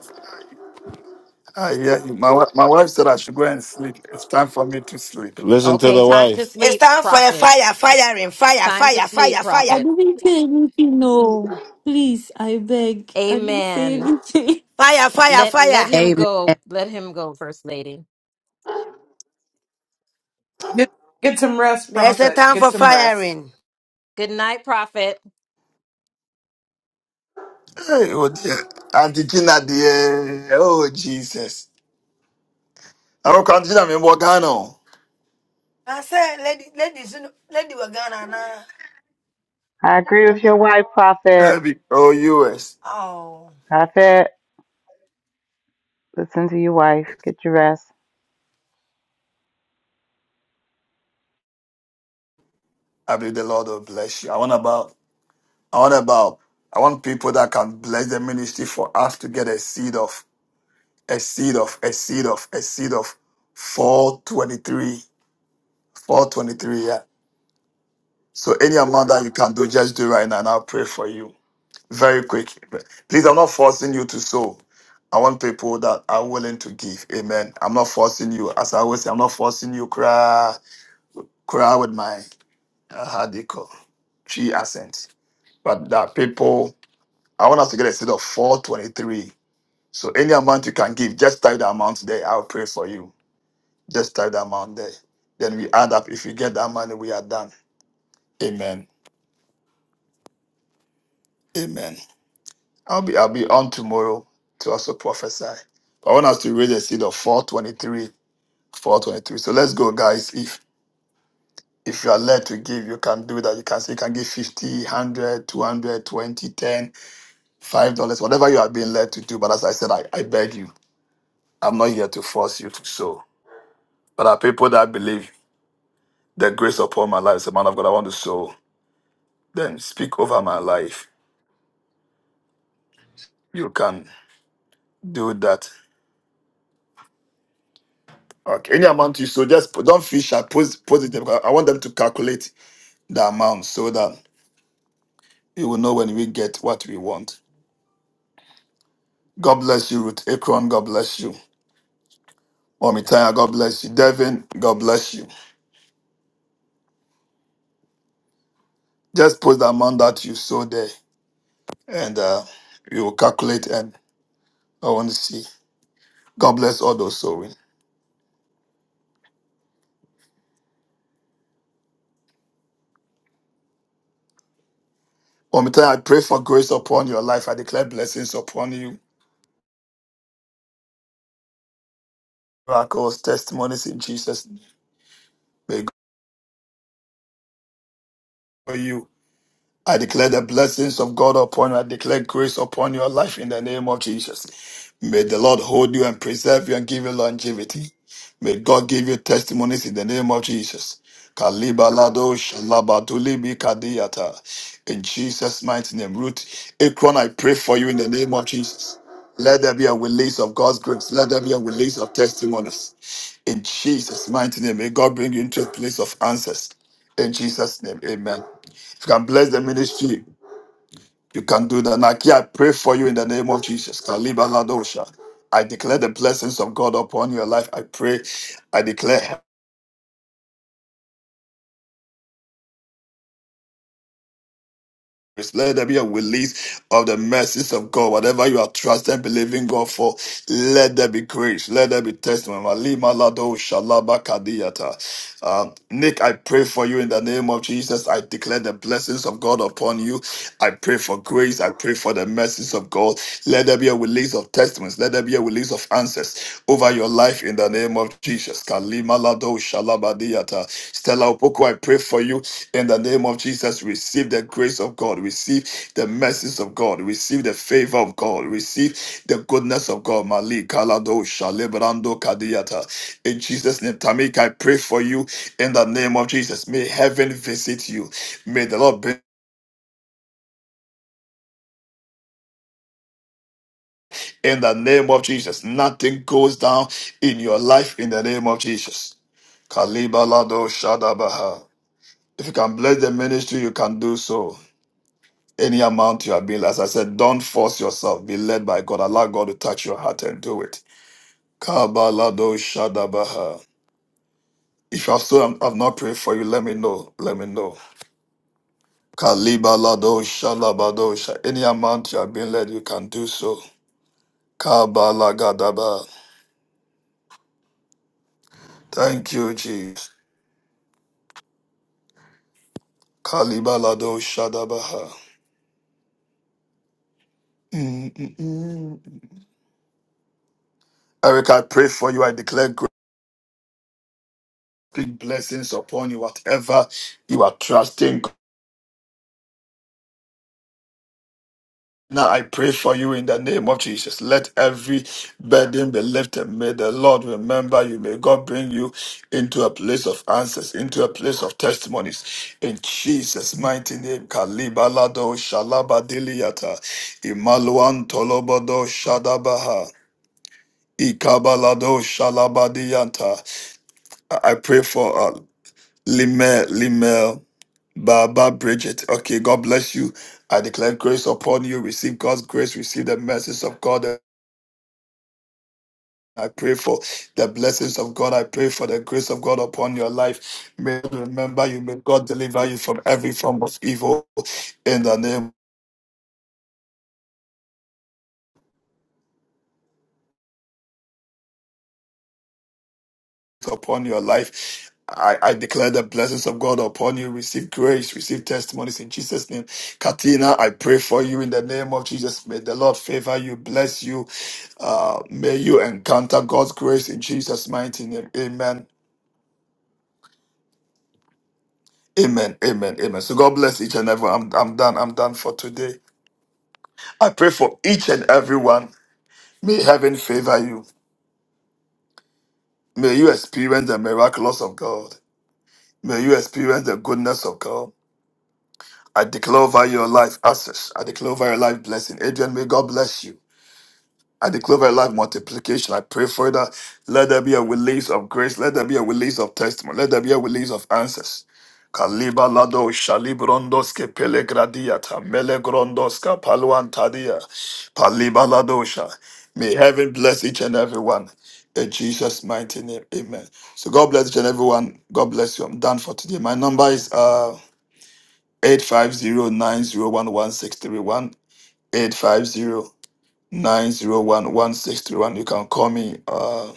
A: Ah, yeah, my, wi- my wife said I should go and sleep. It's time for me to sleep.
Y: Listen to
C: Okay,
Y: the
C: time to
Y: wife.
P: it's
C: sleep,
P: time for a
C: prophet.
P: fire,
C: S-
P: firing, fire,
C: Time to
P: fire,
C: sleep,
P: fire, fire,
Z: I
C: prophet.
Z: didn't say anything, no. Please, I beg. I didn't say
C: Amen.
Z: anything.
P: fire, fire,
C: Let let
P: fire.
C: him
B: good.
C: go. Let him go, first lady.
M: Get, get some rest,
P: There's a
M: prophet.
P: time
M: Get
P: for
M: some rest.
P: firing.
C: Good night, prophet.
A: Hey, oh dear. Auntie Gina, dear. Oh, Jesus. I don't count Gina, I'm in Morgano.
P: I said, lady, lady, lady, we're gonna now.
K: I agree with your wife, Prophet.
A: Yeah, be- Oh, U.S.
P: Oh.
K: Prophet, listen to your wife. Get your rest.
A: I believe the Lord will bless you. I want about, I want about, I want people that can bless the ministry for us to get a seed of, a seed of, a seed of, a seed of 423. 423, yeah. So any amount that you can do, just do right now, and I'll pray for you. very quick. Please, I'm not forcing you to sow. I want people that are willing to give. Amen. I'm not forcing you. As I always say, I'm not forcing you. Cry, cry with my uh, how do you call three accent. But that people, I want us to get a seed of 423. So any amount you can give, just type the amount there. I'll pray for you. Just type the amount there. Then we add up. If you get that money, we are done. Amen. Amen. I'll be I'll be on tomorrow to also prophesy. I want us to read the seed of 423, 423. So let's go, guys. If if you are led to give, you can do that. You can say you can give 50, one hundred, two hundred, twenty, ten, five dollars, whatever you are being led to do. But as I said, I, I beg you, I'm not here to force you to sow. But are people that believe the grace upon my life is a man of God, I want to sow. Then speak over my life. You can do that. Okay. Any amount you sow, just put, don't fish. I post, post it there because I want them to calculate the amount so that we will know when we get what we want. God bless you, Ruth Akron. God bless you. Omitaya, God bless you. Devin, God bless you. Just put the amount that you saw there and uh, we will calculate and I want to see. God bless all those sowing. Omitaya, I pray for grace upon your life. I declare blessings upon you. Miracles, testimonies in Jesus' name. May God for you. I declare the blessings of God upon you. I declare grace upon your life in the name of Jesus. May the Lord hold you and preserve you and give you longevity. May God give you testimonies in the name of Jesus. Kalibalado shalabadulibi kadiyata. In Jesus' mighty name. Ruth Akron, I pray for you in the name of Jesus. Let there be a release of God's grace. Let there be a release of testimonies. In Jesus' mighty name. May God bring you into a place of answers. In Jesus' name. Amen. If you can bless the ministry, you can do that. Naki, I pray for you in the name of Jesus. Kaliba Ladosha. I declare the blessings of God upon your life. I pray. I declare Let there be a release of the mercies of God. Whatever you are trusting, believing God for, let there be grace. Let there be testimony. Malima lado shalaba kadiyata. Um, Nick, I pray for you in the name of Jesus. I declare the blessings of God upon you. I pray for grace. I pray for the mercies of God. Let there be a release of testimonies. Let there be a release of answers over your life life in the name of Jesus. Kalima lado shalabadiata. Stella Opoku, I pray for you in the name of Jesus. Receive the grace of God. Receive the mercies of God. Receive the favor of God. Receive the goodness of God. Mali kalado shalebrando kadiata. In Jesus' name, Tamika, I pray for you in the name of Jesus. May heaven visit you. May the Lord bring in the name of Jesus. Nothing goes down in your life in the name of Jesus. Kalibalado Shadabaha. If you can bless the ministry, you can do so. Any amount you are being, as I said, don't force yourself. Be led by God. Allow God to touch your heart and do it. Kabalado Shadabaha. If you have still have have not prayed for you, let me know. Let me know. Kalibalado Shalabado. Any amount you are being led, you can do so. Kabalagadaba. Thank you, Jesus. Kalibalado Shadabaha. Mm, mm, mm. Eric, I pray for you. I declare big blessings upon you, whatever you are trusting. Now I pray for you in the name of Jesus. Let every burden be lifted. May the Lord remember you. May God bring you into a place of answers, into a place of testimonies. In Jesus' mighty name, Kalibalado Shalabadiliata, Imaluan Tolobodo Shadabaha, Ikabalado Shalabadianta. I I pray for uh, Limel, Limel. Baba Bridget. Okay, God bless you. I declare grace upon you. Receive God's grace. Receive the message of God. I pray for the blessings of God. I pray for the grace of God upon your life. May God remember you. May God deliver you from every form of evil in the name upon your life. I, I declare the blessings of God upon you. Receive grace, receive testimonies in Jesus' name. Katina, I pray for you in the name of Jesus. May the Lord favor you, bless you. Uh, may you encounter God's grace in Jesus' mighty name. Amen. Amen. Amen. Amen. So God bless each and every. I'm, I'm done. I'm done for today. I pray for each and everyone. May heaven favor you. May you experience the miracles of God. May you experience the goodness of God. I declare over your life access. I declare over your life blessing. Adrian, may God bless you. I declare over your life multiplication. I pray for that. Let there be a release of grace. Let there be a release of testimony. Let there be a release of answers. Kaliba lado shalibrondos ke pelegradiata melegrondos ka paluantadia paliba lado sha. May heaven bless each and every one. In Jesus' mighty name, amen. So God bless each and everyone. God bless you. I'm done for today. My number is uh Eight five zero nine zero one one six three one eight five zero nine zero one one six three one. You can call me. Uh,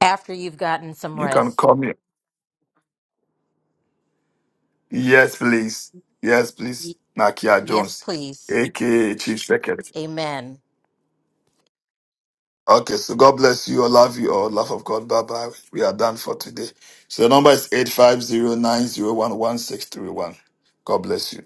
C: After you've gotten some
A: you can
C: rest.
A: call me. Yes, please. Yes,
C: Y-
A: please. Nakia
C: yes,
A: Jones,
C: please.
A: aka Chief Secretary.
C: Amen.
A: Okay, so God bless you. I love you all. Love of God. Bye bye. We are done for today. So the number is eight five zero nine zero one one six three one. God bless you.